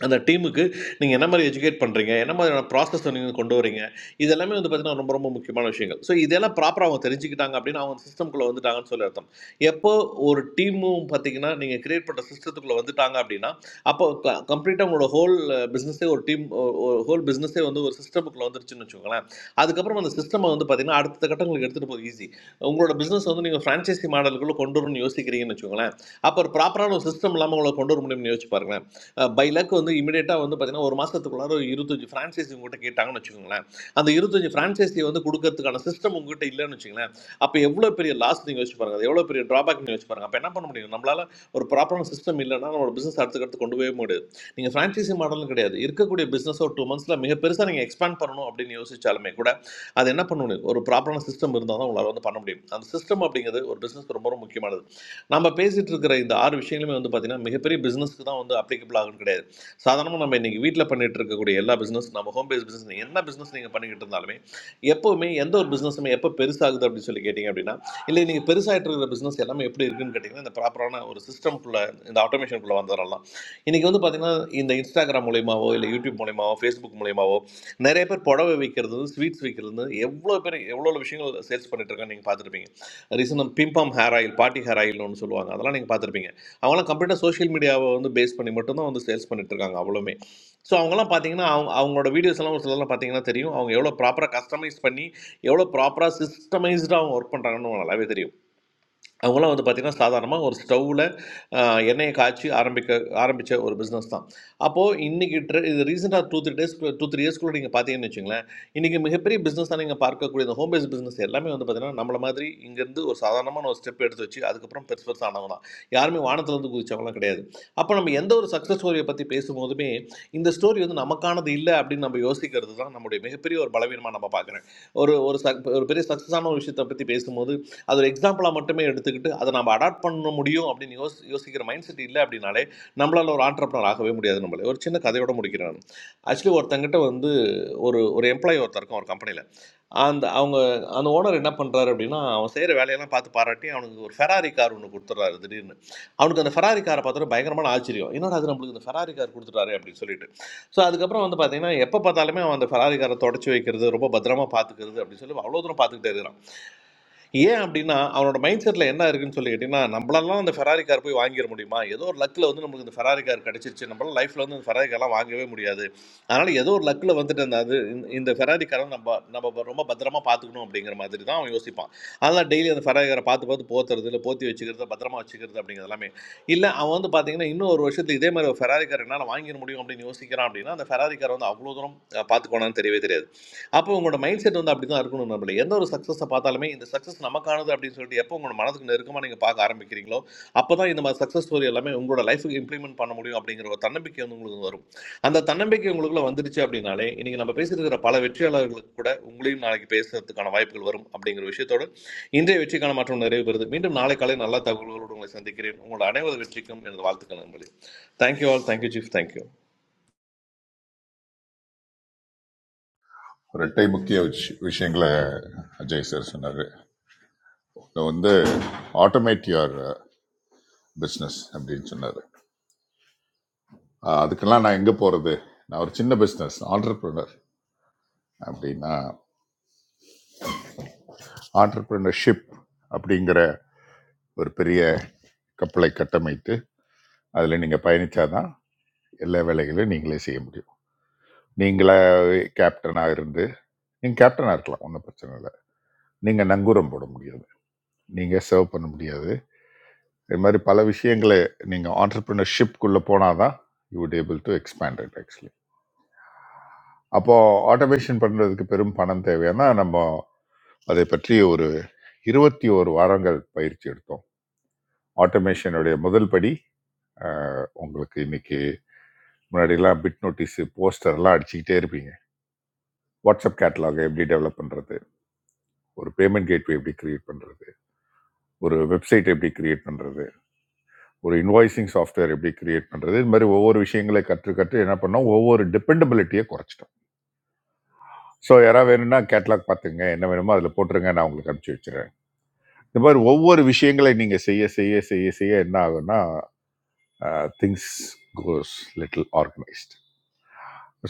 K: அந்த டீமுக்கு நீங்கள் என்ன மாதிரி எஜுகேட் பண்ணுறீங்க என்ன மாதிரியான ப்ராசஸ் நீங்கள் கொண்டு வரீங்க இது எல்லாமே வந்து பார்த்தீங்கன்னா ரொம்ப ரொம்ப முக்கியமான விஷயங்கள் ஸோ இதெல்லாம் ப்ராப்பராக அவங்க தெரிஞ்சுக்கிட்டாங்க அப்படின்னு அவங்க சிஸ்டம்குள்ளே வந்துட்டாங்கன்னு சொல்லி அர்த்தம் எப்போ ஒரு டீமும் பார்த்தீங்கன்னா நீங்கள் கிரியேட் பண்ணுற சிஸ்டத்துக்குள்ளே வந்துட்டாங்க அப்படின்னா அப்போ கம்ப்ளீட்டாக உங்களோட ஹோல் பிஸ்னஸே ஒரு டீம் ஒரு ஹோல் பிஸ்னஸே வந்து ஒரு சிஸ்டமுக்குள்ளே வந்துருச்சுன்னு வச்சுக்கோங்களேன் அதுக்கப்புறம் அந்த சிஸ்டமை வந்து பார்த்தீங்கன்னா அடுத்த கட்டங்களுக்கு எடுத்துகிட்டு போக ஈஸி உங்களோட பிஸ்னஸ் வந்து நீங்கள் ஃப்ரான்ச்சைசி மாடலுக்குள்ளே கொண்டு வரணும்னு யோசிக்கிறீங்கன்னு வச்சுக்கோங்களேன் அப்போ ஒரு ப்ராப்பரான ஒரு சிஸ்டம் இல்லாமல் உங்களை கொண்டு வர முடியும்னு யோசிச்சு பாருங்களேன் பை லக் வந்து இமிடியேட்டாக வந்து பார்த்தீங்கன்னா ஒரு மாதத்துக்குள்ளார ஒரு இருபத்தஞ்சி ஃப்ரான்ச்சைஸி உங்கள்கிட்ட கேட்டாங்கன்னு வச்சுக்கோங்களேன் அந்த இருபத்தஞ்சி ஃப்ரான்ச்சைஸி வந்து கொடுக்கறதுக்கான சிஸ்டம் உங்ககிட்ட இல்லைன்னு வச்சுங்களேன் அப்போ எவ்வளோ பெரிய லாஸ் நீங்கள் யோசிச்சு பாருங்க அது எவ்வளோ பெரிய ட்ராபேக் நீங்கள் யோசிச்சு பாருங்க அப்போ என்ன பண்ண முடியும் நம்மளால ஒரு ப்ராப்பரான சிஸ்டம் இல்லைன்னா நம்மளோட பிஸ்னஸ் அடுத்துக்கடுத்து கொண்டு போகவே முடியாது நீங்கள் ஃப்ரான்ச்சைஸி மாடலும் கிடையாது இருக்கக்கூடிய பிஸ்னஸ் ஒரு டூ மந்த்ஸில் மிக பெருசாக நீங்கள் எக்ஸ்பேண்ட் பண்ணணும் அப்படின்னு யோசிச்சாலுமே கூட அது என்ன பண்ண முடியும் ஒரு ப்ராப்பரான சிஸ்டம் இருந்தால் தான் உங்களால் வந்து பண்ண முடியும் அந்த சிஸ்டம் அப்படிங்கிறது ஒரு பிஸ்னஸ் ரொம்ப ரொம்ப முக்கியமானது நம்ம பேசிகிட்டு இருக்கிற இந்த ஆறு விஷயங்களுமே வந்து பார்த்திங்கன்னா மிகப்பெரிய பிஸ்னஸ்க்கு தான் வந்து அப்ளிகபிள் ஆகும் கிடையாது சாதாரணமாக நம்ம இன்றைக்கி வீட்டில் பண்ணிட்டு இருக்கக்கூடிய எல்லா பிஸ்னஸ் நம்ம ஹோம் பேஸ் பிஸ்னஸ் என்ன பிஸ்னஸ் நீங்கள் பண்ணிக்கிட்டு இருந்தாலுமே எப்போவுமே எந்த ஒரு பிஸ்னஸுமே எப்போ பெருசாகுது அப்படின்னு சொல்லி கேட்டிங்க அப்படின்னா இல்லை நீங்கள் பெருசாகிட்டு இருக்கிற பிஸ்னஸ் எல்லாமே எப்படி இருக்குன்னு கேட்டிங்கன்னா இந்த ப்ராப்பர்ட்டி ப்ராப்பரான ஒரு சிஸ்டம்குள்ளே இந்த ஆட்டோமேஷனுக்குள்ளே வந்துடலாம் இன்றைக்கி வந்து பார்த்திங்கன்னா இந்த இன்ஸ்டாகிராம் மூலியமாவோ இல்லை யூடியூப் மூலியமாவோ ஃபேஸ்புக் மூலியமாவோ நிறைய பேர் புடவை விற்கிறது ஸ்வீட்ஸ் விற்கிறது எவ்வளோ பேர் எவ்வளோ விஷயங்கள் சேல்ஸ் பண்ணிட்டு இருக்காங்க நீங்கள் பார்த்துருப்பீங்க ரீசெண்டாக பிம்பம் ஹேர் ஆயில் பாட்டி ஹேர் ஆயில்னு ஒன்று சொல்லுவாங்க அதெல்லாம் நீங்கள் பார்த்துருப்பீங்க அவங்களாம் கம்ப்ளீட்டாக சோஷியல் மீடியாவை வந்து பேஸ் பண்ணி மட்டும்தான் வந்து சேல்ஸ் பண்ணிட்டு இருக்காங்க அவ்வளோமே ஸோ அவங்கலாம் பார்த்தீங்கன்னா அவங்க அவங்களோட வீடியோஸ் எல்லாம் ஒரு சிலர்லாம் பார்த்தீங்கன்னா தெரியும் அவங்க எவ்வளோ ப்ராப்பராக கஸ்டமைஸ் பண்ணி எவ்வளோ ப்ராப்பராக சிஸ்டமைஸ்டாக அவங்க ஒர்க் பண்ணுறாங்கன்னு நல்லாவே தெரியும் அவங்களாம் வந்து பார்த்திங்கன்னா சாதாரணமாக ஒரு ஸ்டவ்வில் எண்ணெயை காய்ச்சி ஆரம்பிக்க ஆரம்பித்த ஒரு பிஸ்னஸ் தான் அப்போது இன்றைக்கி ட்ரெ இது ரீசெண்டாக two three days two three இயர்ஸ்க்குள்ளே நீங்கள் பார்த்தீங்கன்னு வச்சுங்களேன் இன்றைக்கி மிகப்பெரிய பிஸ்னஸ் தான் நீங்கள் பார்க்கக்கூடிய இந்த ஹோம் பேஸ் பிஸ்னஸ் எல்லாமே வந்து பார்த்திங்கன்னா நம்மள மாதிரி இங்கேருந்து ஒரு சாதாரணமான ஒரு ஸ்டெப் எடுத்து வச்சு அதுக்கப்புறம் பெருசு பெருசானவங்க தான் யாருமே வானத்துலேருந்து குதிச்சவங்களாம் கிடையாது அப்போ நம்ம எந்த ஒரு சக்ஸஸ் ஸ்டோரியை பற்றி பேசும்போதுமே இந்த ஸ்டோரி வந்து நமக்கானது இல்லை அப்படின்னு நம்ம யோசிக்கிறது தான் நம்முடைய மிகப்பெரிய ஒரு பலவீனமாக நம்ம பார்க்குறேன் ஒரு ஒரு சக் ஒரு பெரிய சக்ஸஸான ஒரு விஷயத்தை பற்றி பேசும்போது அது ஒரு எக்ஸாம்பிளாக மட்டுமே எடுத்துக்கிட்டு அதை நம்ம அடாப்ட் பண்ண முடியும் அப்படின்னு யோசி யோசிக்கிற மைண்ட் செட் இல்லை அப்படின்னாலே நம்மளால் ஒரு ஆண்டர்பனர் ஆகவே முடியாது நம்மளே ஒரு சின்ன கதையோட முடிக்கிறேன் நான் ஆக்சுவலி ஒருத்தங்கிட்ட வந்து ஒரு ஒரு எம்ப்ளாயி ஒருத்தருக்கும் ஒரு கம்பெனியில் அந்த அவங்க அந்த ஓனர் என்ன பண்ணுறாரு அப்படின்னா அவன் செய்கிற வேலையெல்லாம் பார்த்து பாராட்டி அவனுக்கு ஒரு ஃபெராரி கார் ஒன்று கொடுத்துட்றாரு திடீர்னு அவனுக்கு அந்த ஃபெராரி காரை பார்த்தோன்னா பயங்கரமான ஆச்சரியம் என்னடா அது நம்மளுக்கு இந்த ஃபெராரி கார் கொடுத்துட்டாரு அப்படின்னு சொல்லிட்டு ஸோ அதுக்கப்புறம் வந்து பார்த்தீங்கன்னா எப்போ பார்த்தாலுமே அவன் அந்த ஃபெராரி காரை தொடச்சி வைக்கிறது ரொம்ப பத்திரமா பார்த்துக்கிறது அப்படின்னு சொல்லி அவ்வளோ தூரம் பார்த்துக்கிட்டே இருக்கிறான் ஏன் அப்படின்னா அவனோட மைண்ட் செட்டில் என்ன இருக்குன்னு சொல்லி கேட்டிங்கன்னா நம்மளெல்லாம் அந்த ஃபெராரி கார் போய் வாங்கிட முடியுமா ஏதோ ஒரு லக்கில் வந்து நமக்கு இந்த ஃபெராரி கார் கிடச்சிருச்சு நம்மளால லைஃப்பில் வந்து இந்த ஃபெராரி கார்லாம் வாங்கவே முடியாது அதனால் ஏதோ ஒரு லக்கில் வந்துட்டு அந்த அது இந்த இந்த ஃபெராரி காரை நம்ம நம்ம ரொம்ப பத்திரமா பார்த்துக்கணும் அப்படிங்கிற மாதிரி தான் அவன் யோசிப்பான் அதனால் டெய்லி அந்த ஃபெராரி காரை பார்த்து பார்த்து போத்துறது இல்லை போத்தி வச்சுக்கிறது பத்திரமா வச்சுக்கிறது அப்படிங்கிறது எல்லாமே இல்லை அவன் வந்து பார்த்தீங்கன்னா இன்னும் ஒரு வருஷத்துக்கு இதே மாதிரி ஒரு ஃபெராரி கார் என்னால் வாங்கிட முடியும் அப்படின்னு யோசிக்கிறான் அப்படின்னா அந்த ஃபெராரி கார் வந்து அவ்வளோ தூரம் அஹ், பார்த்துக்கோனான்னு தெரியவே தெரியாது அப்போ உங்களோட மைண்ட் செட் வந்து அப்படி தான் இருக்கணும் நம்மள எந்த ஒரு சக்ஸஸை பார்த்தாலுமே இந்த சக்ஸஸ் நமக்கானது அப்படின்னு சொல்லிட்டு எப்போ உங்களோட மனதுக்கு நெருக்கமாக நீங்கள் பார்க்க ஆரம்பிக்கிறீங்களோ அப்போ தான் இந்த மாதிரி சக்ஸஸ் ஸ்டோரி எல்லாமே உங்களோட லைஃபுக்கு இம்ப்ளிமெண்ட் பண்ண முடியும் அப்படிங்கிற ஒரு தன்னம்பிக்கை வந்து உங்களுக்கு வரும் அந்த தன்னம்பிக்கை உங்களுக்குள்ள வந்துருச்சு அப்படின்னாலே இன்னைக்கு நம்ம பேசியிருக்கிற பல வெற்றியாளர்களுக்கு கூட உங்களையும் நாளைக்கு பேசுறதுக்கான வாய்ப்புகள் வரும் அப்படிங்கிற விஷயத்தோடு இன்றைய வெற்றிக்கான மாற்றம் நிறைவு பெறுது மீண்டும் நாளை காலை நல்ல தகவல்களோடு உங்களை சந்திக்கிறேன் உங்களோட அனைவரது வெற்றிக்கும் எனது வாழ்த்துக்கள் நண்பர்களே thank you all thank you chief thank you
B: இரட்டை முக்கிய விஷ- விஷயங்களை அஜய் சார் சொன்னார் இதை வந்து ஆட்டோமேட் யுவர் பிஸ்னஸ் அப்படின்னு சொன்னார் அதுக்கெல்லாம் நான் எங்கே போகிறது நான் ஒரு சின்ன பிஸ்னஸ் entrepreneur அப்படின்னா entrepreneurship அப்படிங்கிற ஒரு பெரிய கப்பலை கட்டமைத்து அதில் நீங்கள் பயணித்தாதான் எல்லா வேலைகளையும் நீங்களே செய்ய முடியும் நீங்களே கேப்டனாக இருந்து நீங்கள் கேப்டனாக இருக்கலாம் ஒன்றும் பிரச்சனை இல்லை நீங்கள் நங்கூரம் போட முடியாது நீங்கள் சர்வ் பண்ண முடியாது இது மாதிரி பல விஷயங்களை நீங்கள் ஆண்டர்பிரினர்ஷிப்குள்ளே போனால் தான் you would able to expand it actually அப்போது ஆட்டோமேஷன் பண்ணுறதுக்கு பெரும் பணம் தேவையானா நம்ம அதை பற்றி ஒரு இருபத்தி ஒரு வாரங்கள் பயிற்சி எடுத்தோம் ஆட்டோமேஷனுடைய முதல் படி அஹ், உங்களுக்கு இன்னைக்கு முன்னாடிலாம் பிட் நோட்டீஸு போஸ்டர்லாம் அடிச்சுக்கிட்டே இருப்பீங்க வாட்ஸ்அப் கேட்டலாகை எப்படி டெவலப் பண்ணுறது ஒரு பேமெண்ட் கேட்வே எப்படி கிரியேட் பண்ணுறது ஒரு வெப்சைட் எப்படி கிரியேட் பண்ணுறது ஒரு இன்வாய்சிங் சாஃப்ட்வேர் எப்படி கிரியேட் பண்ணுறது இது மாதிரி ஒவ்வொரு விஷயங்களை கற்று கற்று என்ன பண்ணோம் ஒவ்வொரு டிபெண்டபிலிட்டியை குறைச்சிட்டோம் ஸோ யாராவது வேணும்னா கேட்லாக் பார்த்துங்க என்ன வேணுமோ அதில் போட்டுருங்க நான் உங்களுக்கு அனுப்பிச்சி வச்சிடுறேன் இந்த மாதிரி ஒவ்வொரு விஷயங்களை நீங்கள் செய்ய செய்ய செய்ய செய்ய என்ன ஆகும்னா திங்ஸ் கோஸ் லிட்டில் ஆர்கனைஸ்ட்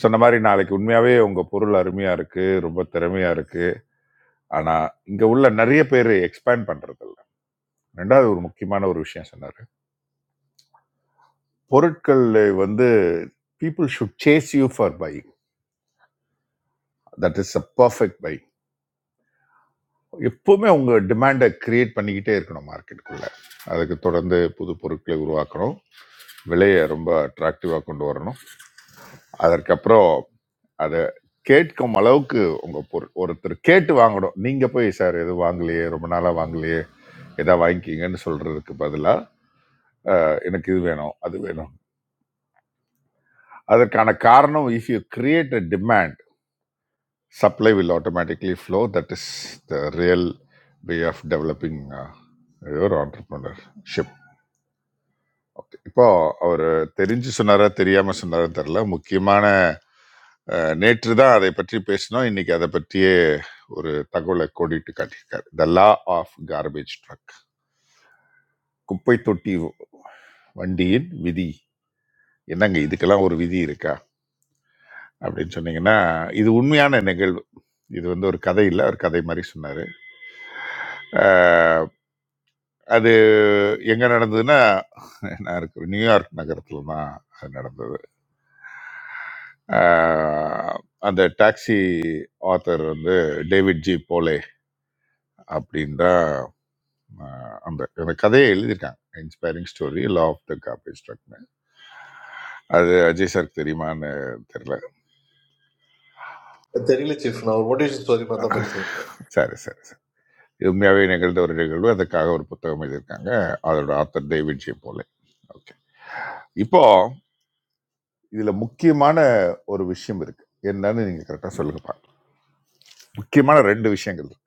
B: சொன்ன மாதிரி நாளைக்கு உண்மையாகவே உங்கள் பொருள் அருமையாக இருக்குது ரொம்ப திறமையாக இருக்குது ஆனால் இங்கே உள்ள நிறைய பேர் எக்ஸ்பேண்ட் பண்ணுறதில்ல ரெண்டாவது ஒரு முக்கியமான ஒரு விஷயம் சொன்னார் பொருட்கள் வந்து people should chase you for buy that is a perfect buy எப்பவுமே உங்கள் டிமாண்டை கிரியேட் பண்ணிக்கிட்டே இருக்கணும் மார்க்கெட்டுக்குள்ளே அதுக்கு தொடர்ந்து புது பொருட்களை உருவாக்கணும் விலையை ரொம்ப அட்ராக்டிவாக கொண்டு வரணும் அதற்கப்புறம் அதை கேட்கும் அளவுக்கு உங்கள் பொருள் ஒருத்தர் கேட்டு வாங்கணும் நீங்கள் போய் சார் எதுவும் வாங்கலையே ரொம்ப நாளாக வாங்கலையே எதா வாங்கிக்கிங்கன்னு சொல்கிறதுக்கு பதிலாக எனக்கு இது வேணும் அது வேணும் அதற்கான காரணம் if you create a demand Supply will automatically flow. That is the real way of developing uh, your entrepreneurship. Okay. இப்போ அவர் தெரிஞ்சு சொன்னாரா தெரியாம சொன்னாரா தெரியல முக்கியமான நேற்று தான் அதை பற்றி பேசினோம் இன்னைக்கு அதை பற்றியே ஒரு தகவலை கோடிட்டு காட்டியிருக்காரு the law of garbage truck குப்பை தொட்டி வண்டியின் விதி என்னங்க இதுக்கெல்லாம் ஒரு விதி இருக்கா அப்படின்னு சொன்னீங்கன்னா, இது உண்மையான நிகழ்வு. இது வந்து ஒரு கதை இல்ல. அவர் கதை மாரி சொன்னாரு. ஆ அது எங்க நடந்ததுன்னா, நான் இருக்கிற நியூயார்க் நகரத்தில தான் அது நடந்தது. ஆ அந்த டாக்ஸி ஆத்தர் வந்து டேவிட் ஜி போலே அப்படின்ற அ அந்த அந்த கதைய எழுதியிருக்காங்க. Inspiring story law of the garbage ட்ரக்ன்னு. அது அஜய் சாருக்கு தெரியுமான்னு தெரியல.
K: தெரியல சீஃப் நான் ஒரு மோட்டிவேஷன் ஸ்டோரி மாதிரி தான் படிச்சேன்
B: சரி, சரி, சரி. இது உண்மையாகவே நிகழ்ந்த ஒரு நிகழ்வு அதுக்காக ஒரு புத்தகம் எழுதியிருக்காங்க அதோட ஆத்தர் தெய்வஜி போல ஓகே இப்போ இதுல முக்கியமான ஒரு விஷயம் இருக்கு என்னன்னு நீங்க கரெக்டா சொல்லுங்க பார்க்கலாம் முக்கியமான ரெண்டு விஷயங்கள் இருக்கு.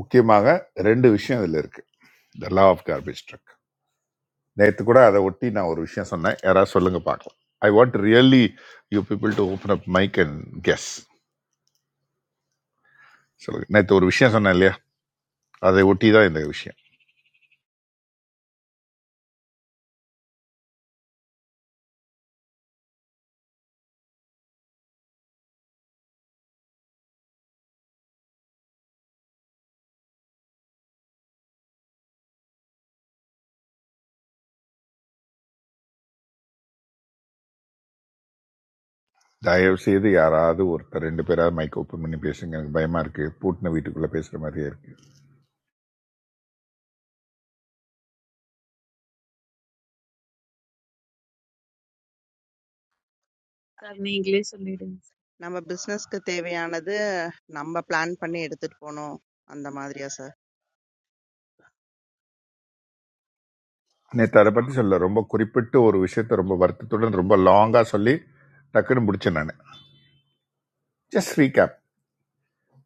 B: முக்கியமாக ரெண்டு விஷயம் இதுல இருக்கு the law of garbage truck நேற்று கூட அதை ஒட்டி நான் ஒரு விஷயம் சொன்னேன் யாராவது சொல்லுங்க பார்க்கலாம் I want really you people to open up mic and guess சொல்லுங்க நேற்று ஒரு விஷயம் சொன்னேன் இல்லையா அதை ஒட்டி தான் இந்த விஷயம் தயவு செய்து யாராவது ஒருத்தர் ரெண்டு பேராவது மைக் ஓப்பன் பண்ணி பேசுங்க எனக்கு பயமா இருக்கு பூட்டின வீட்டுக்குள்ள பேசுற மாதிரியே இருக்கு
L: I'm not English learners.
E: நம்ம பிசினஸ்க்கு தேவையானது, நம்ம பிளான் பண்ணி எடுத்துட்டு போணும். அந்த மாதிரியா சார்?
B: நேற்று அதை பத்தி சொல்ல ரொம்ப குறிப்பிட்டு ஒரு விஷயத்த ரொம்ப வருத்தத்துடன் ரொம்ப லாங்கா சொல்லி டக்குன்னு முடிச்சேன் நான் just recap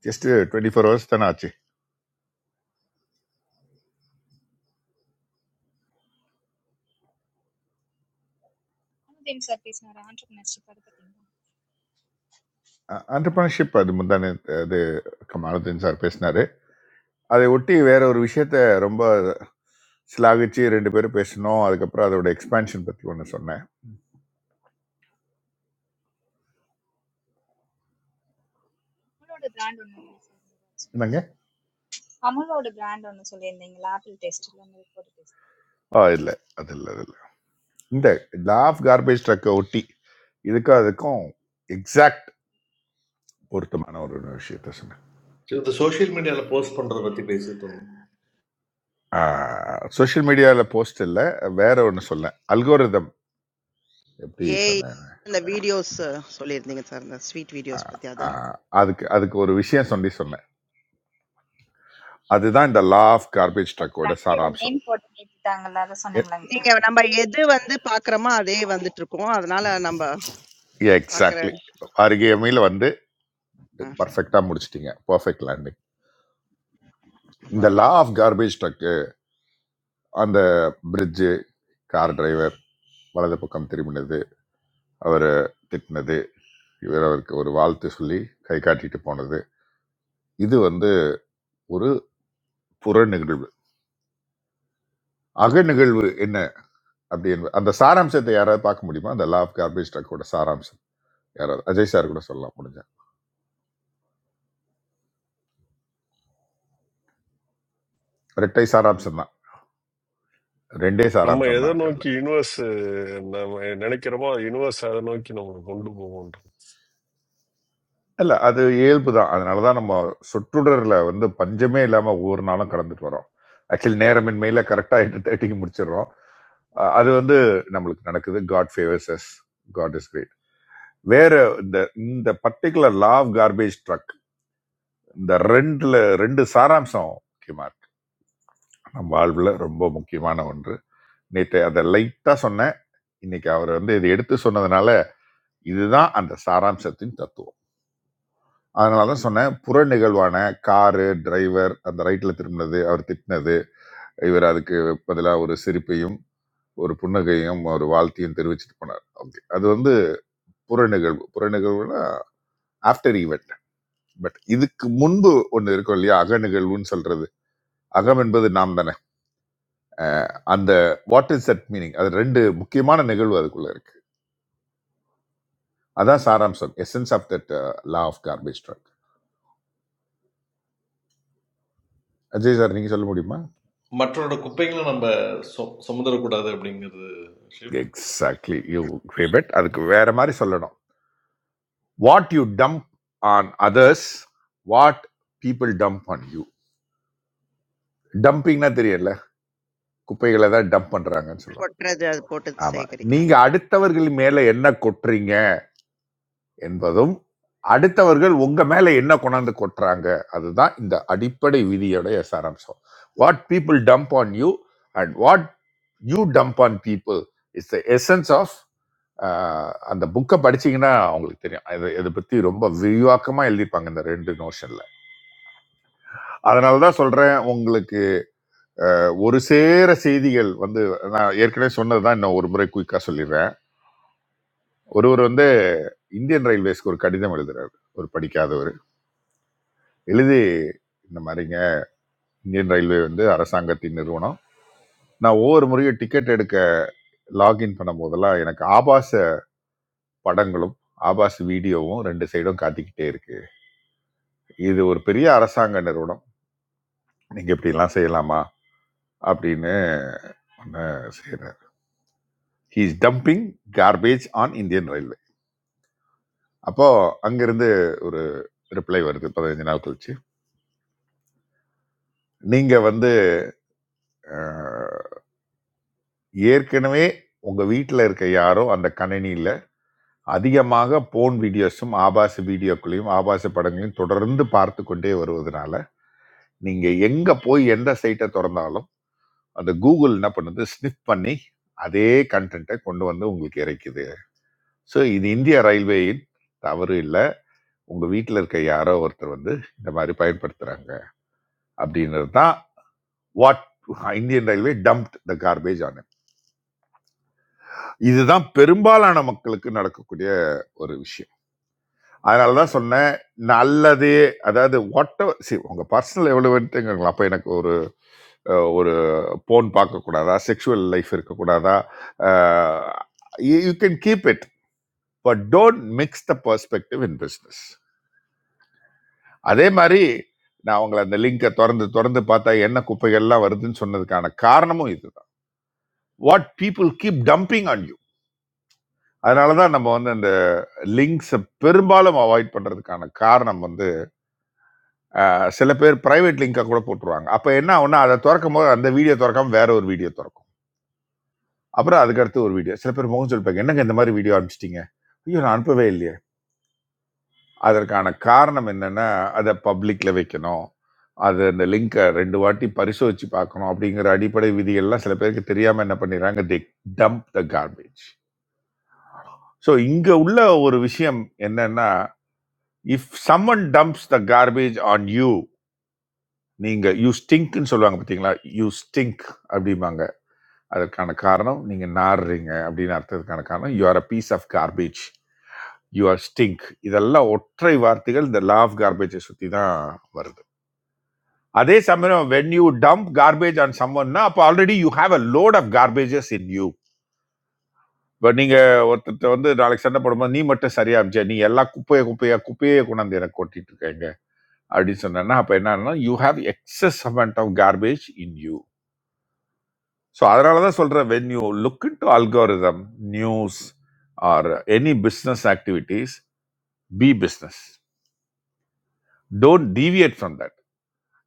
B: just twenty four hours தானே ஆச்சு
F: அமுதேன் சார் பேசினாரு ஆண்டர்பிரினர்ஷிப் அதை பத்திங்களா
B: ஆண்டர்பிரினர்ஷிப் அது முந்தானே அது கமாலுதீன் சார் பேசினாரு அதை ஒட்டி வேற ஒரு விஷயத்த ரொம்ப சிலாகிச்சு ரெண்டு பேரும் பேசினோம் அதுக்கப்புறம் அதோட எக்ஸ்பான்ஷன் பத்தி ஒன்று சொன்னேன்
F: அமுலோட பிராண்ட் ஒன்று ரிலீஸ் ஆயிருந்தது
B: என்னங்க
F: அமுலோட பிராண்ட் ஒன்று சொல்லியிருந்தீங்களா ஆப்பிள் டெஸ்ட்ல உங்களுக்கு ஒரு டெஸ்ட்
B: ஆ இல்லை அது இல்லை இந்த லா ஆஃப் கார்பேஜ் ட்ரக்கை ஒட்டி இதுக்கும் அதுக்கும் எக்ஸாக்ட் பொருத்தமான ஒரு விஷயத்த சொன்னேன்
K: சரி, இந்த சோஷியல் மீடியால போஸ்ட் பண்றத பத்தி பேசிட்டு இருந்தோம்
B: சோஷியல் மீடியாவில் போஸ்ட் இல்லை வேற ஒன்று சொன்னேன் அல்கோரிதம் எப்படி
E: ஏஐ
B: சொன்னேன்
E: இந்த வீடியோஸ் சொல்லியிருந்தீங்க சார். இந்த ஸ்வீட் வீடியோஸ்
B: ஆஹ்
E: பத்தி அதான்.
B: ஆஹ் அதுக்கு அதுக்கு ஒரு விஷயம் சொல்லி சொன்னேன் அதுதான் இந்த லா ஆஃப் கார்பேஜ் ட்ரக்கோட
F: பிராண்டோட
B: சாராம்சம்
F: நேம் போட்டு கேட்டுட்டாங்கல்ல அதை சொன்னீங்களாங்க சார்
E: நீங்க நம்ம எது வந்து பார்க்குறோமோ, அதே வந்துட்டு இருக்கும். அதனால நம்ம பார்க்குற
B: எக்ஸாக்ட்லி அருகேமையில் வந்து
E: அ
B: பர்ஃபெக்டாக முடிச்சிட்டீங்க பர்ஃபெக்ட் லேண்டிங் இந்த
E: அப்பாடா!
B: லா ஆஃப் கார்பேஜ் ட்ரக்கு அந்த பிரிட்ஜு கார் டிரைவர் வலது பக்கம் திரும்பினது அவரை திட்டினது இவர் அவருக்கு ஒரு வாழ்த்து சொல்லி கை காட்டிட்டு போனது இது வந்து ஒரு புற நிகழ்வு அக நிகழ்வு என்ன அப்படி என்பது அந்த சாராம்சத்தை யாராவது பார்க்க முடியுமா அந்த லா ஆஃப் கார்பேஜ் ட்ரக்கோட சாராம்சம் யாராவது அஜய் சார் கூட சொல்லலாம் முடிஞ்சா ரெட்டை சாராம்சம் தான் ரெண்டே
H: Namme
B: சாராம்சம் தான்
H: yada
B: இருக்கு
H: noy
B: அதுல
H: ki universe. Namme nene kiramah universe yada noy kinamur bondu bo bondu.
B: இல்ல அது இயல்பு தான் அதனால தான் நம்ம சுற்றுடர்ல வந்து பஞ்சமே இல்லாம ஒவ்வொரு நாளும் கடந்துட்டு வரோம் ஆக்சுவலி நேரமின்மையில கரெக்டா எட்டு தேர்ட்டிக்கு முடிச்சிடுறோம் அஹ் அது வந்து நம்மளுக்கு நடக்குது God favours us God is great. வேற இந்த இந்த particular law of garbage truck இந்த ரெண்டுல ரெண்டு சாராம்சம் முக்கியமா இருக்கு நம்ம வாழ்வுல ரொம்ப முக்கியமான ஒன்று நேற்று அதை லைட்டா சொன்னேன் இன்னைக்கு அவர் வந்து இதை எடுத்து சொன்னதுனால இதுதான் அந்த சாராம்சத்தின் தத்துவம் அதனால தான் சொன்னேன் புற நிகழ்வான காரு டிரைவர் அந்த ரைட்ல திரும்பினது அவர் திட்டினது இவர் அதுக்கு பதிலாக ஒரு சிரிப்பையும் ஒரு புன்னகையும் ஒரு வாழ்த்தையும் தெரிவிச்சிட்டு போனார் ஓகே அது வந்து புற நிகழ்வு புற நிகழ்வுனா ஆஃப்டர் ஈவெண்ட் பட் இதுக்கு முன்பு ஒன்று இருக்கும் இல்லையா அக நிகழ்வுன்னு சொல்றது அகம் என்பது நாம் தானே அந்த வாட் இஸ் தட் மீனிங் அது ரெண்டு முக்கியமான நிகழ்வு அதுக்குள்ள இருக்கு அதான் சாராம்சம் essence of that law of garbage truck Ajay sir நீங்க சொல்ல முடியுமா
K: மற்றவரோட குப்பைகளை நம்ம சு- சுமந்துடக்கூடாது அப்படிங்கிறது
B: எக்ஸாக்ட்லி யூ கிரேபட் அதுக்கு வேற மாதிரி சொல்லணும் what you dump on others what people dump on you டம்பிங்னா தெரியல குப்பைகளை தான் டம்ப் பண்றாங்கன்னு சொல்லுவாங்க
E: கொட்டுறது, அது போட்டு
B: ஆமா நீங்க
E: சேகரிக்காம
B: அடுத்தவர்கள் மேல என்ன கொட்டுறீங்க என்பதும் அடுத்தவர்கள் உங்க மேல என்ன கொண்டாந்து கொட்டுறாங்க அதுதான் இந்த அடிப்படை விதியோடைய சாராம்சம் what people dump on you and what you dump on people is the essence of அந்த புக்கை படிச்சீங்கன்னா அவங்களுக்கு தெரியும் இது இதை பத்தி ரொம்ப விரிவாக்கமா எழுதியிருப்பாங்க இந்த ரெண்டு நோஷன்ல அதனால தான் சொல்றேன் உங்களுக்கு அஹ், ஒரு சேர செய்திகள் வந்து நான் ஏற்கனவே சொன்னதுதான் இன்னும் ஒரு முறை குயிக்கா சொல்லிடுறேன் ஒருவர் வந்து இந்தியன் ரயில்வேஸ்க்கு ஒரு கடிதம் எழுதுறாரு ஒரு படிக்காதவர் எழுதி இந்த மாதிரி இந்தியன் ரயில்வே வந்து அரசாங்கத்தின் நிறுவனம் நான் ஒவ்வொரு முறையும் டிக்கெட் எடுக்க லாகின் பண்ணும்போதெல்லாம் எனக்கு ஆபாச படங்களும் ஆபாச வீடியோவும் ரெண்டு சைடும் காத்திக்கிட்டே இருக்கு இது ஒரு பெரிய அரசாங்க நிறுவனம் நீங்க இப்படிலாம் செய்யலாமா அப்படின்னு ஒன்று செய்யறேன் he's dumping garbage on Indian railway அப்போ அங்கிருந்து ஒரு ரிப்ளை வருது பதினஞ்சு நாள் கழிச்சு நீங்க வந்து அஹ், ஏற்கனவே உங்க வீட்டில் இருக்க யாரோ அந்த கணினியில அதிகமாக போன் வீடியோஸும் ஆபாச வீடியோக்களையும் ஆபாச படங்களையும் தொடர்ந்து பார்த்து கொண்டே வருவதனால நீங்க எங்க போய் எந்த சைட்டை திறந்தாலும் அந்த கூகுள் என்ன பண்ணுது ஸ்னிப் பண்ணி அதே கண்டென்ட்டை கொண்டு வந்து உங்களுக்கு இறக்குது ஸோ இது இந்திய ரயில்வேயின் தவறு இல்லை உங்க வீட்டில் இருக்க யாரோ ஒருத்தர் வந்து இந்த மாதிரி பயன்படுத்துறாங்க அப்படின்றது தான் what Indian railway dumped the garbage on இதுதான் பெரும்பாலான மக்களுக்கு நடக்கக்கூடிய ஒரு விஷயம் அதனால தான் சொன்னேன் நல்லது அதாவது வாட் சி உங்கள் பர்சனல் எவ்வளோட்டுங்களா அப்போ எனக்கு ஒரு அஹ், ஒரு போன் பார்க்கக்கூடாதா செக்ஷுவல் லைஃப் இருக்கக்கூடாதா you can keep it but don't mix the perspective in business அதே மாதிரி நான் உங்களை அந்த லிங்கை திறந்து திறந்து பார்த்தா என்ன குப்பைகள்லாம் வருதுன்னு சொன்னதுக்கான காரணமும் இதுதான் what people keep dumping on you அதனால தான் நம்ம வந்து அந்த லிங்க்ஸை பெரும்பாலும் அவாய்ட் பண்ணுறதுக்கான காரணம் வந்து அஹ் சில பேர் பிரைவேட் லிங்காக கூட போட்டுருவாங்க அப்போ என்ன ஆகும்னா அதை திறக்கும் போது அந்த வீடியோ திறக்காம வேற ஒரு வீடியோ திறக்கும் அப்புறம் அதுக்கடுத்து ஒரு வீடியோ சில பேர் முகம் சொல்லிப்பாங்க என்னங்க இந்த மாதிரி வீடியோ அனுப்பிச்சிட்டீங்க ஐயோ நான் அனுப்பவே இல்லையே அதற்கான காரணம் என்னன்னா அதை பப்ளிக்ல வைக்கணும் அது அந்த லிங்கை ரெண்டு வாட்டி பரிசோதிச்சு பார்க்கணும் அப்படிங்கிற அடிப்படை விதிகள்லாம் சில பேருக்கு தெரியாம என்ன பண்ணிடுறாங்க they dump the garbage so இங்க உள்ள ஒரு விஷயம் என்னன்னா if someone dumps the garbage on you நீங்க யூ ஸ்டிங்க்னு சொல்லுவாங்க பார்த்தீங்களா யூ ஸ்டிங்க் அப்படிம்பாங்க அதற்கான காரணம் நீங்க நாறுறீங்க அப்படின்னு அர்த்தத்துக்கான காரணம் you are a piece of garbage you are stink இதெல்லாம் ஒற்றை வார்த்தைகள் இந்த லா ஆஃப் கார்பேஜை சுற்றி தான் வருது அதே சமயம் when you dump garbage on சம்மன்னா அப்போ already you have a load of garbages in you இப்போ நீங்கள் ஒருத்தர்ட்ட வந்து நாளைக்கு சண்டை போடும்போது நீ மட்டும் சரியா இருந்துச்சே நீ எல்லா குப்பையை குப்பையா குப்பையே கொண்டாந்து எனக்கு கொட்டிட்டு இருக்கேங்க அப்படின்னு சொன்னேன்னா அப்போ என்னன்னா you have excess amount of garbage in you so அதனால தான் சொல்கிறேன் when you look into algorithm news or any business activities be business don't deviate from that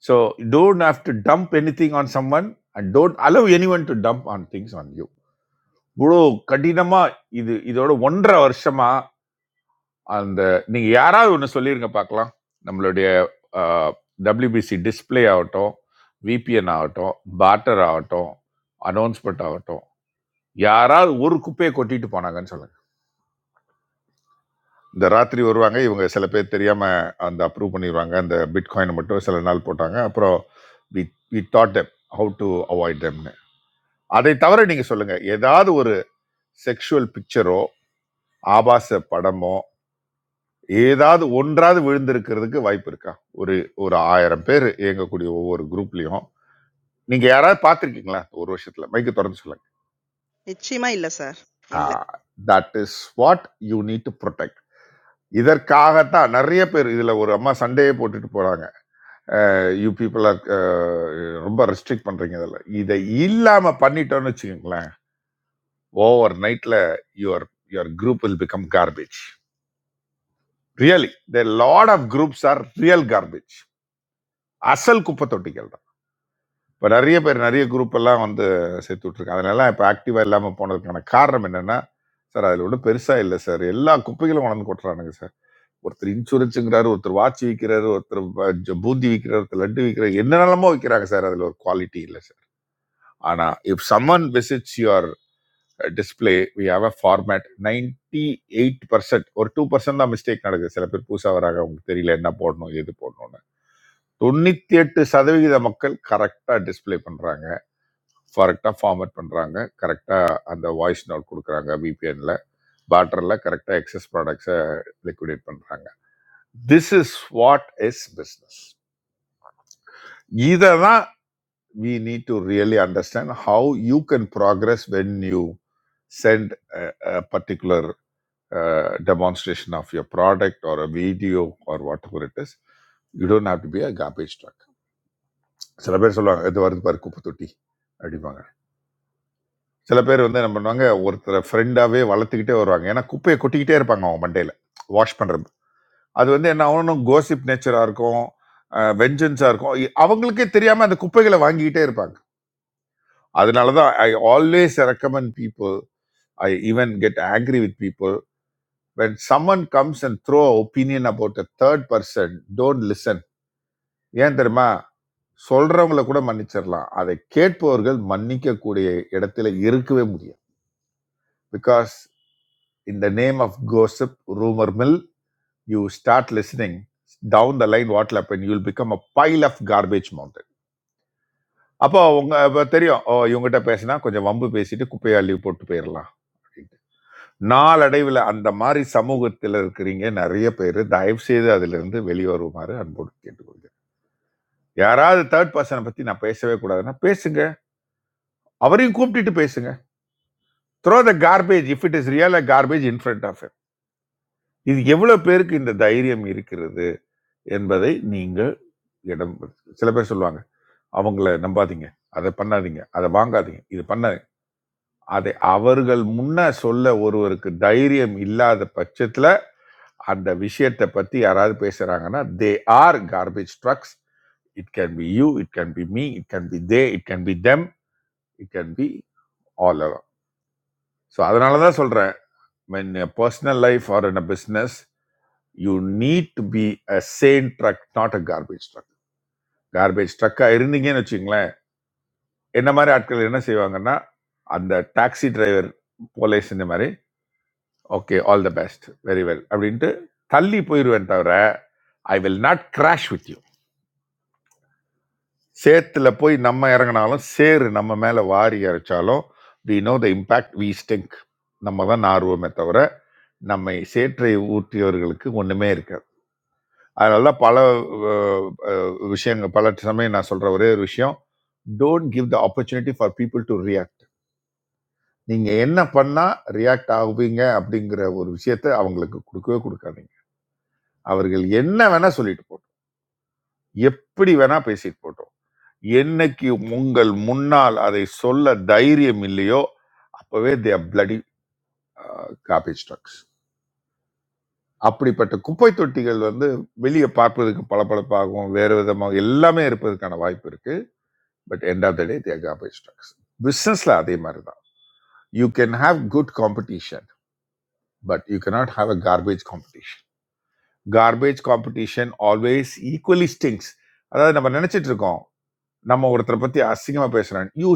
B: so don't have to dump anything on someone and don't allow anyone to dump on things on you இவ்வளோ கடினமாக இது இதோட ஒன்றரை வருஷமாக அந்த நீங்கள் யாராவது ஒன்று சொல்லியிருங்க பார்க்கலாம் நம்மளுடைய டபிள்யூபிசி டிஸ்ப்ளே ஆகட்டும் விபிஎன் ஆகட்டும் barter ஆகட்டும் அனௌன்ஸ்மெண்ட் ஆகட்டும் யாராவது ஒரு குப்பையை கொட்டிட்டு போனாங்கன்னு சொல்லுங்க இந்த ராத்திரி வருவாங்க இவங்க சில பேர் தெரியாம அந்த அப்ரூவ் பண்ணிடுவாங்க அந்த பிட்காயினை மட்டும் சில நாள் போட்டாங்க அப்புறம் we we dot them how to avoid டெம்னு அதை தவிர நீங்க சொல்லுங்க ஏதாவது ஒரு செக்ஷுவல் பிக்சரோ ஆபாச படமோ ஏதாவது ஒன்றாவது விழுந்திருக்கிறதுக்கு வாய்ப்பு இருக்கா ஒரு ஒரு ஆயிரம் பேர் இயங்கக்கூடிய ஒவ்வொரு குரூப்லயும் நீங்க யாராவது பார்த்துருக்கீங்களா ஒரு வருஷத்துல மைக்கு திறந்து சொல்லுங்க
E: நிச்சயமா இல்ல சார். இல்ல.
B: That is what you need to protect இதற்காகத்தான் நிறைய பேர் இதுல ஒரு அம்மா சண்டையே போட்டுட்டு போறாங்க யூ பீப்புள் ஆர் ரொம்ப ரெஸ்ட்ரிக்ட் பண்றீங்க இதில் இதை இல்லாம பண்ணிட்டோம்னு வச்சுக்கோங்களேன் ஓவர் நைட்ல your your group will become garbage really the lot of groups are real garbage அசல் குப்பை தொட்டிகள் தான் இப்போ நிறைய பேர் நிறைய குரூப் எல்லாம் வந்து சேர்த்து விட்ருக்காங்க அதனால இப்போ ஆக்டிவா இல்லாம போனதுக்கான காரணம் என்னன்னா சார் அதில் ஒன்றும் பெருசா இல்லை சார் எல்லா குப்பைகளும் வளர்ந்து கொட்டுறானுங்க சார் ஒருத்தர் இன்சூரன்ஸுங்கிறாரு ஒருத்தர் வாட்ச் விற்கிறாரு ஒருத்தர் ப- ஜ- பூந்தி விற்கிறாரு ஒருத்தர் லட்டு விற்கிறாரு என்னென்னமோ விற்கிறாங்க சார் அதில் ஒரு குவாலிட்டி இல்லை சார் ஆனா if someone visits your display we have a format ninety eight percent ஒரு டூ பர்சன்ட் தான் மிஸ்டேக் நடக்குது சில பேர் புதுசாக வராங்க அவங்களுக்கு தெரியல என்ன போடணும் எது போடணும்னு தொண்ணூத்தி எட்டு சதவிகித மக்கள் கரெக்டா டிஸ்ப்ளே பண்றாங்க கரெக்டா ஃபார்மேட் பண்றாங்க கரெக்டா அந்த வாய்ஸ் நோட் கொடுக்குறாங்க விபிஎன்ல பேட்டர்ல கரெக்டா எக்ஸஸ் ப்ராடக்ட்ஸை லிக்விடேட் பண்றாங்க this is what is business இதை தான் we need to really understand how you can progress when you send a, a particular uh, demonstration of your product or a video or whatever it is. You don't have to be a garbage truck. சில பேர் சொல்லுவாங்க இது வருது பாரு குப்பை தொட்டி அப்படிம்பாங்க சில பேர் வந்து என்ன பண்ணுவாங்க ஒருத்தரை ஃப்ரெண்டாகவே வளர்த்துக்கிட்டே வருவாங்க ஏன்னா குப்பையை கொட்டிக்கிட்டே இருப்பாங்க அவங்க மண்டையில் வாஷ் பண்ணுறது அது வந்து என்ன ஆகணும் கோசிப் நேச்சராக இருக்கும் வெஞ்சன்ஸாக இருக்கும் இ- அவங்களுக்கே தெரியாமல் அந்த குப்பைகளை வாங்கிக்கிட்டே இருப்பாங்க அதனால தான் I always recommend people I even get angry with people when someone comes and throw opinion about a third person don't listen ஏன் தெரியுமா சொல்றவங்கள கூட மன்னிச்சிடலாம் அதை கேட்பவர்கள் மன்னிக்க கூடிய இடத்துல இருக்கவே முடியாது because in the name of gossip rumour mill you start listening down the line what'll happen you will become a pile of garbage mountain அப்போ உங்க அப்ப தெரியும் ஓ இவங்ககிட்ட பேசினா கொஞ்சம் வம்பு பேசிட்டு குப்பையை அள்ளி போட்டு போயிடலாம் நாளடைவில் அந்த மாதிரி சமூகத்தில் இருக்கிறீங்க நிறைய பேர் தயவு செய்து அதிலிருந்து வெளிவருமாறு அன்போடு கேட்டுக்கொள்கிறேன் யாராவது தேர்ட் பர்சனை பத்தி நான் பேசவே கூடாதுன்னா பேசுங்க அவரையும் கூப்பிட்டுட்டு பேசுங்க throw the garbage if it is real garbage in front of இது எவ்வளவு பேருக்கு இந்த தைரியம் இருக்கிறது என்பதை நீங்கள் இடம் பெறு- சில பேர் சொல்லுவாங்க அவங்கள நம்பாதீங்க அதை பண்ணாதீங்க அதை வாங்காதீங்க இது பண்ணாதீங்க அதை அவர்கள் முன்ன சொல்ல ஒருவருக்கு தைரியம் இல்லாத பட்சத்துல அந்த விஷயத்தை பத்தி யாராவது பேசுறாங்கன்னா they are garbage trucks it can be you it can be me it can be they it can be them it can be all அலாம் ஸோ அதனால தான் சொல்றேன் when a personal life or in a business you need to be a sane truck not a garbage truck garbage truck-ஆ இருந்தீங்கன்னு வச்சுங்களேன் என்ன மாதிரி ஆட்கள் என்ன செய்வாங்கன்னா அந்த டாக்ஸி டிரைவர் போலே செஞ்ச மாதிரி okay all the best very well அப்படின்ட்டு தள்ளி போயிடுவேன் தவிர I will not crash with you சேத்துல போய் நம்ம இறங்குனாலும் சேறு நம்ம மேலே வாரி இறைச்சாலும் we know the impact we stink நம்ம தான் நார்வோமே தவிர நம்மை சேற்றை ஊற்றியவர்களுக்கு ஒன்றுமே இருக்காது அதனால தான் பல அஹ், அஹ், விஷயங்கள் பல சமயம் நான் சொல்கிற ஒரே ஒரு விஷயம் don't give the opportunity for people to react நீங்கள் என்ன பண்ணால் ரியாக்ட் ஆகுவீங்க அப்படிங்கிற ஒரு விஷயத்தை அவங்களுக்கு கொடுக்கவே கொடுக்காதீங்க அவர்கள் என்ன வேணால் சொல்லிட்டு போட்டோம் எப்படி வேணால் பேசிட்டு போட்டோம் என்னைக்கு உங்கள் முன்னால் அதை சொல்ல தைரியம் இல்லையோ அப்பவே தே பிளடி காபேஜ் ட்ரக்ஸ் அப்படிப்பட்ட குப்பை தொட்டிகள் வந்து வெளியே பார்ப்பதற்கு பளபளப்பாகவும் வேறு விதமாக எல்லாமே இருப்பதற்கான வாய்ப்பு இருக்கு but end of the day they garbage trucks பிஸ்னஸ்ல அதே மாதிரி தான் you can have good competition but you cannot have a garbage competition garbage competition always equally stings அதாவது நம்ம நினைச்சிட்டு இருக்கோம் நம்ம ஒருத்தரை பத்தி அசிங்கமா பேசுறேன் யூ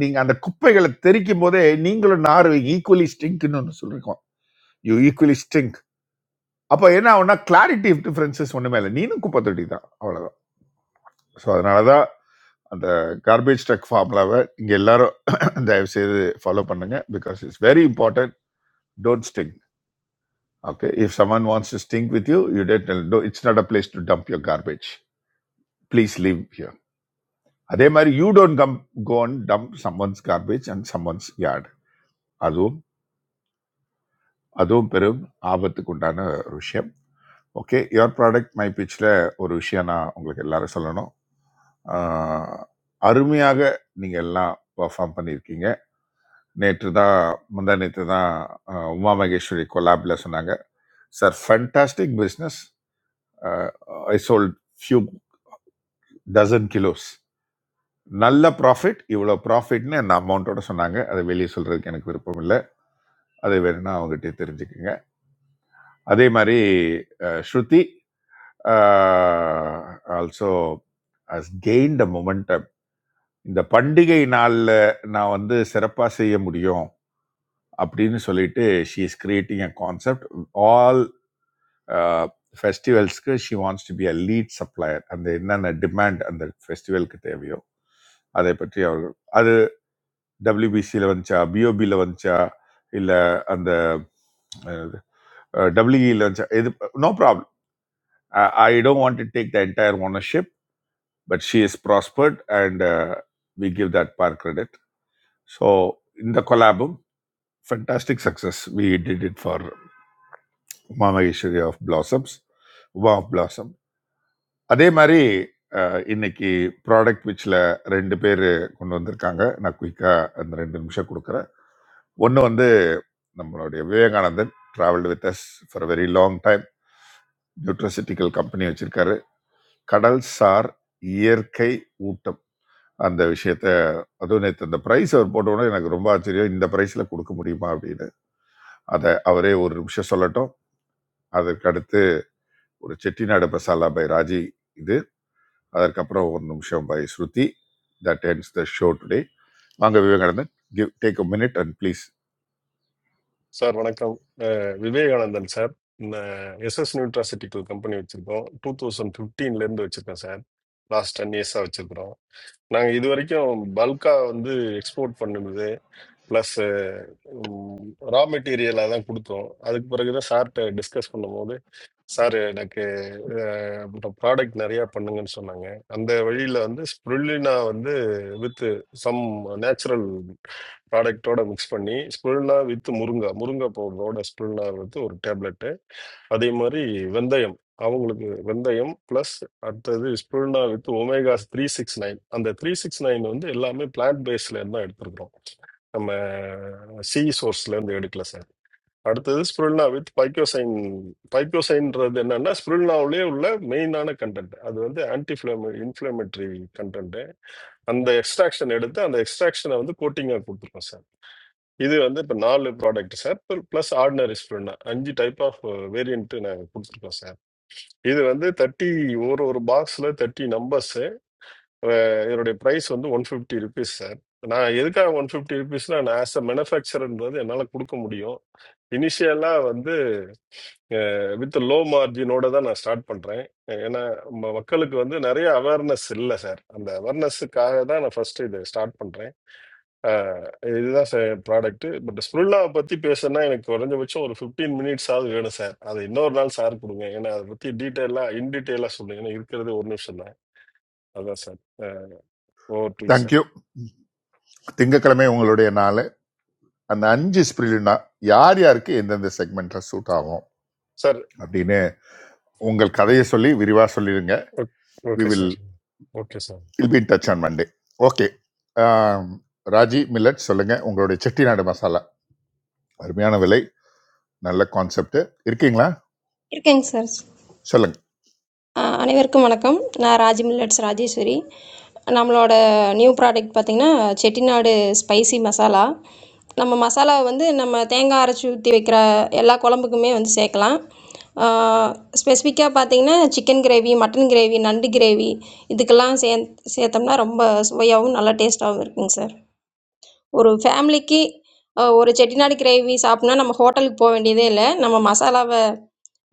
B: நீங்க அந்த குப்பைகளை தெரிக்கும் போதே நீங்களும் நாரும் ஈக்குவலி ஸ்டிங்க்னு ஒன்று சொல்லிருக்கோம் யூ ஈக்குவலி ஸ்டிங்க் அப்போ என்ன ஆகும்னா கிளாரிட்டி டிஃபரன்சஸ் ஒன்றுமே இல்லை நீனும் குப்பை தொட்டி தான் அவ்வளோதான் ஸோ அதனால தான் அந்த கார்பேஜ் ட்ரக் ஃபார்முலாவை நீங்கள் எல்லாரும் தயவு செய்து ஃபாலோ பண்ணுங்க because it's very important don't sting okay if someone wants to sting with you you don't it's not a place to dump your garbage please leave here அதே மாதிரி you don't come go and dump someone's garbage and someone's அதுவும் அதுவும் பெரும் ஆபத்துக்குண்டான ஒரு விஷயம் okay your product my பிச்சில் ஒரு விஷயம் நான் உங்களுக்கு எல்லாரும் சொல்லணும் ஆஹ், அருமையாக நீங்கள் எல்லாம் பர்ஃபார்ம் பண்ணியிருக்கீங்க நேற்று தான் முந்தா நேற்று தான் ஆஹ், உமா மகேஸ்வரி கொலாபில் சொன்னாங்க sir fantastic business I sold few dozen kilos நல்ல ப்ராஃபிட் இவ்வளோ ப்ராஃபிட்னு அந்த அமௌண்ட்டோட சொன்னாங்க அதை வெளியே சொல்கிறதுக்கு எனக்கு விருப்பம் இல்லை அதை வேணும்னா அவங்ககிட்ட தெரிஞ்சுக்குங்க அதே மாதிரி uh, Shruti also has gain the momentum இந்த பண்டிகை நாளில் நான் வந்து சிறப்பாக செய்ய முடியும் அப்படின்னு சொல்லிட்டு she is creating a concept all ஃபெஸ்டிவல்ஸ்க்கு she wants to be a lead supplier அந்த என்னென்ன டிமாண்ட் அந்த ஃபெஸ்டிவலுக்கு தேவையோ அதை பற்றி அவர்கள் அது டபிள்யூபிசியில் வந்துச்சா பிஓபியில் வந்துச்சா இல்லை அந்த டபிள்யூஇல வந்துச்சா இது no problem I I don't want to take the entire ownership, but she is prospered, and uh, we give that par credit. So in the collab, fantastic success. We did it for Mama Ishwari of Blossoms, Uma of Blossom. அதே மாதிரி அஹ், இன்னைக்கு product விச்சில் ரெண்டு பேர் கொண்டு வந்திருக்காங்க நான் குயிக்காக அந்த ரெண்டு நிமிஷம் கொடுக்குறேன் ஒன்று வந்து நம்மளுடைய Vivekanandan travelled with us for very long time nutraceutical company வச்சுருக்காரு கடல்சார் இயற்கை ஊட்டம். அந்த விஷயத்த அதுவும் நேத்து அந்த பிரைஸ் அவர் போட்ட உடனே எனக்கு ரொம்ப ஆச்சரியம். இந்த பிரைஸ்ல கொடுக்க முடியுமா அப்படின்னு. அத அவரே ஒரு நிமிஷம் சொல்லட்டும். அதற்கடுத்து ஒரு செட்டிநாடு பசாலா பை ராஜி இது. அதற்கப்புறம் ஒரு நிமிஷம் bye Shruti. That ends the show today. வாங்க Vivekanandan give take a minute and please.
H: Sir, vanna kong. Uh, Vivek Anand sir, uh, SS Nutraceutical Company vichiko. 2013 lemb do vichiko sir. Last year, sir vichiko. Nang idu varikyo bulka andhi export pannilude plus raw material andhi kudto. Adik paragita sir, tel discuss pannilude. Sir எனக்கு product நிறைய பண்ணுங்கன்னு சொன்னாங்க அந்த வழியில வந்து spirulina வந்து with some natural ப்ராடக்டோட மிக்ஸ் பண்ணி ஸ்பிருலினா வித் முருங்கை முருங்கை பவுடரோட ஸ்பிருலினா வித் ஒரு டேப்லெட்டு அதே மாதிரி வெந்தயம் அவங்களுக்கு வெந்தயம் ப்ளஸ் அடுத்தது spirulina with omega three six nine அந்த த்ரீ சிக்ஸ் நைன் வந்து எல்லாமே பிளான்ட் பேஸ்ல இருந்து தான் எடுத்திருக்கிறோம் நம்ம சி சோர்ஸ்ல இருந்து எடுக்கல சார் அடுத்தது ஸ்பிருல்னா வித் பைக்கோசைன் பைக்கோசைன்றது என்னன்னா ஸ்பிருல்னாவிலே உள்ள மெயினான கண்டென்ட் அது வந்து ஆன்டி இன்ஃப்ளமேட்டரி கண்டென்ட் அந்த எக்ஸ்ட்ராக்ஷன் எடுத்து அந்த எக்ஸ்ட்ராக்ஷனை வந்து கோட்டிங்காக கொடுத்துருக்கோம் சார் இது வந்து இப்போ நாலு product sir plus ordinary spirulina அஞ்சு டைப் ஆஃப் வேரியன்ட் நாங்கள் கொடுத்துருக்கோம் சார் இது வந்து தேர்ட்டி ஒரு ஒரு பாக்ஸில் தேர்ட்டி நம்பர்ஸ் இதனுடைய ப்ரைஸ் வந்து ஒன் ஃபிஃப்டி ருபீஸ் சார் நான் எதுக்காக ஒன் ஃபிஃப்டி ருபீஸ்னா நான் ஆஸ் அ மேனுஃபேக்சர்ன்றது என்னால் கொடுக்க முடியும் இனிஷியலா வந்து with low margin, only that I start playing. I mean, when I come to this, some of them are silent, sir. I mean, they are just saying that I first play the start playing. This is a product, but the small body person, I mean, if you want to take fifteen minutes, sir, that is normal. Sir, please,
B: Thank
H: sir.
B: you. திங்கக்கிழமை உங்களுடைய நாள் அந்த அஞ்சு ஸ்பிரிலுனா யார் யாருக்கு எந்தெந்த செக்மெண்ட்ல suit ஆகும்
H: Sir,
B: அப்படின்னு உங்கள் கதையை சொல்லி விரிவாக சொல்லிடுங்க we
H: okay, sir.
B: Will
H: Okay, sir.
B: Will be touch on Monday okay Raji millet சொல்லுங்க உங்களுடைய செட்டிநாடு மசாலா அருமையான விலை நல்ல கான்செப்ட் இருக்கீங்களா
D: இருக்கேங்க சார்.
B: சொல்லுங்க
D: ஆஹ் அனைவருக்கும் வணக்கம் நான் ராஜி மில்லட்ஸ் ராஜேஸ்வரி நம்மளோட நியூ ப்ராடக்ட் பார்த்திங்கன்னா செட்டிநாடு ஸ்பைசி மசாலா நம்ம மசாலாவை வந்து நம்ம தேங்காய் அரைச்சி ஊற்றி வைக்கிற எல்லா குழம்புக்குமே வந்து சேர்க்கலாம் ஸ்பெசிஃபிக்காக பார்த்தீங்கன்னா சிக்கன் கிரேவி மட்டன் கிரேவி நண்டு கிரேவி இதுக்கெல்லாம் சே சேர்த்தோம்னா ரொம்ப சுவையாகவும் நல்லா டேஸ்ட்டாகவும் இருக்குங்க சார் ஒரு ஃபேமிலிக்கு அ, ஒரு செட்டிநாடு கிரேவி சாப்பிட்ணும்னா நம்ம ஹோட்டலுக்கு போக வேண்டியதே இல்லை நம்ம மசாலாவை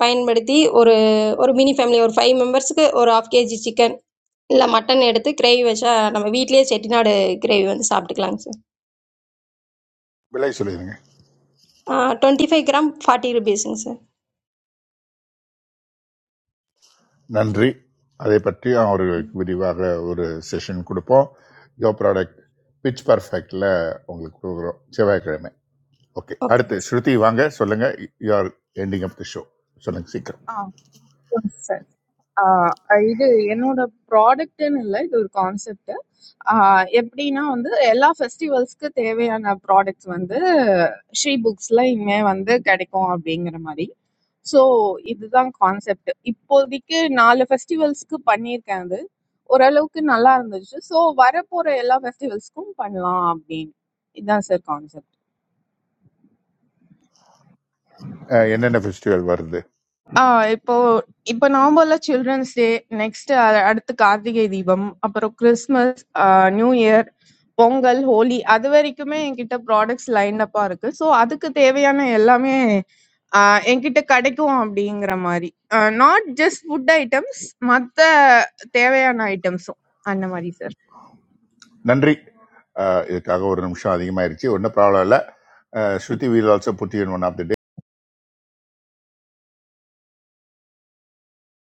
D: பயன்படுத்தி ஒரு ஒரு மினி ஃபேமிலி ஒரு ஃபைவ் மெம்பர்ஸ்க்கு ஒரு ஆஃப் கேஜி சிக்கன் இல்லை மட்டன் எடுத்து கிரேவி வச்சா நம்ம வீட்டிலேயே செட்டிநாடு கிரேவி வந்து சாப்பிட்டுக்கலாங்க
B: விலை சொல்லிடுங்க
D: sir twenty five gram forty ருபீஸுங்க சார்
B: நன்றி அதை பற்றி அவர்களுக்கு விரிவாக ஒரு செஷன் கொடுப்போம் யோ ப்ராடக்ட் பிச் பர்ஃபெக்டில் உங்களுக்கு கொடுக்குறோம் செவ்வாய்க்கிழமை ஓகே
D: ஓகே
B: அடுத்து ஸ்ருதி வாங்க சொல்லுங்க you are ending up the show சொல்லுங்க சீக்கிரம்
M: ஆ சொல்லுங்க சார். ஆ, இது என்னோட ப்ராடக்ட்னு இல்லை இது ஒரு கான்செப்ட் எப்படின்னா வந்து எல்லா ஃபெஸ்டிவல்ஸ்க்கு தேவையான ப்ராடக்ட்ஸ் வந்து ஸ்ரீ புக்ஸ்ல இனிமே வந்து கிடைக்கும் அப்படிங்கிற மாதிரி ஸோ இதுதான் கான்செப்ட் இப்போதைக்கு நாலு ஃபெஸ்டிவல்ஸ்க்கு பண்ணியிருக்கேன் அது ஓரளவுக்கு நல்லா இருந்துச்சு ஸோ வரப்போற எல்லா ஃபெஸ்டிவல்ஸ்க்கும் பண்ணலாம் அப்படின்னு இதுதான் சார் கான்செப்ட்
B: அஹ், என்னென்ன ஃபெஸ்டிவல் வருது
M: ஆ இப்போ இப்ப நவம்பர்ல சில்ட்ரன்ஸ் டே நெக்ஸ்ட் அடுத்து கார்த்திகை தீபம் அப்புறம் Christmas New Year Pongal Holi அது வரைக்குமே என்கிட்ட ப்ராடக்ட்ஸ் லைன் அப்பா இருக்கு ஸோ அதுக்கு தேவையான எல்லாமே ஆ, என்கிட்ட கிடைக்கும் அப்படிங்கிற மாதிரி நாட் ஜஸ்ட் ஃபுட் ஐட்டம்ஸ் மத்த தேவையான ஐட்டம்ஸும் அந்த மாதிரி சார்
B: நன்றி அஹ், இதுக்காக ஒரு நிமிஷம் அதிகமாயிருச்சு ஒன்றும் ப்ராப்ளம் இல்லை Shruti we'll also put in one of the